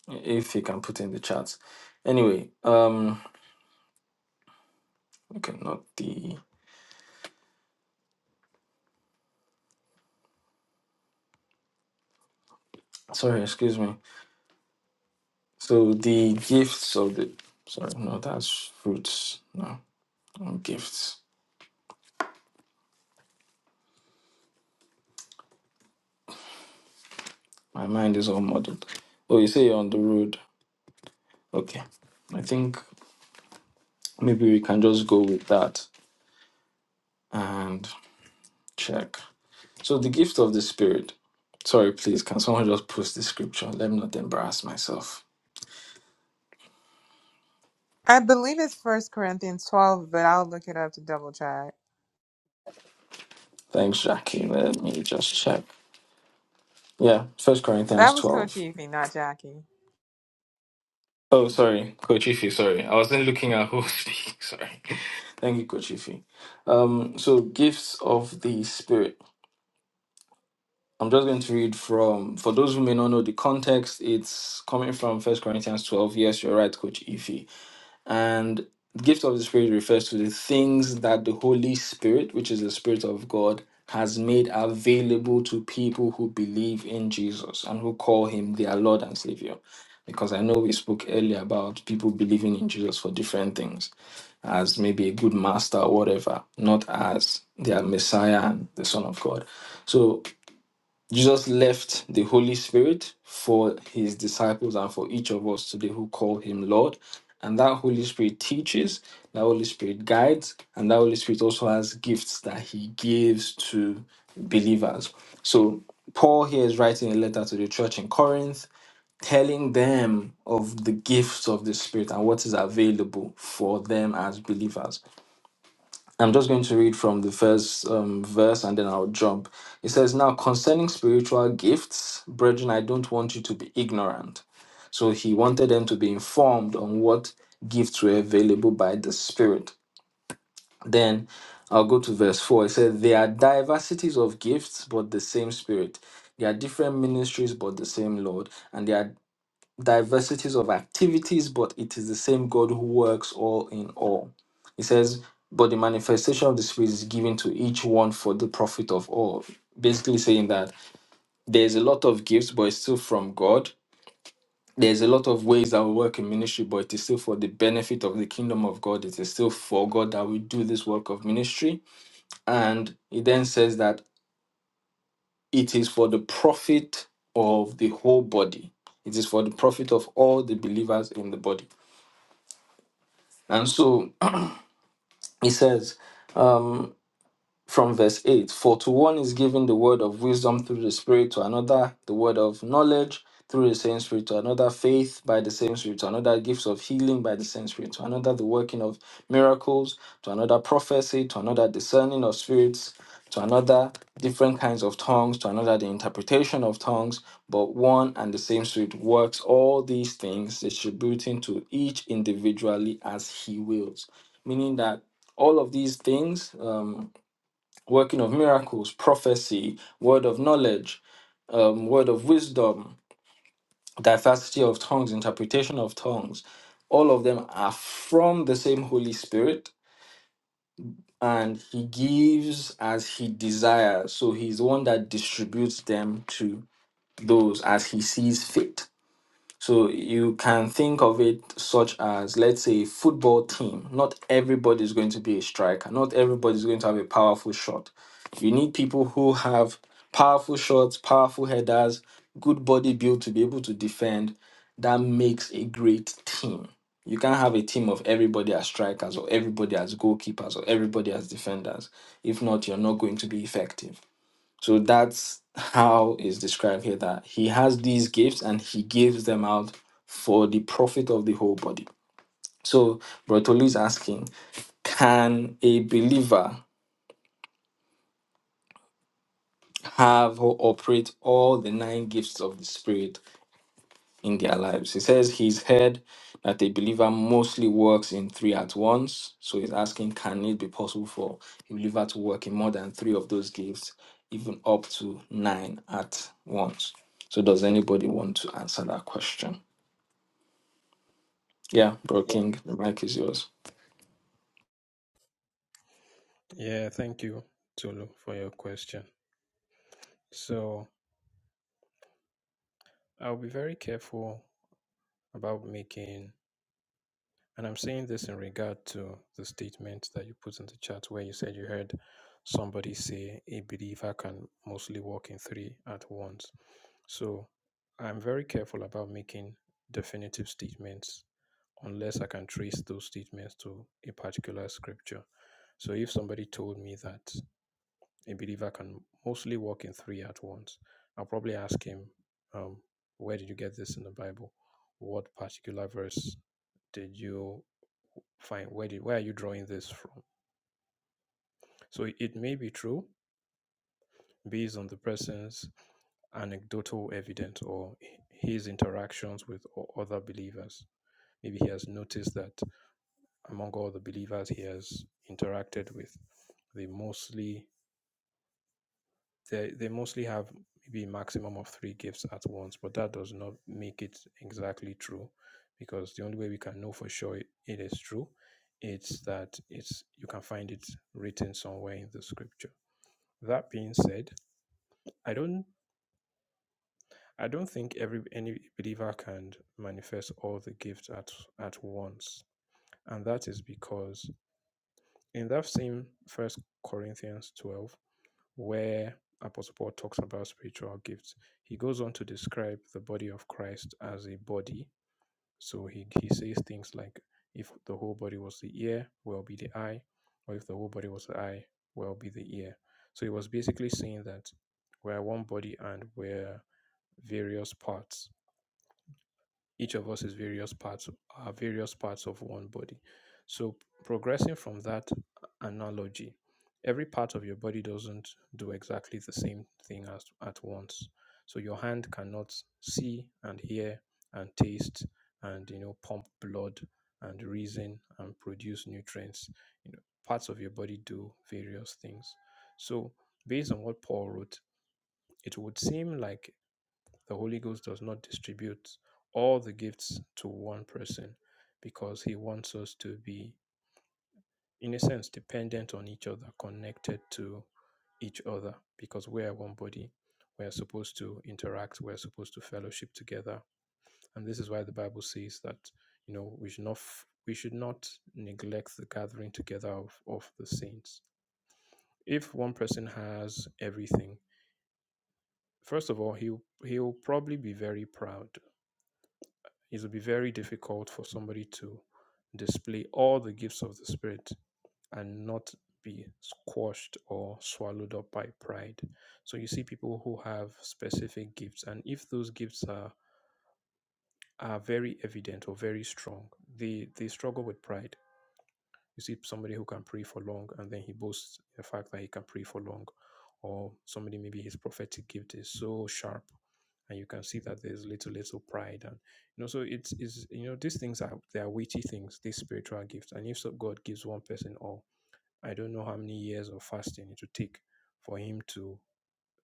if you can put in the chat anyway um okay not the sorry excuse me So the gifts of the sorry, no, that's fruits. No, no gifts. My mind is all muddled. Oh, you say you're on the road. Okay. I think maybe we can just go with that and check. So the gift of the spirit. Sorry, please, can someone just post the scripture? Let me not embarrass myself.
I believe it's First Corinthians 12, but I'll look it up to double check.
Thanks, Jackie. Let me just check. Yeah, First
That
Corinthians
was
12.
Coach Evie, not Jackie.
Oh, sorry, Coach Ify, sorry. I wasn't looking at who was speaking, sorry. Thank you, Coach Ify. Um, so, gifts of the Spirit. I'm just going to read from, for those who may not know the context, it's coming from First Corinthians 12. Yes, you're right, Coach Ify. And the gift of the Spirit refers to the things that the Holy Spirit, which is the Spirit of God, has made available to people who believe in Jesus and who call him their Lord and Savior. Because I know we spoke earlier about people believing in Jesus for different things, as maybe a good master or whatever, not as their Messiah and the Son of God. So Jesus left the Holy Spirit for his disciples and for each of us today who call him Lord. And that Holy Spirit teaches, that Holy Spirit guides, and that Holy Spirit also has gifts that he gives to believers. So, Paul here is writing a letter to the church in Corinth, telling them of the gifts of the Spirit and what is available for them as believers. I'm just going to read from the first um, verse and then I'll jump. It says, Now concerning spiritual gifts, brethren, I don't want you to be ignorant. So he wanted them to be informed on what gifts were available by the Spirit. Then I'll go to verse 4. It says, There are diversities of gifts, but the same Spirit. There are different ministries, but the same Lord. And there are diversities of activities, but it is the same God who works all in all. He says, but the manifestation of the Spirit is given to each one for the profit of all. Basically, saying that there's a lot of gifts, but it's still from God. There's a lot of ways that we work in ministry, but it is still for the benefit of the kingdom of God. It is still for God that we do this work of ministry. And he then says that it is for the profit of the whole body, it is for the profit of all the believers in the body. And so he says, um, from verse 8 For to one is given the word of wisdom through the Spirit, to another, the word of knowledge through the same Spirit, to another, faith by the same Spirit, to another, gifts of healing by the same Spirit, to another, the working of miracles, to another, prophecy, to another, discerning of spirits, to another, different kinds of tongues, to another, the interpretation of tongues. But one and the same Spirit works all these things, distributing to each individually as He wills. Meaning that all of these things, um, working of miracles, prophecy, word of knowledge, um, word of wisdom, diversity of tongues, interpretation of tongues, all of them are from the same Holy Spirit, and He gives as He desires. So He's the one that distributes them to those as He sees fit. So you can think of it such as, let's say, a football team. Not everybody is going to be a striker. Not everybody is going to have a powerful shot. You need people who have powerful shots, powerful headers, good body build to be able to defend. That makes a great team. You can't have a team of everybody as strikers or everybody as goalkeepers or everybody as defenders. If not, you're not going to be effective. So that's how it's described here that he has these gifts and he gives them out for the profit of the whole body. So Brotolu is asking, can a believer have or operate all the nine gifts of the Spirit in their lives. He says he's heard that a believer mostly works in three at once. So he's asking, can it be possible for a believer to work in more than three of those gifts, even up to nine at once? So does anybody want to answer that question? Yeah, Bro King, the mic is yours.
yeah, thank you, Tolu, for your question. So, I'll be very careful about making, and I'm saying this in regard to the statement that you put in the chat where you said you heard somebody say a believer can mostly walk in three at once. So, I'm very careful about making definitive statements unless I can trace those statements to a particular scripture. So if somebody told me that a believer can mostly walk in three at once. I'll probably ask him, um, Where did you get this in the Bible? What particular verse did you find? Where, did, where are you drawing this from? So it may be true based on the person's anecdotal evidence or his interactions with other believers. Maybe he has noticed that among all the believers he has interacted with, they mostly They they mostly have maybe a maximum of three gifts at once, but that does not make it exactly true, because the only way we can know for sure it, it is true, it's that it's you can find it written somewhere in the scripture. That being said, I don't I don't think every any believer can manifest all the gifts at at once, and that is because in that same First Corinthians twelve where Apostle Paul talks about spiritual gifts. He goes on to describe the body of Christ as a body. So he, he says things like, if the whole body was the ear, well be the eye, or if the whole body was the eye, well be the ear. So he was basically saying that we're one body and we're various parts each of us is various parts are various parts of one body so progressing from that analogy every part of your body doesn't do exactly the same thing as at once so your hand cannot see and hear and taste and you know pump blood and reason and produce nutrients you know parts of your body do various things so based on what paul wrote it would seem like the Holy Ghost does not distribute all the gifts to one person because he wants us to be, in a sense, dependent on each other, connected to each other because we are one body. We are supposed to interact. We are supposed to fellowship together, and this is why the Bible says that you know we should not we should not neglect the gathering together of, of the saints. If one person has everything, first of all, he'll he'll probably be very proud it will be very difficult for somebody to display all the gifts of the Spirit and not be squashed or swallowed up by pride. So you see people who have specific gifts, and if those gifts are are very evident or very strong, they they struggle with pride you see somebody who can pray for long and then he boasts the fact that he can pray for long. Or somebody maybe his prophetic gift is so sharp and you can see that there's little, little pride. And you know, so it's is you know, these things are they are weighty things, these spiritual gifts. And if so God gives one person all, I don't know how many years of fasting it would take for him to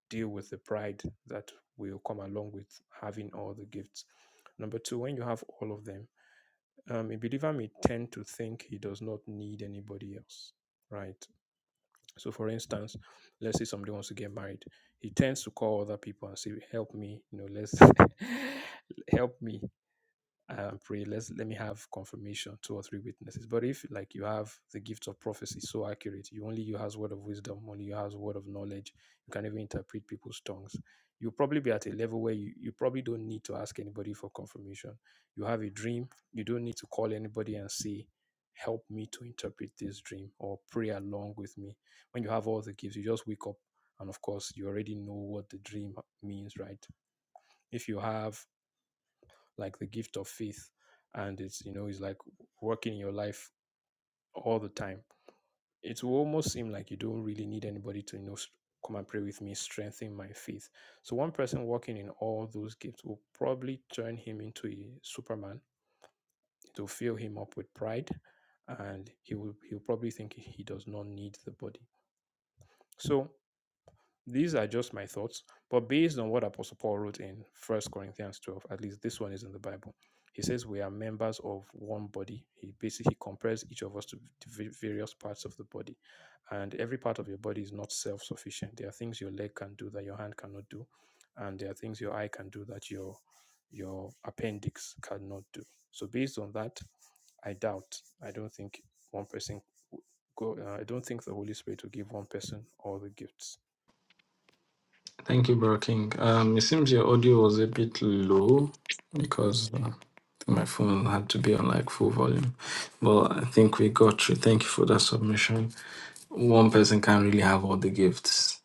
deal with the pride that will come along with having all the gifts. Number two, when you have all of them, um, a believer may tend to think he does not need anybody else, right? So, for instance, let's say somebody wants to get married, he tends to call other people and say, "Help me, you know, let's help me." um, pray. Let's let me have confirmation, two or three witnesses. But if like you have the gift of prophecy so accurate, you only you has word of wisdom, only you has word of knowledge, you can even interpret people's tongues. You'll probably be at a level where you, you probably don't need to ask anybody for confirmation. You have a dream, you don't need to call anybody and say, Help me to interpret this dream or pray along with me. When you have all the gifts, you just wake up and of course you already know what the dream means, right? If you have like the gift of faith and it's you know it's like working in your life all the time it will almost seem like you don't really need anybody to you know s- come and pray with me strengthen my faith so one person working in all those gifts will probably turn him into a superman it will fill him up with pride and he will he'll probably think he does not need the body so These are just my thoughts, but based on what Apostle Paul wrote in First Corinthians 12, at least this one is in the Bible. He says we are members of one body. He basically compares each of us to v- various parts of the body. And every part of your body is not self sufficient. There are things your leg can do that your hand cannot do. And there are things your eye can do that your your appendix cannot do. So based on that, I doubt. I don't think one person. Go, uh, I don't think the Holy Spirit will give one person all the gifts
Thank you, Bro King. Um, it seems your audio was a bit low because uh, my phone had to be on like full volume, but I think we got you. Thank you for that submission. one person can't really have all the gifts.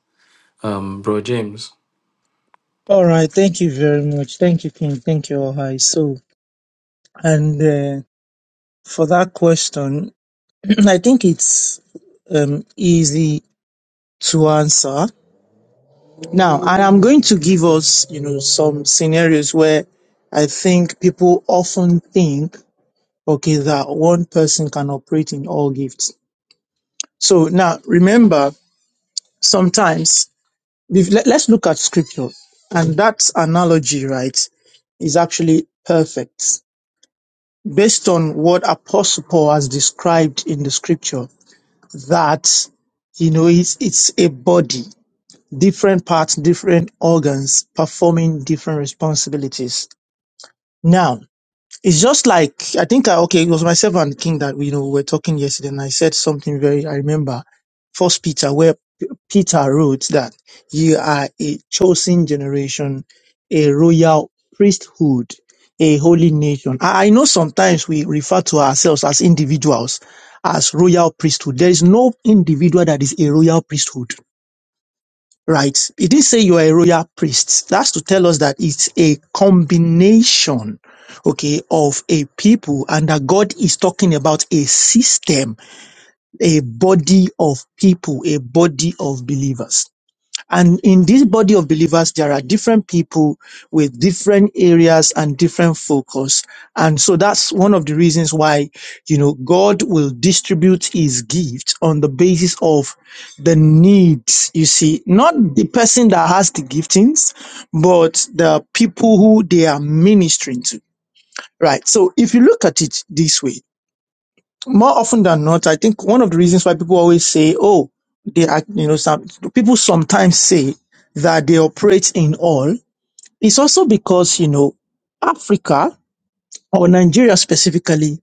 Um, bro James.
All right. Thank you very much. Thank you, King. Thank you, Ohai. So, and uh, for that question, I think it's um, easy to answer. Now, and I'm going to give us, you know, some scenarios where I think people often think, okay, that one person can operate in all gifts. So now remember, sometimes if- let- let's look at scripture and that analogy, right, is actually perfect. based on what Apostle Paul has described in the scripture, that you know it's, it's a body, different parts, different organs performing different responsibilities. Now, it's just like I think I, okay, it was myself and King that we you know we were talking yesterday, and I said something very I remember First Peter, where P- Peter wrote that you are a chosen generation, a royal priesthood, a holy nation. I, I know sometimes we refer to ourselves as individuals as royal priesthood. There is no individual that is a royal priesthood right? It didn't say you are a royal priest. That's to tell us that it's a combination, okay, of a people and that God is talking about a system, a body of people, a body of believers. And in this body of believers, there are different people with different areas and different focus. And so that's one of the reasons why, you know, God will distribute his gift on the basis of the needs, you see, not the person that has the giftings, but the people who they are ministering to. Right. So if you look at it this way, more often than not, I think one of the reasons why people always say, oh, they are, you know, some people sometimes say that they operate in all is also because, you know, Africa or Nigeria specifically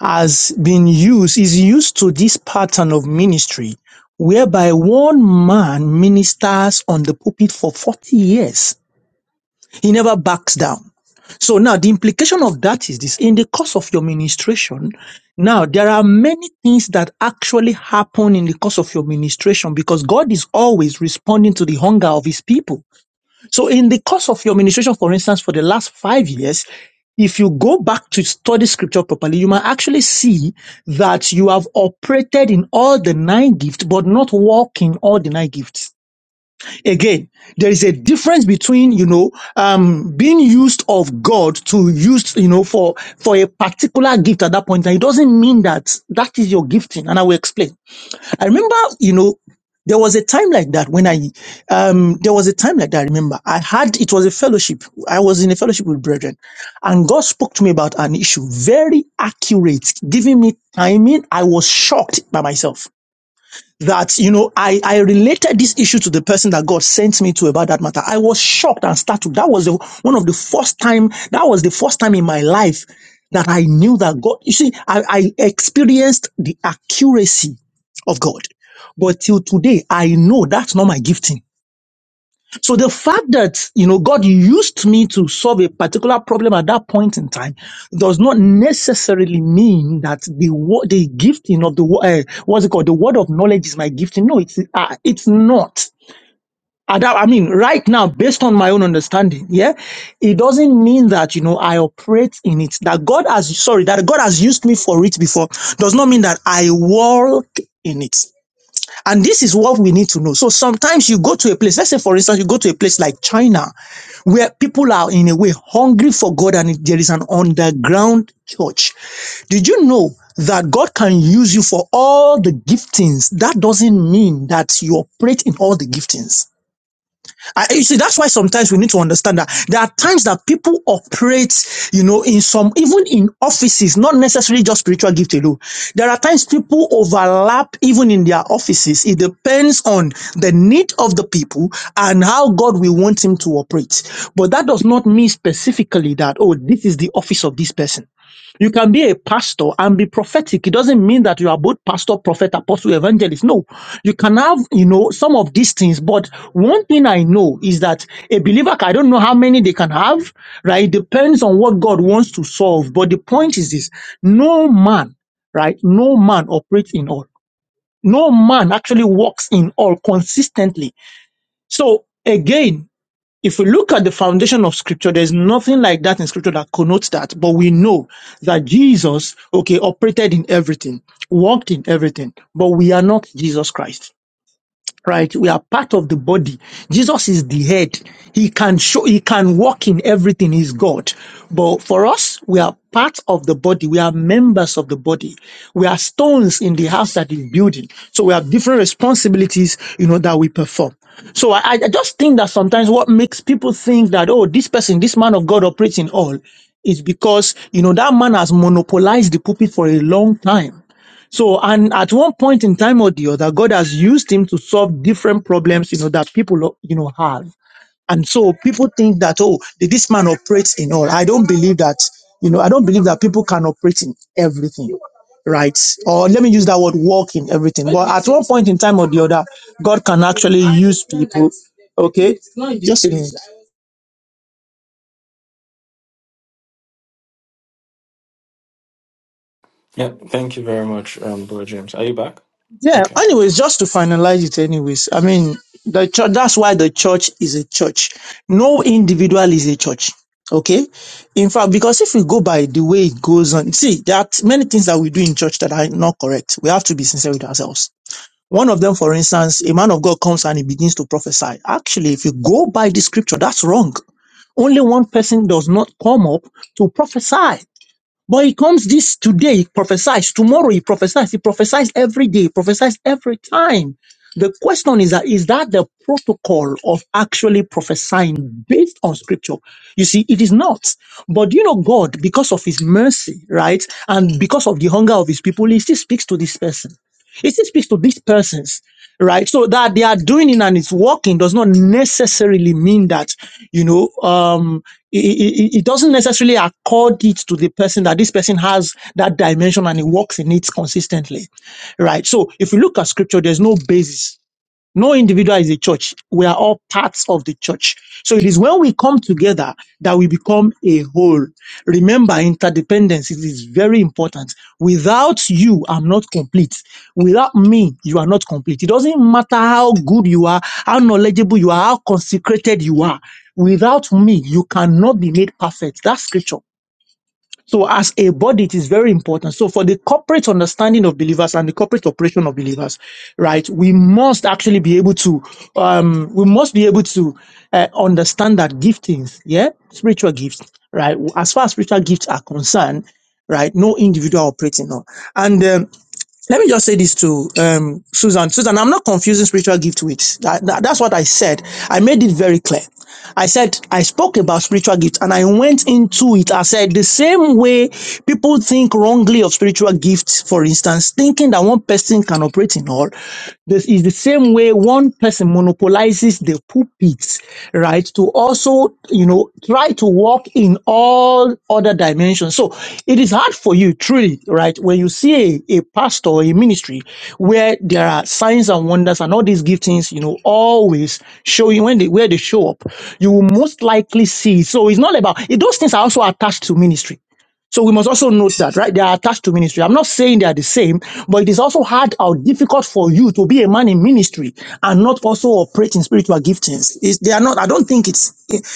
has been used, is used to this pattern of ministry whereby one man ministers on the pulpit for 40 years. He never backs down. So now the implication of that is this in the course of your ministration, now there are many things that actually happen in the course of your ministration because God is always responding to the hunger of his people. So in the course of your ministration, for instance, for the last five years, if you go back to study scripture properly, you might actually see that you have operated in all the nine gifts, but not walking all the nine gifts again there is a difference between you know um being used of god to use you know for for a particular gift at that point and it doesn't mean that that is your gifting and i will explain i remember you know there was a time like that when i um there was a time like that i remember i had it was a fellowship i was in a fellowship with brethren and god spoke to me about an issue very accurate giving me timing i was shocked by myself that you know I I related this issue to the person that God sent me to about that matter. I was shocked and startled. That was the, one of the first time. That was the first time in my life that I knew that God. You see, I, I experienced the accuracy of God, but till today I know that's not my gifting. So the fact that, you know, God used me to solve a particular problem at that point in time does not necessarily mean that the wo- the gifting of the, wo- uh, what's it called? The word of knowledge is my gifting. No, it's, uh, it's not. At that- I mean, right now, based on my own understanding, yeah, it doesn't mean that, you know, I operate in it. That God has, sorry, that God has used me for it before does not mean that I walk in it. And this is what we need to know. So sometimes you go to a place, let's say for instance, you go to a place like China, where people are in a way hungry for God and there is an underground church. Did you know that God can use you for all the giftings? That doesn't mean that you operate in all the giftings. I, you see, that's why sometimes we need to understand that there are times that people operate, you know, in some, even in offices, not necessarily just spiritual gift alone. There are times people overlap even in their offices. It depends on the need of the people and how God will want him to operate. But that does not mean specifically that, oh, this is the office of this person you can be a pastor and be prophetic. It doesn't mean that you are both pastor, prophet, apostle, evangelist. No, you can have, you know, some of these things. But one thing I know is that a believer, I don't know how many they can have, right? It depends on what God wants to solve. But the point is this no man, right? No man operates in all. No man actually walks in all consistently. So again, if we look at the foundation of scripture, there's nothing like that in scripture that connotes that. But we know that Jesus, okay, operated in everything, walked in everything, but we are not Jesus Christ right? We are part of the body. Jesus is the head. He can show, he can walk in everything. He's God. But for us, we are part of the body. We are members of the body. We are stones in the house that is building. So we have different responsibilities, you know, that we perform. So I, I just think that sometimes what makes people think that, oh, this person, this man of God operates in all is because, you know, that man has monopolized the pulpit for a long time so, and at one point in time or the other, God has used him to solve different problems, you know, that people, you know, have. And so people think that, oh, did this man operates in all. I don't believe that, you know, I don't believe that people can operate in everything, right? Or let me use that word, walk in everything. But at one point in time or the other, God can actually use people, okay? Just a minute.
Yeah, thank you very much, um, bro James. Are you back?
Yeah.
Okay.
Anyways, just to finalize it, anyways, I mean, the church, that's why the church is a church. No individual is a church. Okay. In fact, because if we go by the way it goes on, see, there are many things that we do in church that are not correct. We have to be sincere with ourselves. One of them, for instance, a man of God comes and he begins to prophesy. Actually, if you go by the scripture, that's wrong. Only one person does not come up to prophesy. But he comes this today, he prophesies. Tomorrow he prophesies. He prophesies every day, he prophesies every time. The question is that is that the protocol of actually prophesying based on scripture? You see, it is not. But you know, God, because of his mercy, right? And because of the hunger of his people, he still speaks to this person. He still speaks to these persons right? So that they are doing it and it's working does not necessarily mean that, you know, um, it, it, it doesn't necessarily accord it to the person that this person has that dimension and he works in it consistently, right? So if you look at scripture, there's no basis no individual is a church. We are all parts of the church. So it is when we come together that we become a whole. Remember, interdependence is is very important. Without you, I'm not complete. Without me, you are not complete. It doesn't matter how good you are, how knowledgeable you are, how consecrated you are. Without me, you cannot be made perfect. That's scripture. So as a body, it is very important. So for the corporate understanding of believers and the corporate operation of believers, right, we must actually be able to, um, we must be able to uh, understand that giftings, yeah, spiritual gifts, right, as far as spiritual gifts are concerned, right, no individual operating on. And um, let me just say this to um, Susan. Susan, I'm not confusing spiritual gift with that, that- That's what I said. I made it very clear. I said I spoke about spiritual gift and I went into it. I said the same way people think wrongly of spiritual gifts, for instance, thinking that one person can operate in all. This is the same way one person monopolizes the pulpits, right, to also, you know, try to walk in all other dimensions. So it is hard for you, truly, right, when you see a, a pastor or a ministry where there are signs and wonders and all these giftings, you know, always showing when they where they show up, you will most likely see. So it's not about it, those things are also attached to ministry so we must also note that, right? They are attached to ministry. I'm not saying they are the same, but it is also hard or difficult for you to be a man in ministry and not also operate in spiritual giftings. It's, they are not, I don't think it's,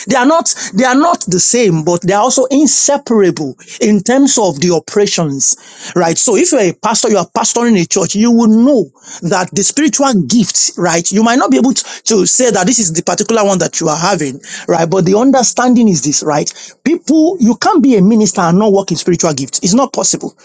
they are not, they are not the same, but they are also inseparable in terms of the of the oppressions, right? So if you're a pastor, you are pastoring a church, you will know that the spiritual gifts, right? You might not be able to, to say that this is the particular one that you are having, right? But the understanding is this, right? People, you can't be a minister and not work in spiritual gifts. It's not possible.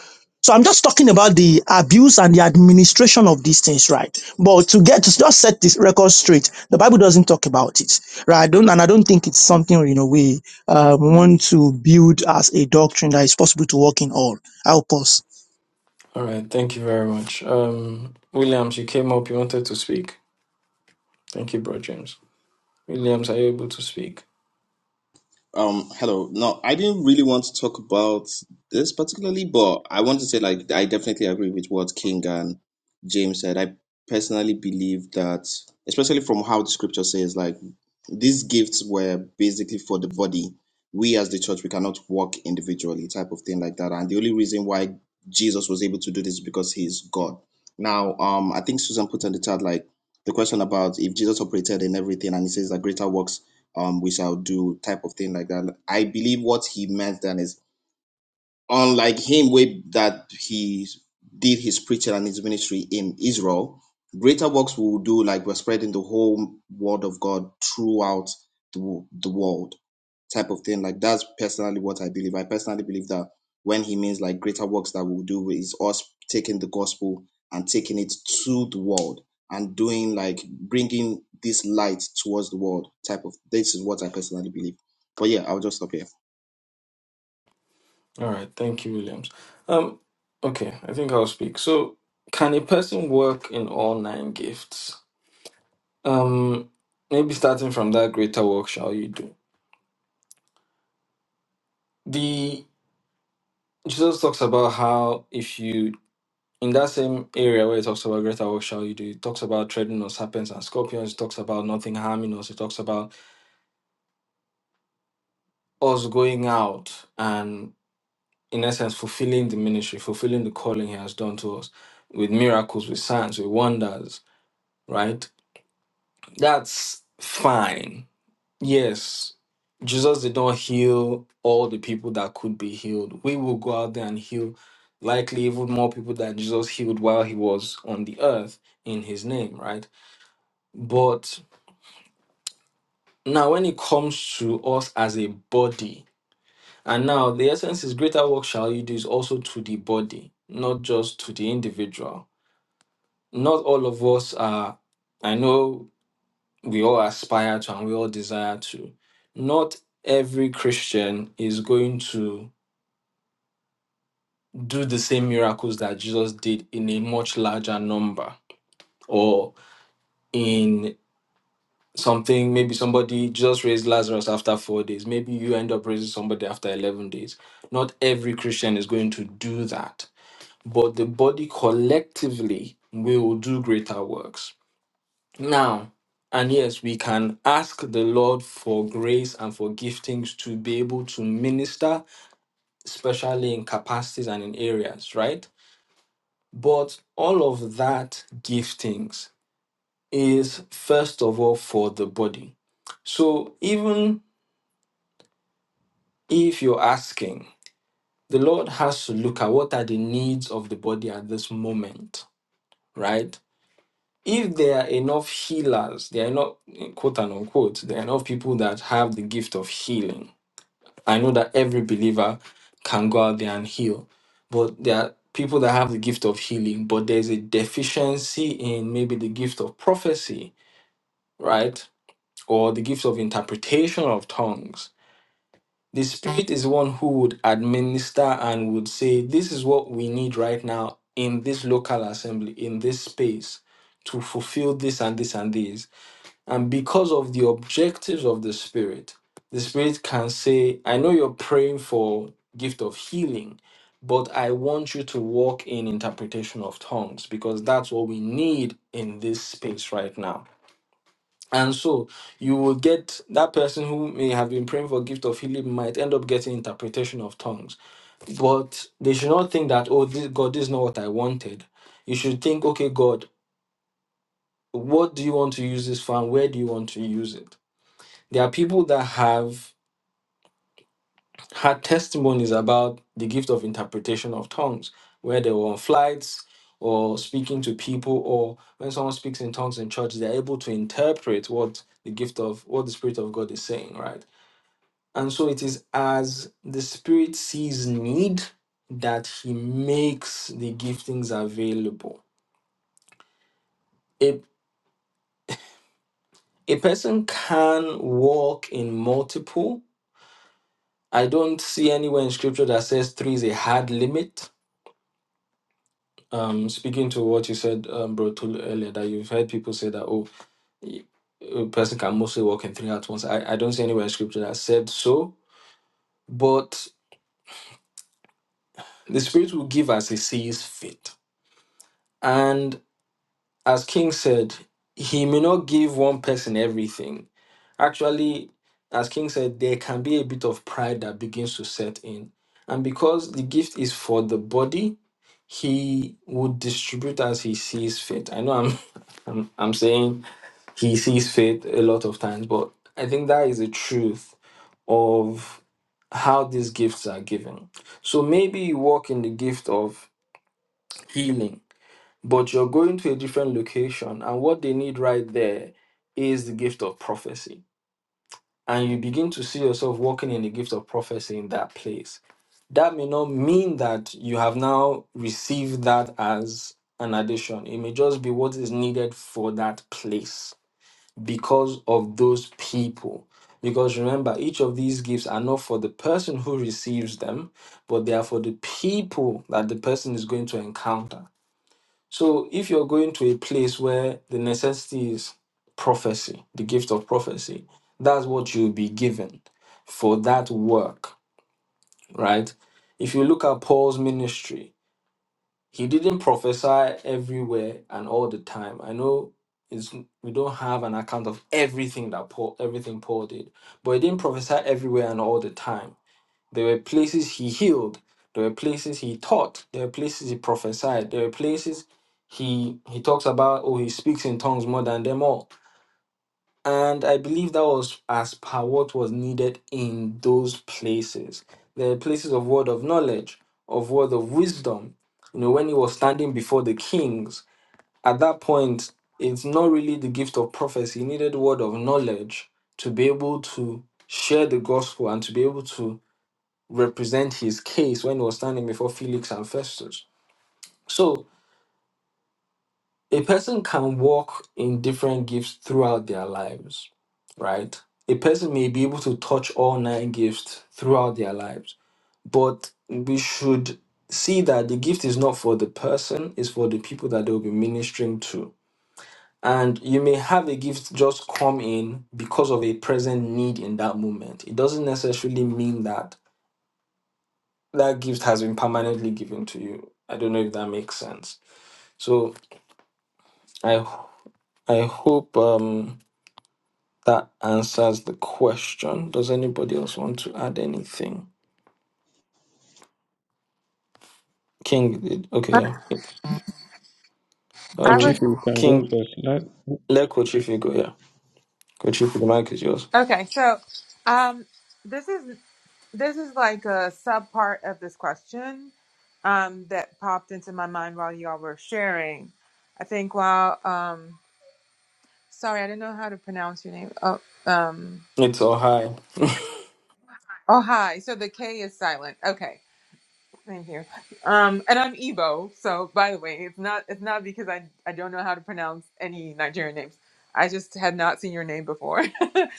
So I'm just talking about the abuse and the administration of these things, right? But to get to just set this record straight, the Bible doesn't talk about it, right? I don't, and I don't think it's something you know we um, want to build as a doctrine that is possible to work in all. Help us.
All right. Thank you very much. Um, Williams, you came up. You wanted to speak. Thank you, bro James. Williams, are you able to speak?
Um, hello. No, I didn't really want to talk about this particularly, but I want to say like I definitely agree with what King and James said. I personally believe that, especially from how the scripture says, like these gifts were basically for the body. We as the church, we cannot walk individually, type of thing like that. And the only reason why Jesus was able to do this is because he's God. Now, um, I think Susan put in the chat like the question about if Jesus operated in everything and he says that greater works um, we shall do type of thing like that. I believe what he meant then is unlike him way that he did his preaching and his ministry in Israel, greater works we will do like we're spreading the whole word of God throughout the, the world type of thing. Like that's personally what I believe. I personally believe that when he means like greater works that we'll do is us taking the gospel and taking it to the world and doing like bringing this light towards the world type of. This is what I personally believe. But yeah, I'll just stop here.
All right. Thank you, Williams. Um, okay. I think I'll speak. So, can a person work in all nine gifts? Um, maybe starting from that greater work shall you do. The Jesus talks about how if you in that same area where it talks about greater work shall you do, it talks about treading on serpents and scorpions, it talks about nothing harming us, it talks about us going out and in essence fulfilling the ministry, fulfilling the calling he has done to us with miracles, with signs, with wonders, right? That's fine. Yes, Jesus did not heal all the people that could be healed. We will go out there and heal likely even more people that Jesus healed while he was on the earth in his name, right? But Now, when it comes to us as a body, and now the essence is greater work shall you do is also to the body, not just to the individual. Not all of us are, I know we all aspire to and we all desire to. Not every Christian is going to do the same miracles that Jesus did in a much larger number or in. something maybe somebody just raised lazarus after four days maybe you end up raising somebody after 11 days not every christian is going to do that but the body collectively will do greater works now and yes we can ask the lord for grace and for giftings to be able to minister especially in capacities and in areas right but all of that giftings is first of all for the body so even If you're asking, the Lord has to look at what are the needs of the body at this moment, right? If there are enough healers, there are not quote and unquote, there are enough people that have the gift of healing. I know that every believer can go out there and heal, but there are people that have the gift of healing, but there's a deficiency in maybe the gift of prophecy, right? Or the gift of interpretation of tongues The Spirit is one who would administer and would say, This is what we need right now in this local assembly, in this space, to fulfill this and this and this. And because of the objectives of the Spirit, the Spirit can say, I know you're praying for gift of healing, but I want you to walk in interpretation of tongues because that's what we need in this space right now and so you will get that person who may have been praying for gift of healing might end up getting interpretation of tongues. But they should not think that, oh, this, God, this is not what I wanted. You should think, okay, God, what do you want to use this for and where do you want to use it? There are people that have had testimonies about the gift of interpretation of tongues, where they were on flights or speaking to people, or when someone speaks in tongues in church, they're able to interpret what the gift of what the Spirit of God is saying, right? And so it is as the Spirit sees need that He makes the giftings available. A, a person can walk in multiple. I don't see anywhere in Scripture that says three is a hard limit. Um, speaking to what you said, um, Bro Tolu, earlier, that you've heard people say that, oh, a person can mostly walk in three at once. I, I don't see anywhere in Scripture that said so, but the Spirit will give as He sees fit. And. as King said, he may not give one person everything. Actually, as King said, there can be a bit of pride that begins to set in. And because the gift is for the body, he would distribute as he sees fit. I know I'm, I'm, I'm saying he sees fit a lot of times, but I think that is the truth of how these gifts are given. So maybe you walk in the gift of healing but you're going to a different location and what they need right there is the gift of prophecy and you begin to see yourself walking in the gift of prophecy in that place that may not mean that you have now received that as an addition it may just be what is needed for that place because of those people because remember each of these gifts are not for the person who receives them but they are for the people that the person is going to encounter so if you're going to a place where the necessity is prophecy, the gift of prophecy, that's what you'll be given for that work, right? If you look at Paul's ministry, he didn't prophesy everywhere and all the time. I know it's we don't have an account of everything that Paul everything Paul did, but he didn't prophesy everywhere and all the time. There were places he healed. There were places he taught. There were places he prophesied. There were places he he talks about Oh, he speaks in tongues more than them all. And I believe that was as per what was needed in those places. There were places of word of knowledge, of word of wisdom. You know, when he was standing before the kings, at that point, it's not really the gift of prophecy. He needed word of knowledge to be able to share the gospel and to be able to represent his case when he was standing before Felix and Festus. So a person can walk in different gifts throughout their lives, right? A person may be able to touch all nine gifts throughout their lives, but we should see that the gift is not for the person, it's for the people that they'll be ministering to. And you may have a gift just come in because of a present need in that moment. It doesn't necessarily mean that that gift has been permanently given to you. I don't know if that makes sense. So I ho- I hope um that answers the question. Does anybody else want to add anything? King did
I
okay, yeah.
I
Coach,
was
if
Um
you can go
King
first, let
let Coach if go, yeah. Coach if the mic is yours.
okay. So, um, this is this is like a sub part of this question, um, that popped into my mind while y'all were sharing. I think while um Sorry, I didn't know how to pronounce your name. Oh, um,
It's all high.
oh, hi. So the K is silent. Okay, thank you. Um, and I'm Igbo. So by the way, it's not it's not because I I don't know how to pronounce any Nigerian names. I just had not seen your name before.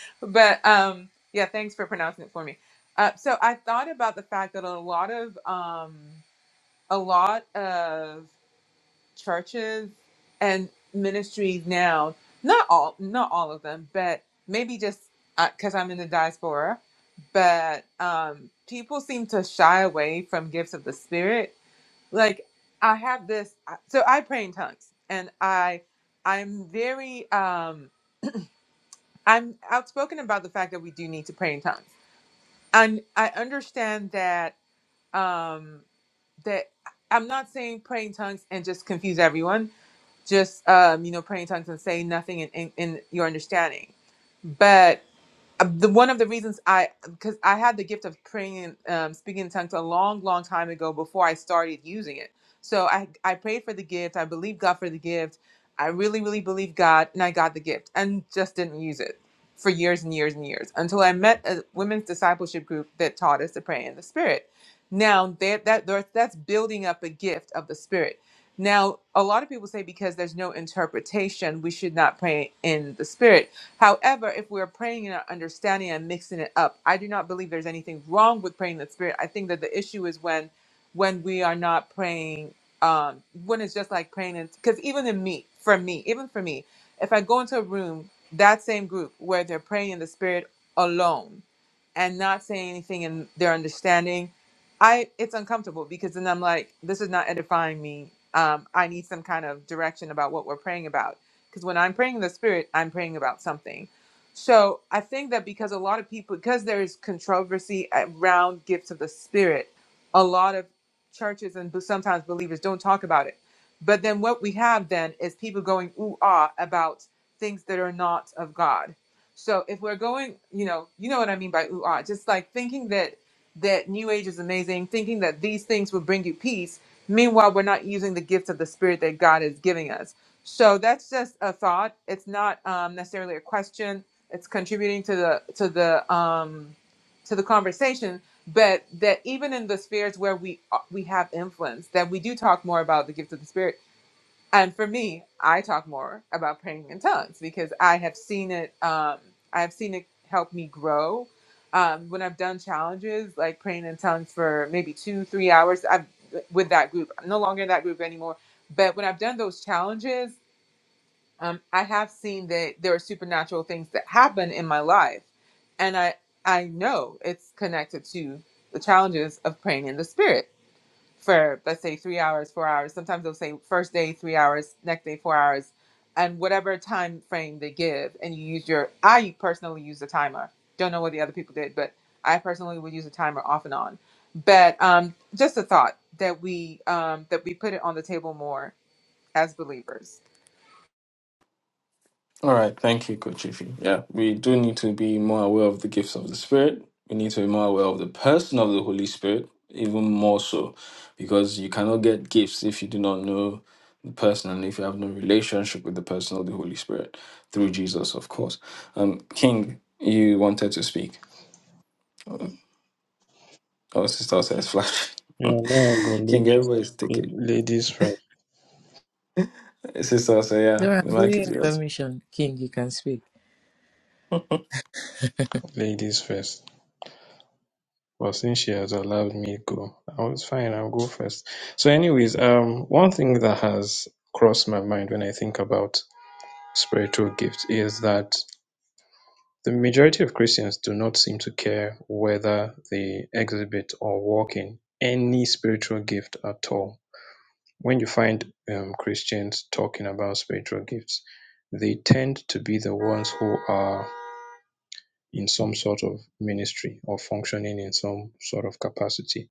but um, yeah, thanks for pronouncing it for me. Uh, so I thought about the fact that a lot of um, a lot of churches and ministries now not all not all of them but maybe just because i'm in the diaspora but um people seem to shy away from gifts of the spirit like i have this uh, so i pray in tongues and i i'm very um i'm outspoken about the fact that we do need to pray in tongues and i understand that um that uh, i'm not saying pray in tongues and just confuse everyone just um, you know praying in tongues and saying nothing in, in, in your understanding but uh, the one of the reasons I because I had the gift of praying and um, speaking in tongues a long, long time ago before I started using it. So I I prayed for the gift. I believed God for the gift. I really, really believed God, and I got the gift, and just didn't use it for years and years and years until I met a women's discipleship group that taught us to pray in the Spirit. Now that that there- that's building up a gift of the Spirit. Now a lot of people say because there's no interpretation, we should not pray in the Spirit However, if we're praying in our understanding and mixing it up, I do not believe there's anything wrong with praying in the spirit. I think that the issue is when when we are not praying, um, when it's just like praying in because even in me, for me, even for me, if I go into a room, that same group where they're praying in the spirit alone and not saying anything in their understanding, I it's uncomfortable because then I'm like, this is not edifying me. Um, I need some kind of direction about what we're praying about because when I'm praying in the spirit, I'm praying about something. So I think that because a lot of people, because there is controversy around gifts of the spirit, a lot of churches and sometimes believers don't talk about it. But then what we have then is people going ooh ah about things that are not of God. So if we're going, you know, you know what I mean by ooh ah, just like thinking that that New Age is amazing, thinking that these things will bring you peace. Meanwhile, we're not using the gifts of the Spirit that God is giving us so that's just a thought. It's not um, necessarily a question. It's contributing to the to the um, to the conversation. But that even in the spheres where we uh, we have influence, that we do talk more about the gifts of the spirit. And for me, I talk more about praying in tongues because I have seen it. Um, I have seen it help me grow. Um, when I've done challenges like praying in tongues for maybe two, three hours, I've with that group. I'm no longer in that group anymore. But when I've done those challenges, um, I have seen that there are supernatural things that happen in my life, and I I know it's connected to the challenges of praying in the spirit for let's say three hours, four hours. Sometimes they'll say first day three hours, next day four hours, and whatever time frame they give. And you use your I personally use a timer. Don't know what the other people did, but I personally would use a timer off and on. But um, just a thought that we um, that we put it on the table more as believers
All right, thank you, Coach Ify. Yeah, we do need to be more aware of the gifts of the Spirit. We need to be more aware of the person of the Holy Spirit, even more so, because you cannot get gifts if you do not know the person and if you have no relationship with the person of the Holy Spirit through Jesus, of course. Um, King, you wanted to speak. Oh, oh, Sister says flash.
yeah, now I go
King,
ladies,
everybody's taking.
ladies first,
Sister, say yeah,
Dora,
the
I'm
mic
giving
is
you
yours.
permission. King, you can speak.
ladies first. But since she has allowed me go, I was fine. I'll go first. So, anyways, um, one thing that has crossed my mind when I think about spiritual gifts is that the majority of Christians do not seem to care whether they exhibit or walk in any spiritual gift at all when you find um, Christians talking about spiritual gifts, they tend to be the ones who are in some sort of ministry or functioning in some sort of capacity,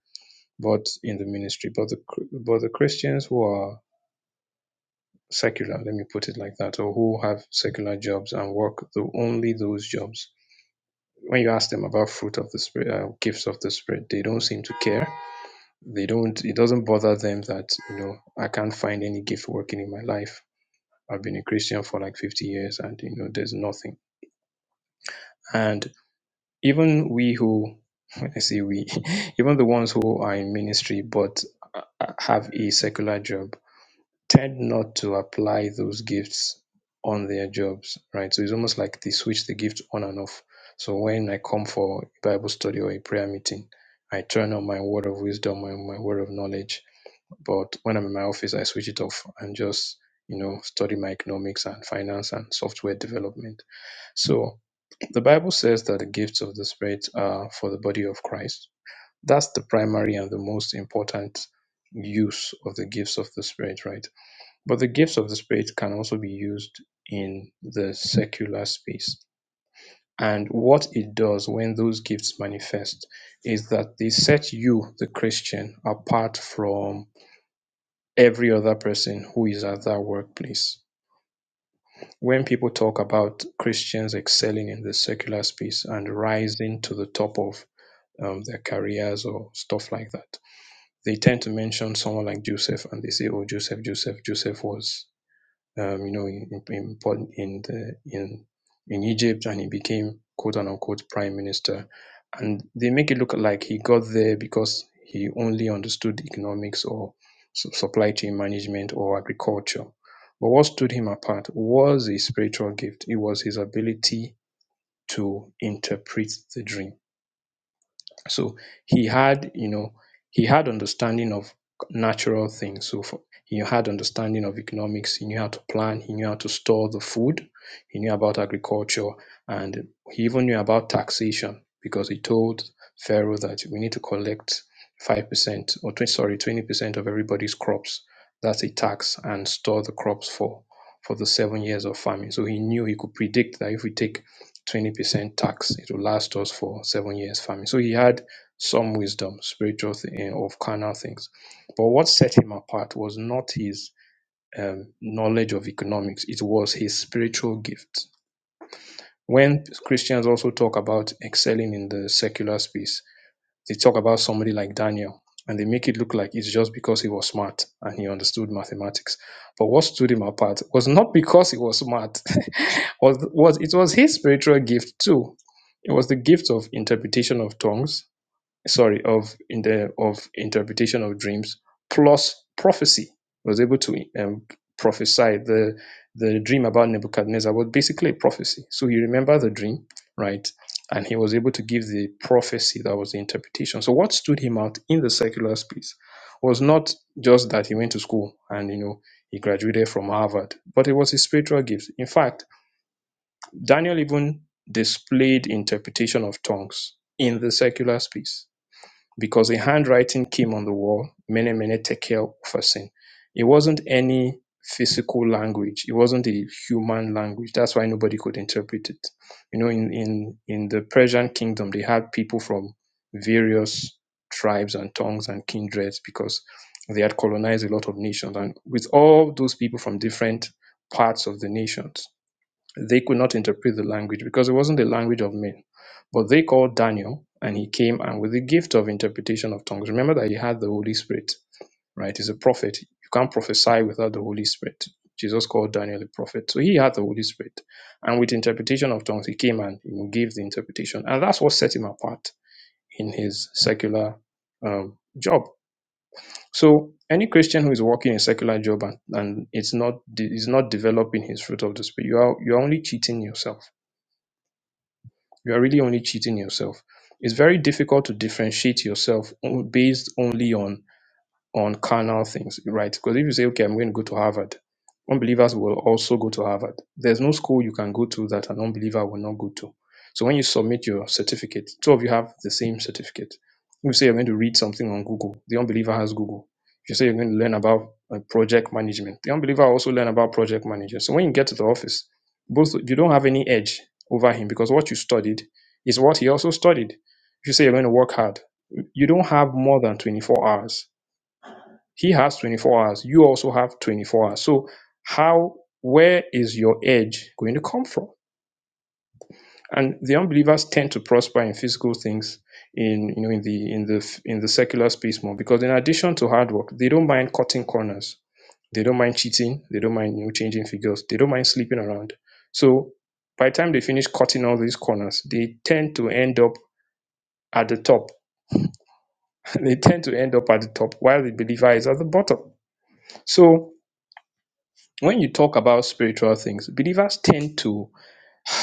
but in the ministry. But the but the Christians who are secular, let me put it like that, or who have secular jobs and work the only those jobs. When you ask them about fruit of the spirit, uh, gifts of the spirit, they don't seem to care. They don't. It doesn't bother them that you know I can't find any gift working in my life I've been a Christian for like 50 years and you know there's nothing. And even we who when I say we, even the ones who are in ministry but uh, uh, have a secular job tend not to apply those gifts on their jobs, right? So it's almost like they switch the gift on and off. So when I come for a Bible study or a prayer meeting, I turn on my word of wisdom and my word of knowledge but when I'm in my office, I switch it off and just, you know, study my economics and finance and software development. So the Bible says that the gifts of the Spirit are for the body of Christ. That's the primary and the most important use of the gifts of the Spirit, right? But the gifts of the Spirit can also be used in the secular space. And what it does when those gifts manifest is that they set you, the Christian, apart from every other person who is at that workplace. When people talk about Christians excelling in the secular space and rising to the top of um, their careers or stuff like that, they tend to mention someone like Joseph and they say, Oh, Joseph, Joseph, Joseph was um, you know, in, in, in, the, in, in Egypt and he became quote unquote prime minister. And they make it look like he got there because he only understood economics or su- supply chain management or agriculture. But what stood him apart was a spiritual gift, it was his ability to interpret the dream so he had, you know, he had understanding of natural things. So for, he had understanding of economics. He knew how to plan. He knew how to store the food. He knew about agriculture, and he even knew about taxation because he told Pharaoh that we need to collect five percent or 20, sorry twenty percent of everybody's crops. That's a tax, and store the crops for for the seven years of famine. So he knew he could predict that if we take 20% tax. It will last us for seven years farming. So he had some wisdom, spiritual thing, of carnal things. But what set him apart was not his um, knowledge of economics, it was his spiritual gift. When Christians also talk about excelling in the secular space, they talk about somebody like Daniel and they make it look like it's just because he was smart and he understood mathematics. But what stood him apart was not because he was smart, was, was it was his spiritual gift too. It was the gift of interpretation of tongues sorry of in the of interpretation of dreams plus prophecy was able to um, prophesy the the dream about Nebuchadnezzar was basically a prophecy so he remembered the dream right and he was able to give the prophecy that was the interpretation so what stood him out in the secular space was not just that he went to school and you know he graduated from Harvard but it was his spiritual gifts in fact Daniel even displayed interpretation of tongues in the secular space because a handwriting came on the wall, Mene Mene Tekel Ufasin. It wasn't any physical language. It wasn't a human language. That's why nobody could interpret it. You know, in, in, in the Persian kingdom, they had people from various tribes and tongues and kindreds because they had colonized a lot of nations. And with all those people from different parts of the nations, they could not interpret the language because it wasn't the language of men. But they called Daniel and he came and with the gift of interpretation of tongues. Remember that he had the Holy Spirit, right? He's a prophet. You can't prophesy without the Holy Spirit. Jesus called Daniel a prophet. So he had the Holy Spirit. And with interpretation of tongues, he came and you know, gave the interpretation. And that's what set him apart in his secular um, job. So any Christian who is working a secular job and, and it's not de- is not developing his fruit of the spirit, you are you're only cheating yourself. you are really only cheating yourself. It's very difficult to differentiate yourself on- based only on on carnal things, right? Because if you say, okay, I'm going to go to Harvard, unbelievers will also go to Harvard. There's no school you can go to that an unbeliever will not go to. So when you submit your certificate, two of you have the same certificate. If you say you're going to read something on Google, the unbeliever has Google. If you say you're going to learn about uh, project management, the unbeliever also learn about project management. So when you get to the office, both you don't have any edge over him because what you studied is what he also studied. If you say you're going to work hard, you don't have more than 24 hours he has 24 hours. You also have 24 hours. So how where is your edge going to come from? And the unbelievers tend to prosper in physical things in you know in the in the in the secular space more because in addition to hard work, they don't mind cutting corners. They don't mind cheating. They don't mind you know, changing figures. They don't mind sleeping around. So by the time they finish cutting all these corners, they tend to end up at the top. they tend to end up at the top while the believer is at the bottom. So when you talk about spiritual things, believers tend to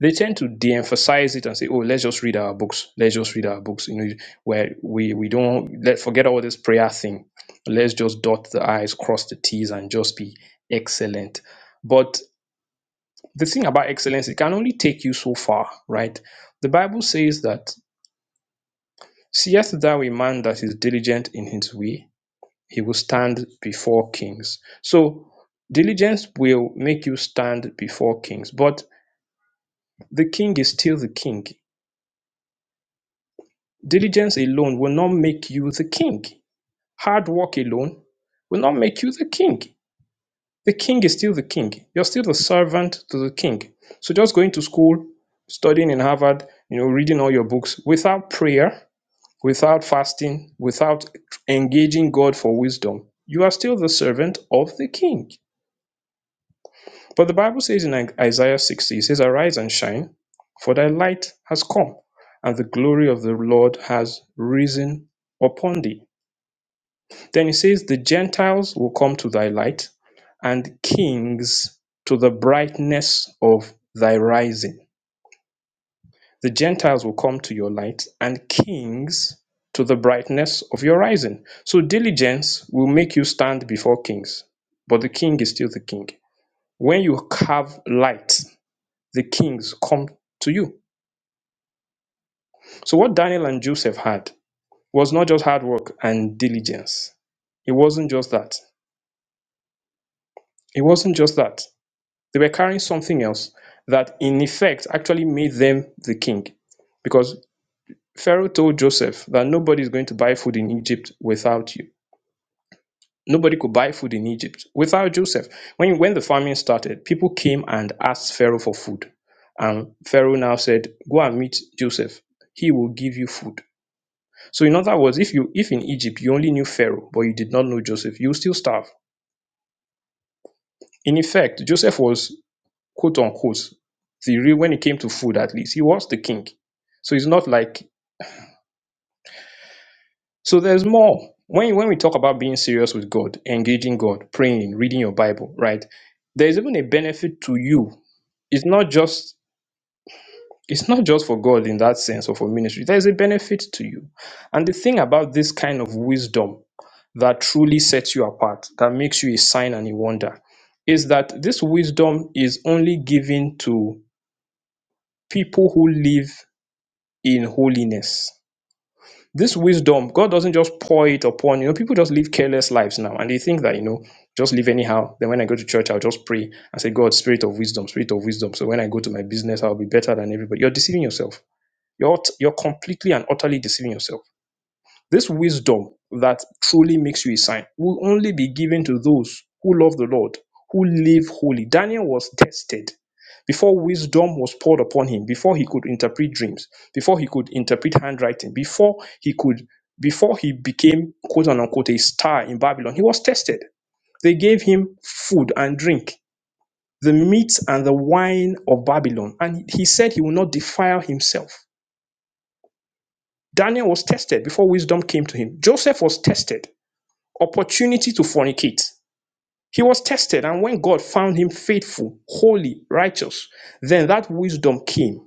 they tend to de-emphasize it and say, "Oh, let's just read our books. Let's just read our books." You know, where we we don't let forget all this prayer thing. Let's just dot the i's, cross the t's, and just be excellent. But the thing about excellence, it can only take you so far, right? The Bible says that seest thou a man that is diligent in his way, he will stand before kings. So diligence will make you stand before kings, but the king is still the king. Diligence alone will not make you the king. Hard work alone will not make you the king. The king is still the king. You're still the servant to the king. So just going to school, studying in Harvard, you know, reading all your books without prayer, without fasting, without engaging God for wisdom, you are still the servant of the king. But the Bible says in Isaiah 60, it says, Arise and shine, for thy light has come, and the glory of the Lord has risen upon thee. Then it says, The Gentiles will come to thy light, and kings to the brightness of thy rising. The Gentiles will come to your light, and kings to the brightness of your rising. So diligence will make you stand before kings, but the king is still the king. When you have light, the kings come to you. So what Daniel and Joseph had was not just hard work and diligence. It wasn't just that. It wasn't just that. They were carrying something else that in effect actually made them the king. Because Pharaoh told Joseph that nobody is going to buy food in Egypt without you. Nobody could buy food in Egypt without Joseph. When, when the famine started, people came and asked Pharaoh for food. And Pharaoh now said, Go and meet Joseph. He will give you food. So in other words, if you if in Egypt you only knew Pharaoh but you did not know Joseph, you would still starve. In effect, Joseph was quote unquote the real when it came to food at least, he was the king. So it's not like so there's more. When when we talk about being serious with God, engaging God, praying, reading your Bible, right? There's even a benefit to you. It's not just It's not just for God in that sense or for ministry. There is a benefit to you. And the thing about this kind of wisdom that truly sets you apart, that makes you a sign and a wonder, is that this wisdom is only given to people who live in holiness. This wisdom, God doesn't just pour it upon you. know, People just live careless lives now, and they think that you know, just live anyhow. Then when I go to church, I'll just pray and say, "God, Spirit of wisdom, Spirit of wisdom." So when I go to my business, I'll be better than everybody. You're deceiving yourself you're, you're completely and utterly deceiving yourself. This wisdom that truly makes you a sign will only be given to those who love the Lord, who live holy. Daniel was tested before wisdom was poured upon him, before he could interpret dreams, before he could interpret handwriting, before he could, before he became quote unquote a star in Babylon, he was tested. They gave him food and drink, the meat and the wine of Babylon, and he said he will not defile himself. Daniel was tested before wisdom came to him. Joseph was tested. Opportunity to fornicate. He was tested, and when God found him faithful, holy, righteous, then that wisdom came,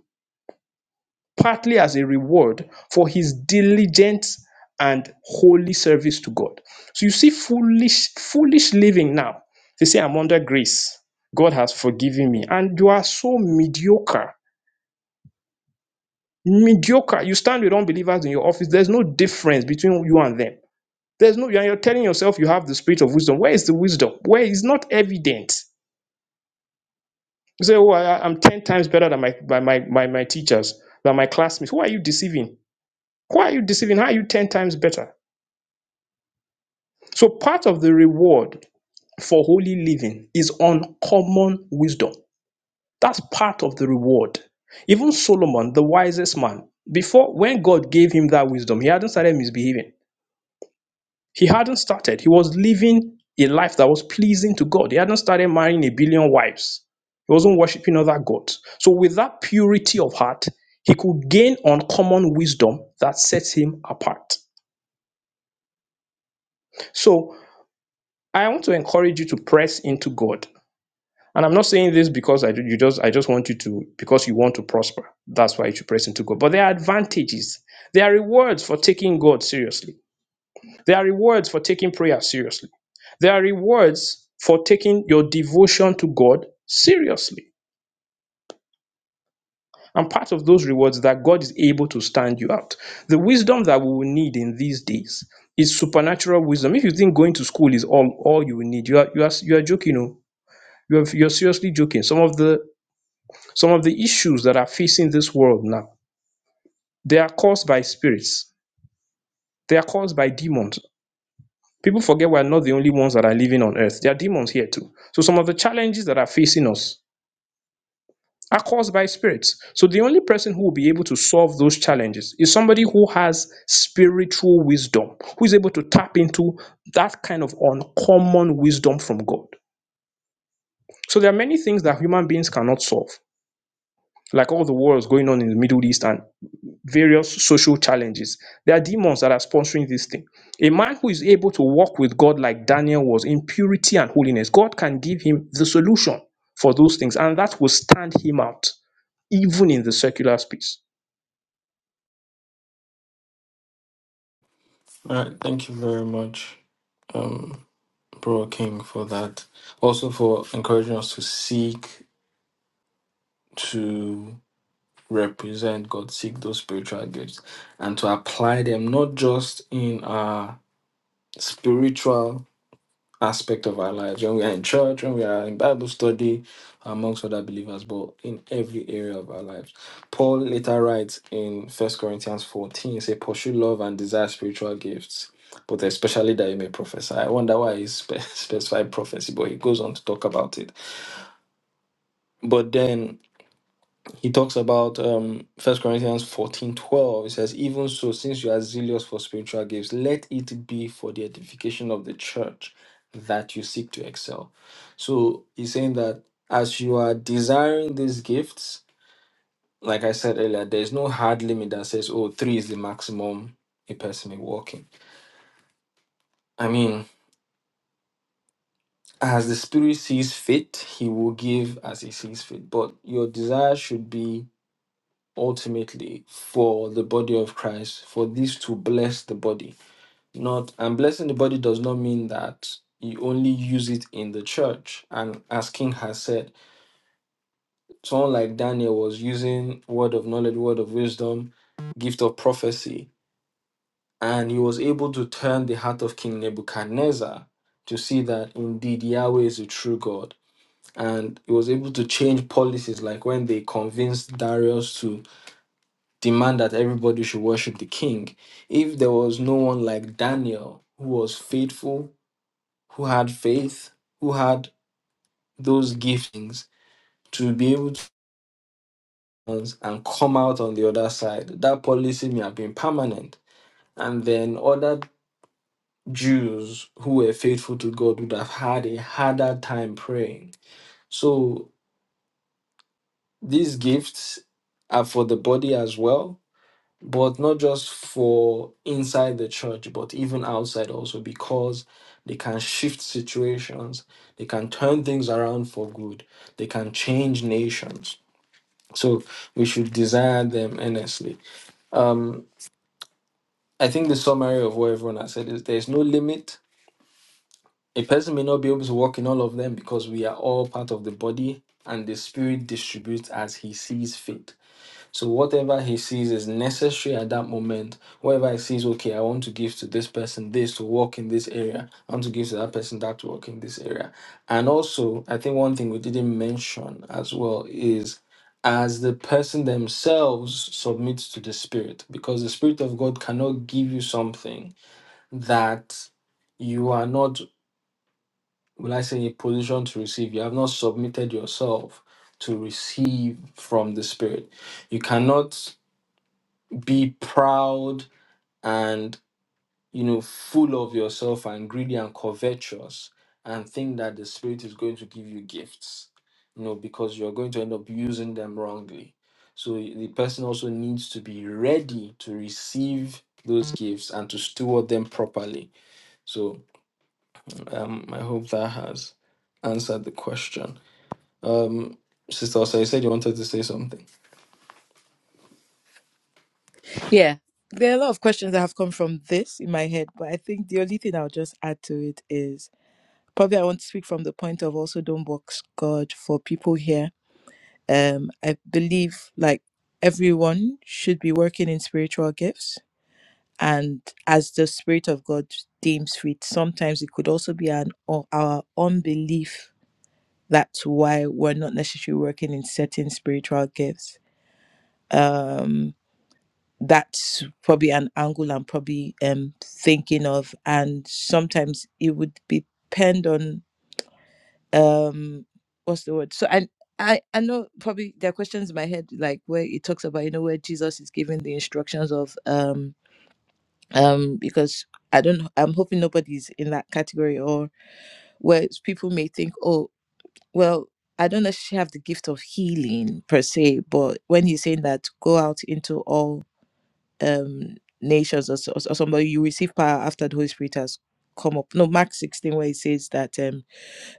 partly as a reward for his diligent and holy service to God. So you see, foolish, foolish living now. They say, I'm under grace. God has forgiven me. And you are so mediocre. Mediocre. You stand with unbelievers in your office. There's no difference between you and them There's no, you're telling yourself you have the spirit of wisdom. Where is the wisdom? Where is not evident? You say, oh, I, am 10 times better than my, by my, my, my teachers, than my classmates. Who are you deceiving? Who are you deceiving? How are you 10 times better? So part of the reward for holy living is uncommon wisdom. That's part of the reward. Even Solomon, the wisest man, before when God gave him that wisdom, he hadn't started misbehaving. He hadn't started. He was living a life that was pleasing to God. He hadn't started marrying a billion wives. He wasn't worshiping other gods. So, with that purity of heart, he could gain uncommon wisdom that sets him apart. So, I want to encourage you to press into God. And I'm not saying this because I do- you just I just want you to because you want to prosper. That's why you should press into God. But there are advantages. There are rewards for taking God seriously There are rewards for taking prayer seriously. There are rewards for taking your devotion to God seriously. And part of those rewards that God is able to stand you out. The wisdom that we will need in these days is supernatural wisdom. If you think going to school is all all you will need, you are you are you are joking. oh. You are, you're seriously joking. Some of the some of the issues that are facing this world now, they are caused by spirits. They are caused by demons. People forget we are not the only ones that are living on earth. There are demons here too. So some of the challenges that are facing us are caused by spirits. So the only person who will be able to solve those challenges is somebody who has spiritual wisdom, who is able to tap into that kind of uncommon wisdom from God. So there are many things that human beings cannot solve, like all the wars going on in the Middle East and various social challenges. There are demons that are sponsoring this thing. A man who is able to walk with God like Daniel was in purity and holiness, God can give him the solution for those things, and that will stand him out even in the secular space.
All right, thank you very much. Bro King for that. Also for encouraging us to seek to represent God, seek those spiritual gifts and to apply them not just in our spiritual aspect of our lives when we are in church, when we are in Bible study amongst other believers, but in every area of our lives. Paul later writes in First Corinthians 14, he say, pursue love and desire spiritual gifts but especially that you may prophesy. I wonder why he spe- specified prophecy, but he goes on to talk about it. But then he talks about um First Corinthians fourteen twelve. It says, Even so, since you are zealous for spiritual gifts, let it be for the edification of the church that you seek to excel. So he's saying that as you are desiring these gifts, like I said earlier, there's no hard limit that says, oh, three is the maximum a person may walk in. I mean, as the Spirit sees fit, He will give as He sees fit. But your desire should be ultimately for the body of Christ, for this to bless the body. Not and blessing the body does not mean that you only use it in the church. And as King has said, someone like Daniel was using word of knowledge, word of wisdom, gift of prophecy, and he was able to turn the heart of King Nebuchadnezzar to see that indeed Yahweh is a true God. And he was able to change policies, like when they convinced Darius to demand that everybody should worship the king. If there was no one like Daniel who was faithful, who had faith, who had those giftings to be able to announce and come out on the other side, that policy may have been permanent. And then other Jews who were faithful to God would have had a harder time praying. So these gifts are for the body as well but not just for inside the church, but even outside also, because they can shift situations, they can turn things around for good, they can change nations. So we should desire them earnestly. Um, I think the summary of what everyone has said is there's no limit. A person may not be able to walk in all of them because we are all part of the body and the spirit distributes as he sees fit So whatever he sees is necessary at that moment. Whatever he sees, okay, I want to give to this person this to work in this area. I want to give to that person that to work in this area. And also, I think one thing we didn't mention as well is as the person themselves submits to the spirit, because the spirit of God cannot give you something that you are not, will I say, in a position to receive. You have not submitted yourself to receive from the spirit. You cannot be proud and you know full of yourself and greedy and covetous and think that the spirit is going to give you gifts you know because you're going to end up using them wrongly so the person also needs to be ready to receive those gifts and to steward them properly so um, i hope that has answered the question um sister also you said you wanted to say something
Yeah. There are a lot of questions that have come from this in my head, but I think the only thing I'll just add to it is probably I want to speak from the point of also don't box God for people here. Um, I believe like everyone should be working in spiritual gifts and as the Spirit of God deems fit. Sometimes it could also be an or our unbelief that's why we're not necessarily working in certain spiritual gifts um that's probably an angle i'm probably um thinking of and sometimes it would depend on um what's the word so i i i know probably there are questions in my head like where it talks about you know where jesus is giving the instructions of um um because i don't i'm hoping nobody's in that category or where people may think oh. well i don't necessarily have the gift of healing per se but when he's saying that go out into all um nations or, so- or somebody you receive power after the holy spirit has come up no mark 16 where he says that um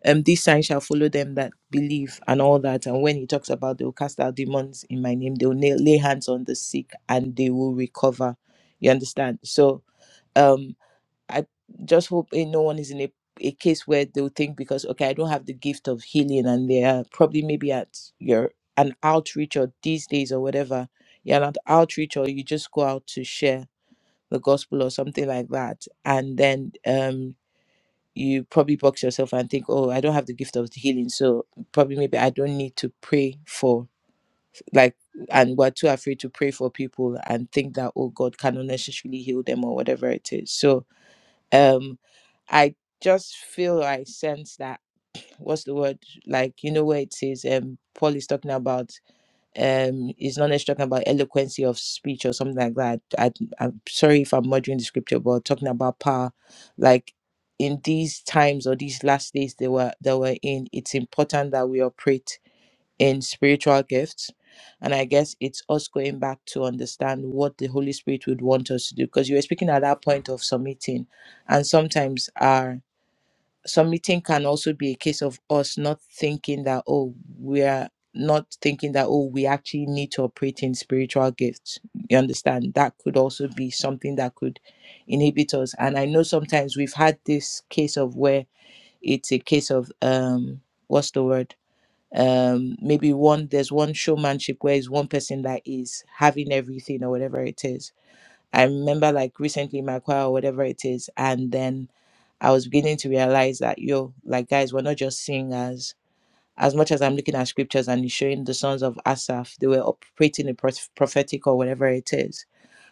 um these signs shall follow them that believe and all that and when he talks about they'll cast out demons in my name they'll nail, lay hands on the sick and they will recover you understand so um. I just hope eh, no one is in a, a case where they'll think because okay, I don't have the gift of healing, and they are probably maybe at your an outreach or these days or whatever. You're not outreach or you just go out to share the gospel or something like that, and then um you probably box yourself and think, oh, I don't have the gift of healing, so probably maybe I don't need to pray for like, and we're too afraid to pray for people and think that oh God cannot necessarily heal them or whatever it is. So um i just feel i sense that what's the word like you know where it says um paul is talking about um is not necessarily talking about eloquency of speech or something like that I, i'm sorry if i'm murdering the scripture but talking about power like in these times or these last days they were they were in it's important that we operate in spiritual gifts. And I guess it's us going back to understand what the Holy Spirit would want us to do. Because you were speaking at that point of submitting. And sometimes our submitting can also be a case of us not thinking that, oh, we're not thinking that, oh, we actually need to operate in spiritual gifts. You understand? That could also be something that could inhibit us. And I know sometimes we've had this case of where it's a case of, um, what's the word? um maybe one there's one showmanship where it's one person that is having everything or whatever it is i remember like recently in my choir or whatever it is and then i was beginning to realize that yo like guys we're not just singers as much as i'm looking at scriptures and it's showing the sons of asaph they were operating in proph- prophetic or whatever it is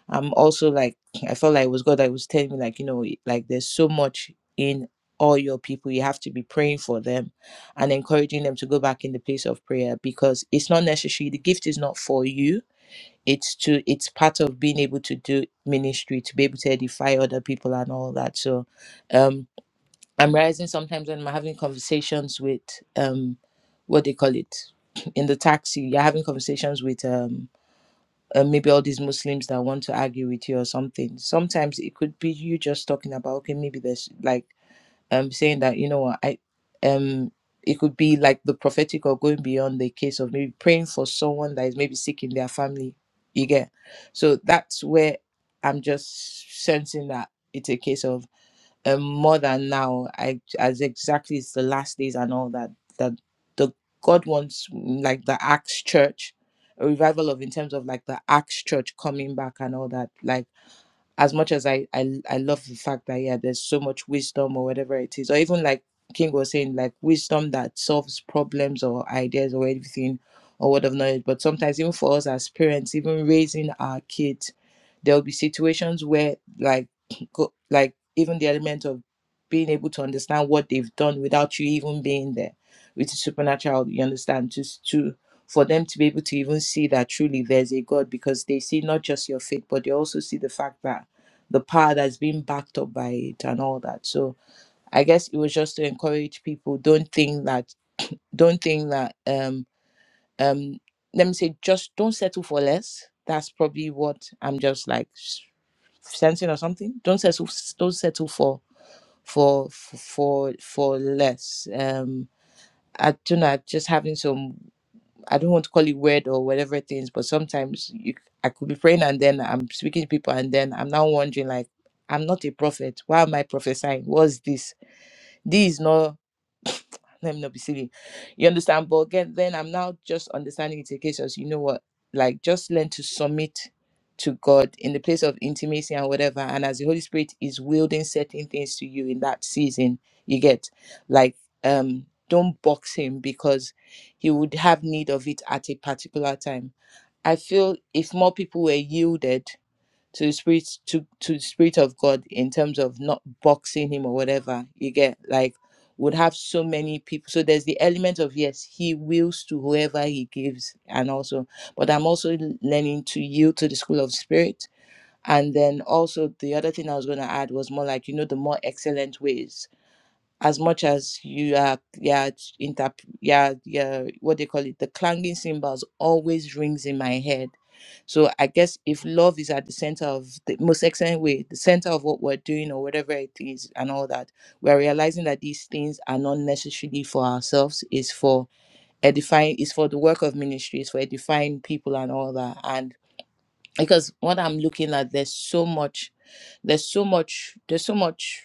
I'm also like I felt like it was God that was telling me like you know like there's so much in all your people you have to be praying for them and encouraging them to go back in the place of prayer because it's not necessary the gift is not for you it's to it's part of being able to do ministry to be able to edify other people and all that so um I'm realizing sometimes when I'm having conversations with um what they call it in the taxi you're having conversations with um uh, maybe all these Muslims that want to argue with you or something. Sometimes it could be you just talking about okay, maybe there's like um saying that you know what I um it could be like the prophetic or going beyond the case of maybe praying for someone that is maybe sick in their family. You get so that's where I'm just sensing that it's a case of um, more than now I, as exactly it's the last days and all that that the god wants mm, like the acts church a revival of in terms of like the acts church coming back and all that like as much as I, I I love the fact that yeah, there's so much wisdom or whatever it is, or even like King was saying, like wisdom that solves problems or ideas or anything or word of knowledge. But sometimes even for us as parents, even raising our kids, there will be situations where like go, like even the element of being able to understand what they've done without you even being there, with the supernatural, you understand, just to for them to be able to even see that truly there's a God because they see not just your faith, but they also see the fact that the power that's being backed up by it and all that. So I guess it was just to encourage people don't think that don't think that um um let me say just don't settle for less. That's probably what I'm just like s- sensing or something. Don't settle don't settle for for for for less. Um I don't know, I'm just having some I don't want to call it weird or whatever things, but sometimes you, I could be praying and then I'm speaking to people and then I'm now wondering like, I'm not a prophet. Why am I prophesying? What's this? This is not let me not be silly. You understand? But again, then I'm now just understanding it again. So you know what? Like just learn to submit to God in the place of intimacy and whatever. And as the Holy Spirit is wielding certain things to you in that season, you get like um don't box him because he would have need of it at a particular time. I feel if more people were yielded to the spirit to, to the spirit of god in terms of not boxing him or whatever you get like would have so many people so there's the element of yes he wills to whoever he gives and also but i'm also learning to yield to the school of spirit and then also the other thing i was going to add was more like you know the more excellent ways as much as you are yeah inter yeah yeah what they call it the clanging cymbals always rings in my head so i guess if love is at the center of the most excellent way the center of what we're doing or whatever it is and all that we're realizing that these things are not necessarily for ourselves it's for edifying it's for the work of ministry it's for edifying people and all that and because what i'm looking at there's so much there's so much there's so much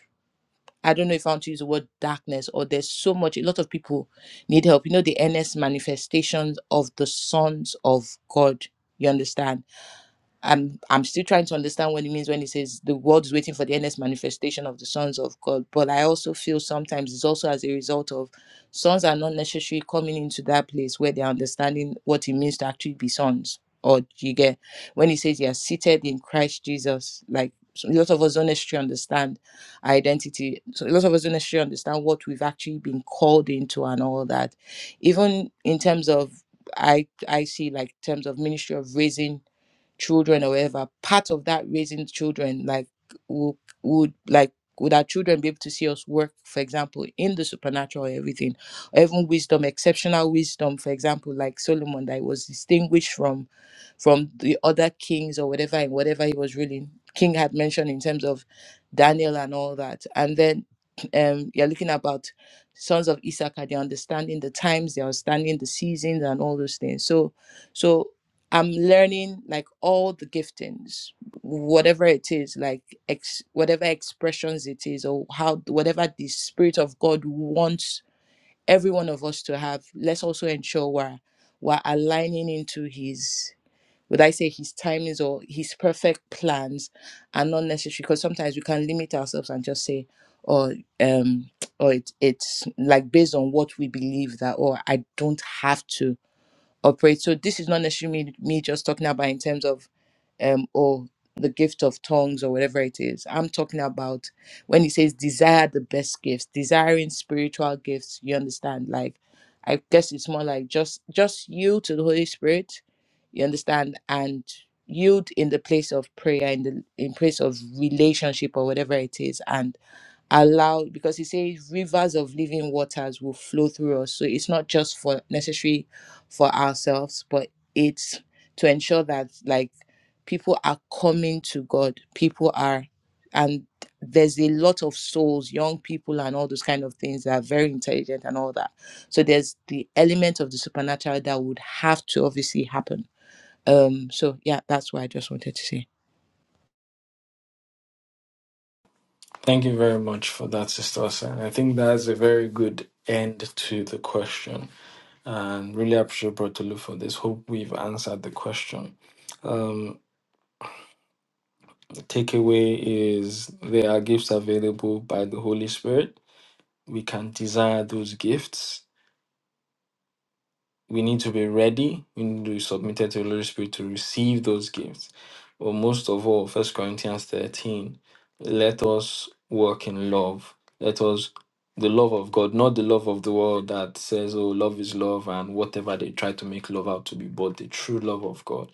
I don't know if I want to use the word darkness or there's so much, a lot of people need help. You know, the earnest manifestations of the sons of God. You understand? I'm I'm still trying to understand what it means when it says the world is waiting for the earnest manifestation of the sons of God. But I also feel sometimes it's also as a result of sons are not necessarily coming into that place where they're understanding what it means to actually be sons. Or you get when he says you are seated in Christ Jesus, like so a lot of us don't necessarily understand our identity. So a lot of us don't necessarily understand what we've actually been called into and all that. Even in terms of I I see like terms of ministry of raising children or whatever, part of that raising children, like would, would like would our children be able to see us work, for example, in the supernatural or everything, or even wisdom, exceptional wisdom, for example, like Solomon that was distinguished from from the other kings or whatever and whatever he was ruling. King had mentioned in terms of Daniel and all that. And then um, you're looking about sons of Issachar, they're understanding the times, they're understanding the seasons and all those things. So so I'm learning like all the giftings, whatever it is, like ex, whatever expressions it is, or how whatever the spirit of God wants every one of us to have. Let's also ensure we're we're aligning into His would I say his timings or his perfect plans are not necessary because sometimes we can limit ourselves and just say, or um, or it, it's like based on what we believe that, or I don't have to operate. So this is not necessarily me, me just talking about in terms of um or the gift of tongues or whatever it is. I'm talking about when he says desire the best gifts, desiring spiritual gifts, you understand? Like I guess it's more like just just yield to the Holy Spirit, you understand, and yield in the place of prayer, in the in place of relationship or whatever it is. And allow because he says rivers of living waters will flow through us so it's not just for necessary for ourselves but it's to ensure that like people are coming to god people are and there's a lot of souls young people and all those kind of things that are very intelligent and all that so there's the element of the supernatural that would have to obviously happen um so yeah that's what i just wanted to say
Thank you very much for that, Sister Osa. I think that's a very good end to the question. And really appreciate Brotolu for this. Hope we've answered the question. Um, takeaway is there are gifts available by the Holy Spirit. We can desire those gifts. we need to be ready. We need to be submitted to the Holy Spirit to receive those gifts. But most of all, First Corinthians 13, let us walk in love. Let us, the love of God, not the love of the world that says, oh, love is love and whatever they try to make love out to be, but the true love of God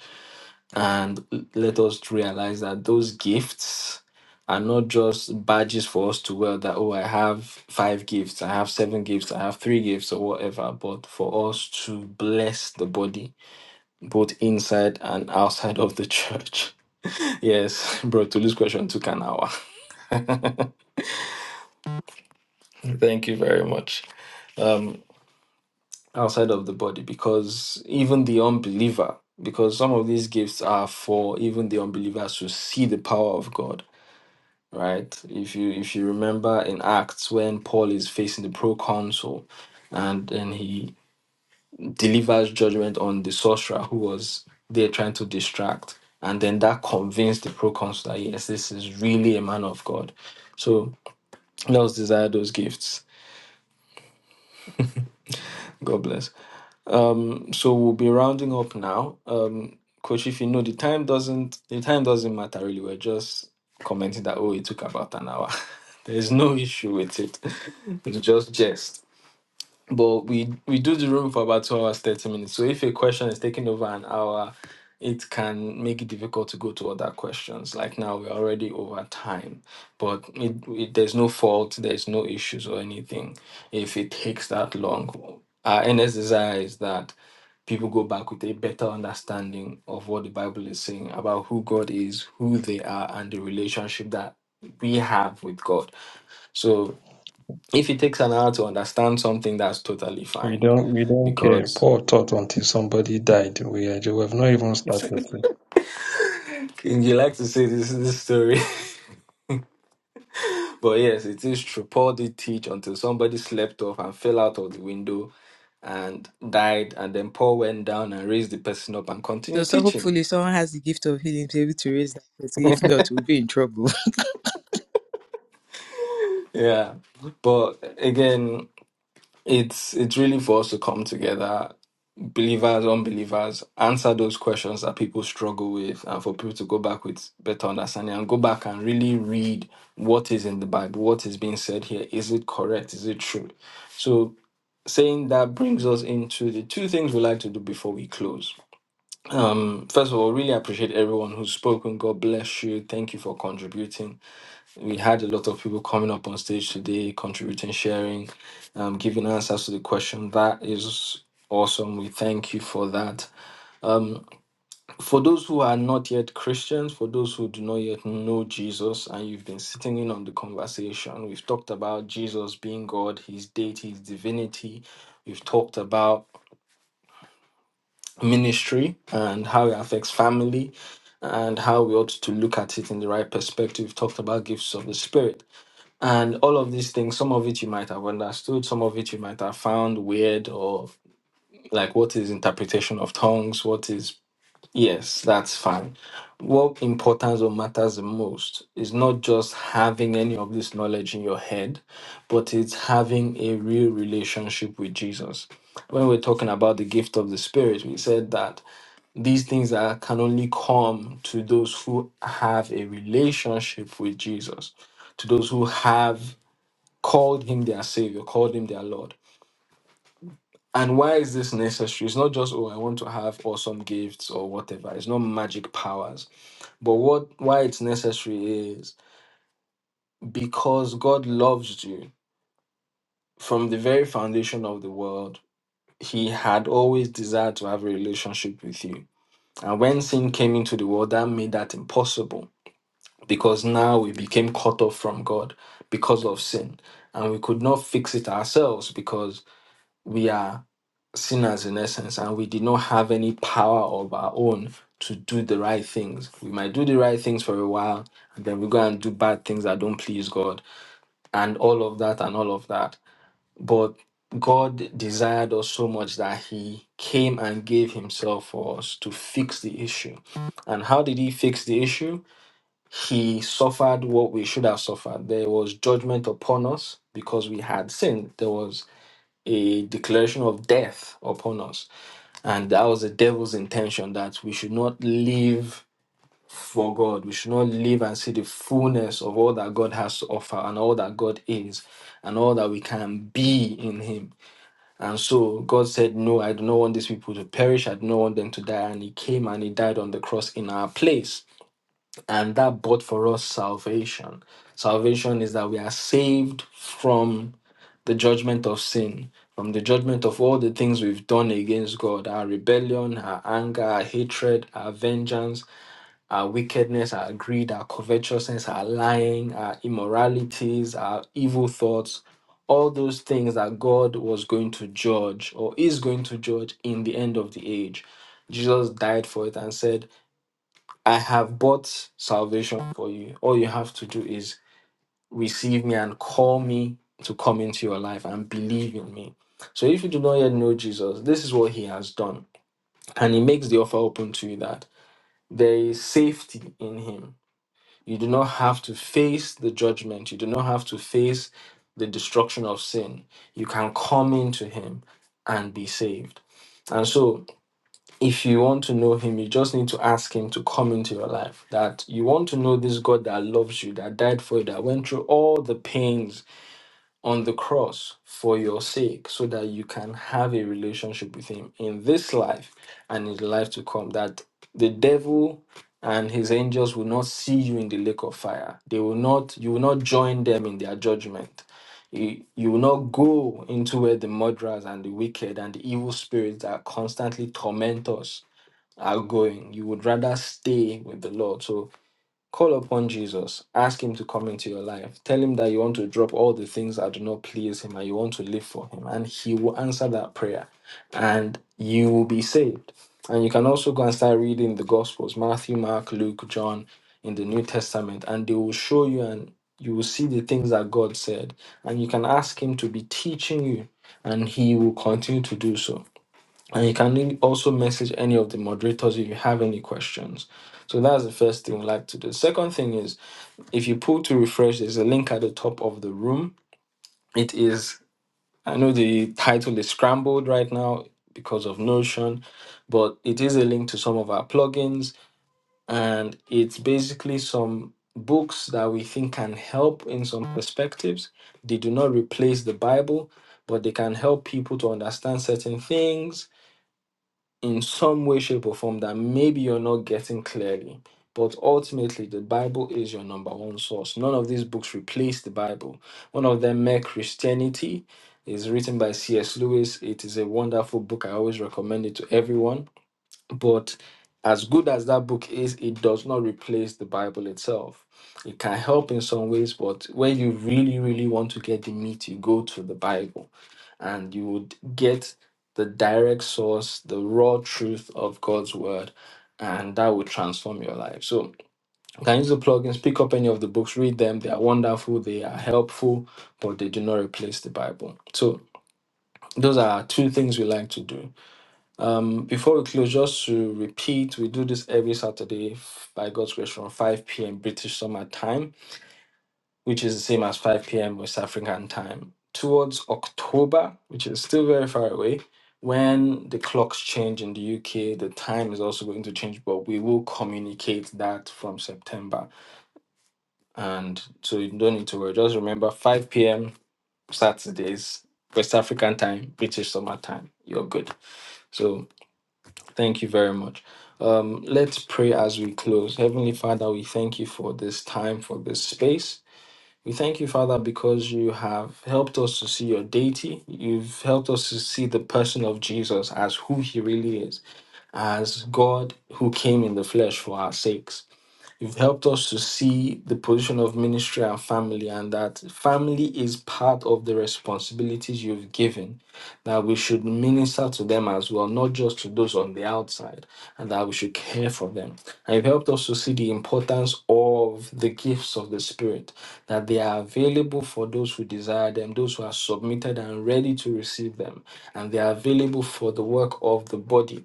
and let us realize that those gifts are not just badges for us to wear that oh i have five gifts i have seven gifts i have three gifts or whatever but for us to bless the body both inside and outside of the church yes bro to lose question took an hour thank you very much um outside of the body because even the unbeliever because some of these gifts are for even the unbelievers to see the power of god right? If you if you remember in Acts when Paul is facing the proconsul and then he delivers judgment on the sorcerer who was there trying to distract. And then that convinced the proconsul that yes, this is really a man of God. So let us desire those gifts. God bless. Um, so we'll be rounding up now. Um, Coach, if you know the time doesn't the time doesn't matter really. We're just commenting that oh, it took about an hour. There's no issue with it. It's just jest. but we we do the room for about two hours thirty minutes. So if a question is taking over an hour, it can make it difficult to go to other questions. Like now, we're already over time, but it, it, there's no fault, there's no issues or anything. If it takes that long, our earnest desire is that people go back with a better understanding of what the Bible is saying about who God is, who they are, and the relationship that we have with God. So if it takes an hour to understand something, that's totally
We
fine
don't we don't
because
care.
you like to say this this story. but yes, it is true. Paul did teach until somebody slept off and fell out of the window and died. And then Paul went down and raised the person up and
So,
continued
so
teaching.
hopefully someone has the gift of healing to be able to raise that person. If not, we'll be in trouble.
Yeah. But again, it's it's really for us to come together believers, unbelievers, answer those questions that people struggle with, and for people to go back with better understanding and go back and really read what is in the Bible, what is being said here. Is it correct? Is it true? So, saying that brings us into the two things we like to do before we close. Um, first of all, really appreciate everyone who's spoken. God bless you. Thank you for contributing. We had a lot of people coming up on stage today, contributing, sharing, um, giving answers to the question. That is awesome. We thank you for that. For those who are not yet Christians, for those who do not yet know Jesus, and you've been sitting in on the conversation, we've talked about Jesus being God, his deity, his divinity. We've talked about ministry and how it affects family and how we ought to look at it in the right perspective. We've talked about gifts of the Spirit and all of these things. Some of it you might have understood, some of it you might have found weird or like what is interpretation of tongues, what is Yes, that's fine. What importance or matters the most is not just having any of this knowledge in your head, but it's having a real relationship with Jesus. When we're talking about the gift of the Spirit, we said that these things are, can only come to those who have a relationship with Jesus, to those who have called him their Savior, called him their Lord. And why is this necessary? It's not just, oh, I want to have awesome gifts or whatever. It's not magic powers but what why it's necessary is because God loves you from the very foundation of the world. He had always desired to have a relationship with you. And when sin came into the world, that made that impossible because now we became cut off from God because of sin. And we could not fix it ourselves because we are sinners in essence and we did not have any power of our own to do the right things. We might do the right things for a while and then we go and do bad things that don't please God and all of that and all of that. But God desired us so much that He came and gave Himself for us to fix the issue. And how did He fix the issue? He suffered what we should have suffered. There was judgment upon us because we had sinned. There was a declaration of death upon us. And that was the devil's intention that we should not live for God. We should not live and see the fullness of all that God has to offer and all that God is and all that we can be in Him. And so God said, No, I do not want these people to perish. I do not want them to die. And He came and He died on the cross in our place. And that bought for us salvation. Salvation is that we are saved from the judgment of sin, from the judgment of all the things we've done against God, our rebellion, our anger, our hatred, our vengeance, our wickedness, our greed, our covetousness, our lying, our immoralities, our evil thoughts, all those things that God was going to judge or is going to judge in the end of the age. Jesus died for it and said, I have bought salvation for you. All you have to do is receive me and call me to come into your life and believe in me. So if you do not yet know Jesus, this is what he has done. And he makes the offer open to you that there is safety in him you do not have to face the judgment. You do not have to face the destruction of sin. You can come into Him and be saved. And so, if you want to know Him, you just need to ask Him to come into your life. That you want to know this God that loves you, that died for you, that went through all the pains on the cross for your sake so that you can have a relationship with him in this life and in the life to come that the devil and his angels will not see you in the lake of fire they will not you will not join them in their judgment you, you will not go into where the murderers and the wicked and the evil spirits that constantly torment us are going you would rather stay with the lord so Call upon Jesus. Ask Him to come into your life. Tell Him that you want to drop all the things that do not please Him and you want to live for Him. And He will answer that prayer and you will be saved. And you can also go and start reading the Gospels Matthew, Mark, Luke, John in the New Testament, and they will show you and you will see the things that God said. And you can ask Him to be teaching you, and He will continue to do so. And you can also message any of the moderators if you have any questions. So that's the first thing we like to do. second thing is if you pull to refresh, there's a link at the top of the room. It is, I know the title is scrambled right now because of Notion, but it is a link to some of our plugins. And it's basically some books that we think can help in some perspectives. They do not replace the Bible, but they can help people to understand certain things in some way, shape, or form that maybe you're not getting clearly. But ultimately, the Bible is your number one source. None of these books replace the Bible. One of them, Mere Christianity, is written by C.S. Lewis. It is a wonderful book. I always recommend it to everyone. But as good as that book is, it does not replace the Bible itself. It can help in some ways, but when you really, really want to get the meat, you go to the Bible and you would get the direct source, the raw truth of God's word, and that would transform your life. So you can use the plugins, pick up any of the books, read them. They are wonderful, they are helpful, but they do not replace the Bible. So those are two things we like to do. Um, before we close, just to repeat, we do this every Saturday f- by God's grace from 5 p.m. British summer time which is the same as 5 p.m. West African time, towards October, which is still very far away, when the clocks change in the UK, the time is also going to change, but we will communicate that from September. And so you don't need to worry. Just remember 5 p.m. Saturdays, West African time, British summer time. You're good. So thank you very much. Um, let's pray as we close. Heavenly Father, we thank you for this time, for this space. We thank you, Father, because you have helped us to see your deity. You've helped us to see the person of Jesus as who he really is, as God who came in the flesh for our sakes. You've helped us to see the position of ministry and family, and that family is part of the responsibilities you've given, that we should minister to them as well, not just to those on the outside, and that we should care for them. And you've helped us to see the importance of the gifts of the Spirit, that they are available for those who desire them, those who are submitted and ready to receive them, and they are available for the work of the body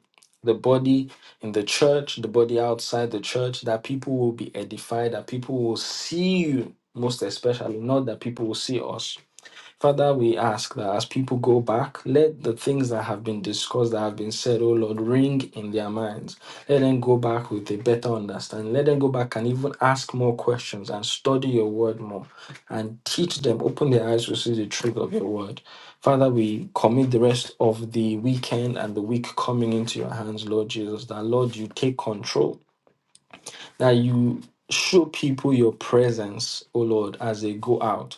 the body in the church, the body outside the church, that people will be edified, that people will see you, most especially, not that people will see us Father, we ask that as people go back, let the things that have been discussed, that have been said, oh Lord, ring in their minds. Let them go back with a better understanding. Let them go back and even ask more questions and study your word more and teach them, open their eyes to see the truth of your word. Father, we commit the rest of the weekend and the week coming into your hands, Lord Jesus, that Lord, you take control, that you show people your presence, oh Lord, as they go out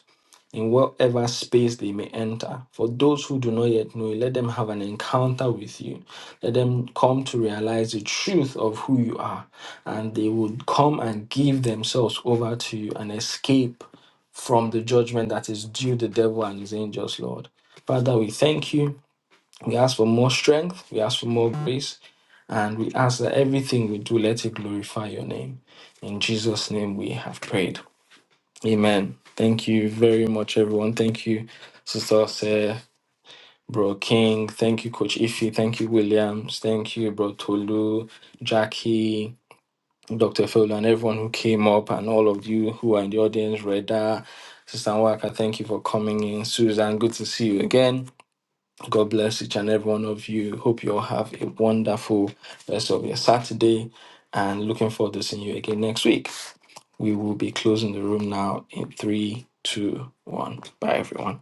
in whatever space they may enter. For those who do not yet know you, let them have an encounter with you. Let them come to realize the truth of who you are, and they would come and give themselves over to you and escape from the judgment that is due the devil and his angels, Lord. Father, we thank you. We ask for more strength. We ask for more grace. And we ask that everything we do, let it glorify your name. In Jesus' name we have prayed. Amen. Thank you very much, everyone. Thank you, Sister Sir, Bro King. Thank you, Coach Iffy. Thank you, Williams. Thank you, Bro Tolu, Jackie, Dr. Fowler, and everyone who came up, and all of you who are in the audience, Reda, Sister Waka, thank you for coming in. Susan, good to see you again. God bless each and every one of you. Hope you all have a wonderful rest of your Saturday and looking forward to seeing you again next week. We will be closing the room now in three, two, one. Bye, everyone.